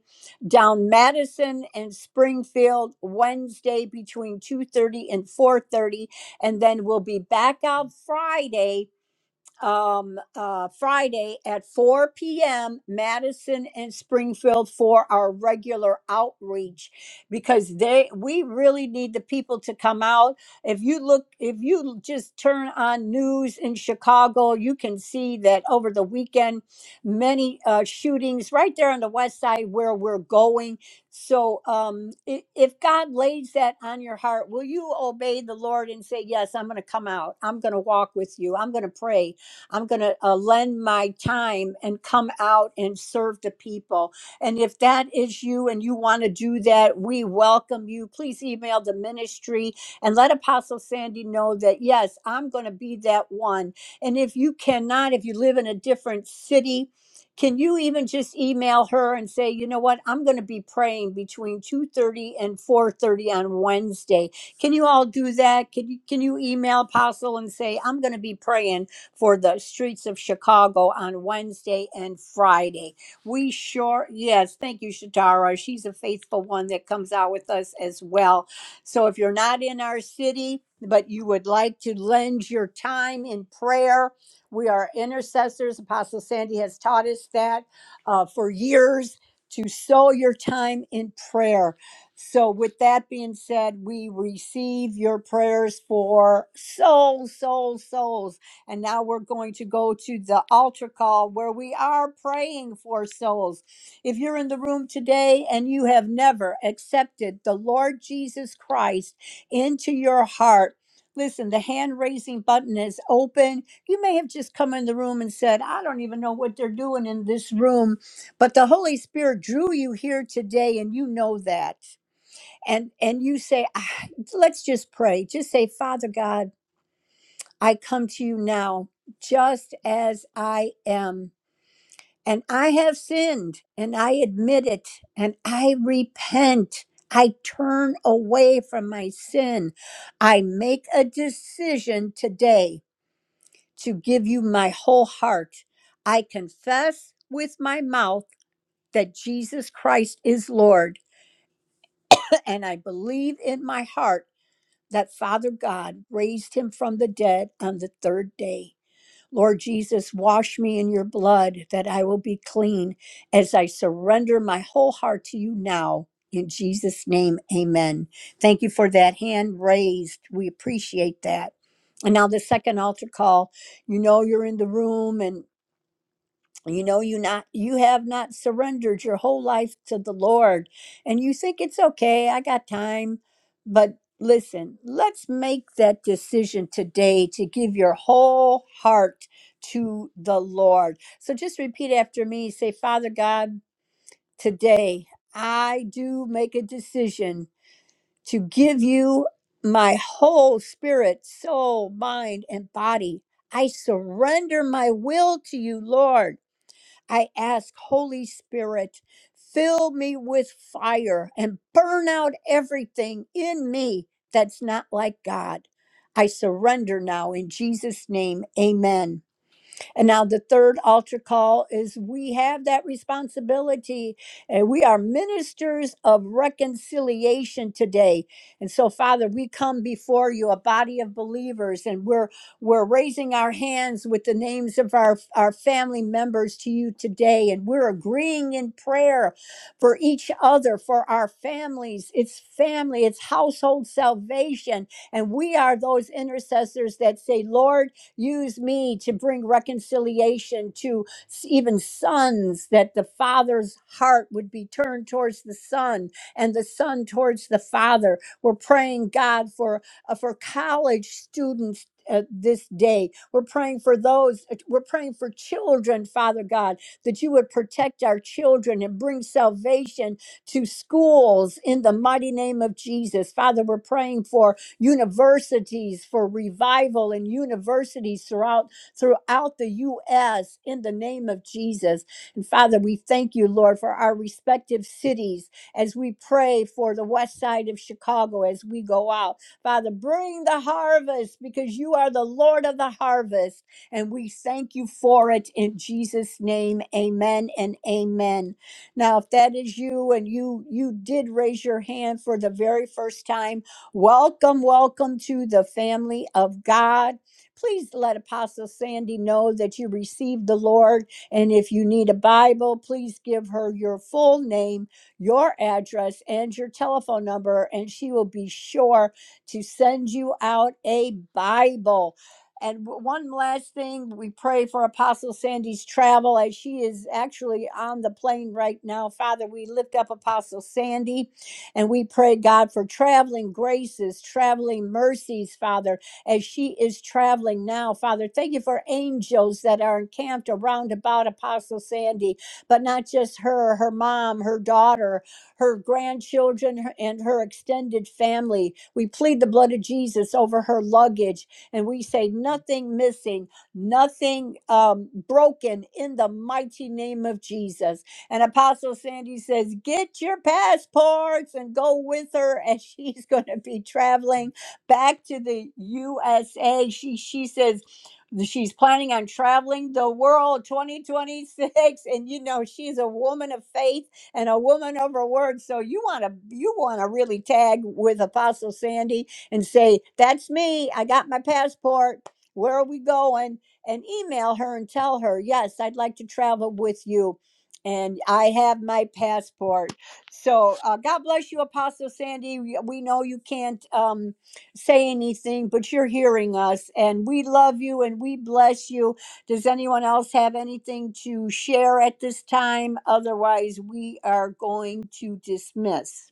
A: down madison and springfield wednesday between 2.30 and 4.30 and then we'll be back out friday um, uh, Friday at 4 p.m., Madison and Springfield for our regular outreach because they we really need the people to come out. If you look, if you just turn on news in Chicago, you can see that over the weekend, many uh, shootings right there on the west side where we're going. So, um, i- if God lays that on your heart, will you obey the Lord and say, Yes, I'm going to come out, I'm going to walk with you, I'm going to pray I'm going to uh, lend my time and come out and serve the people. And if that is you and you want to do that, we welcome you. Please email the ministry and let Apostle Sandy know that, yes, I'm going to be that one. And if you cannot, if you live in a different city, can you even just email her and say, you know what, I'm going to be praying between 2:30 and 4:30 on Wednesday. Can you all do that? Can you can you email Apostle and say, I'm going to be praying for the streets of Chicago on Wednesday and Friday. We sure, yes, thank you, Shatara. She's a faithful one that comes out with us as well. So if you're not in our city, but you would like to lend your time in prayer, we are intercessors. Apostle Sandy has taught us that uh, for years to sow your time in prayer. So, with that being said, we receive your prayers for souls, souls, souls and now we're going to go to the altar call where we are praying for souls. If you're in the room today and you have never accepted the Lord Jesus Christ into your heart, Listen, the hand raising button is open. You may have just come in the room and said, I don't even know what they're doing in this room, but the Holy Spirit drew you here today and you know that. And and you say, "Ah, let's just pray. Just say, Father God, I come to you now just as I am. And I have sinned, and I admit it, and I repent. I turn away from my sin. I make a decision today to give you my whole heart. I confess with my mouth that Jesus Christ is Lord, and I believe in my heart that Father God raised him from the dead on the third day. Lord Jesus, wash me in your blood that I will be clean as I surrender my whole heart to you now. In Jesus' name, amen. Thank you for that hand raised. We appreciate that. And now the second altar call. You know you're in the room and you know you not you have not surrendered your whole life to the lord and you think it's okay i got time but listen let's make that decision today to give your whole heart to the lord so just repeat after me say father god today i do make a decision to give you my whole spirit soul mind and body i surrender my will to you lord I ask, Holy Spirit, fill me with fire and burn out everything in me that's not like God. I surrender now in Jesus' name. Amen. And now the third altar call is we have that responsibility and we are ministers of reconciliation today. And so Father, we come before you a body of believers and we're we're raising our hands with the names of our our family members to you today and we're agreeing in prayer for each other, for our families. It's family, it's household salvation and we are those intercessors that say, "Lord, Use me to bring reconciliation to s- even sons, that the father's heart would be turned towards the son and the son towards the father. We're praying, God, for, uh, for college students. Uh, this day, we're praying for those, uh, we're praying for children, Father God, that you would protect our children and bring salvation to schools in the mighty name of Jesus. Father, we're praying for universities for revival and universities throughout throughout the US in the name of Jesus. And Father, we thank you, Lord, for our respective cities as we pray for the west side of Chicago as we go out. Father, bring the harvest because you are the Lord of the harvest. And we thank you for it in Jesus' name. Amen and amen. Now, if that is you and you you did raise your hand for the very first time, Welcome, welcome to the family of God. Please let Apostle Sandy know that you received the Lord. And if you need a Bible, please give her your full name, your address, and your telephone number, and she will be sure to send you out a Bible. And w- one last thing, we pray for Apostle Sandy's travel as she is actually on the plane right now. Father, we lift up Apostle Sandy. And we pray, God, for traveling graces, traveling mercies, Father, as she is traveling now, Father. Thank you for angels that are encamped around about Apostle Sandy, but not just her, her mom, her daughter, her grandchildren, her- and her extended family. We plead the blood of Jesus over her luggage, and we say, nothing missing, nothing um, broken in the mighty name of Jesus. And Apostle Sandy says, Get your passports and go with her as she's going to be traveling back to the USA. She, she says, She's planning on traveling the world 2026 and you know she's a woman of faith and a woman of her word so you want to you want to really tag with Apostle Sandy and say that's me I got my passport where are we going and email her and tell her yes I'd like to travel with you and I have my passport. So uh, God bless you, Apostle Sandy. We, we know you can't um, say anything, but you're hearing us, and we love you and we bless you. Does anyone else have anything to share at this time? Otherwise, we are going to dismiss.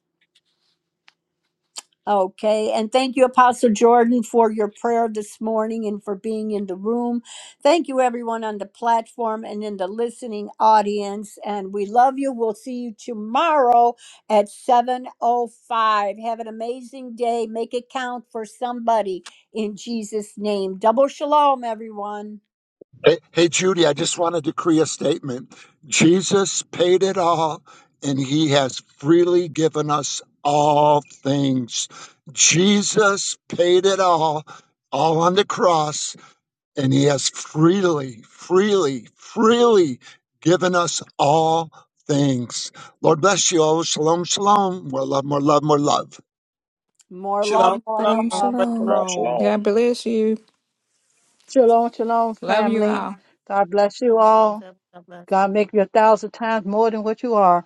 A: Okay, and thank you, Apostle Jordan, for your prayer this morning and for being in the room. Thank you, everyone on the platform and in the listening audience. And we love you. We'll see you tomorrow at 7.05. Have an amazing day. Make it count for somebody in Jesus' name. Double shalom, everyone.
D: Hey, hey, Judy, I just want to decree a statement. Jesus paid it all, and he has freely given us all things. Jesus paid it all, all on the cross. and he has freely, freely, freely given us all things. Lord bless you all. Shalom, shalom. More love, more love, more love.
A: More love,
E: Shalom,
A: more
Q: Shalom,
E: shalom,
A: love.
E: great
Q: shalom.
E: room.
I: Shalom, shalom,
B: Love you
I: family.
B: all.
I: God bless you
P: Double shalom,
I: all.
P: family. God bless.
I: God make you a thousand times more than what you are.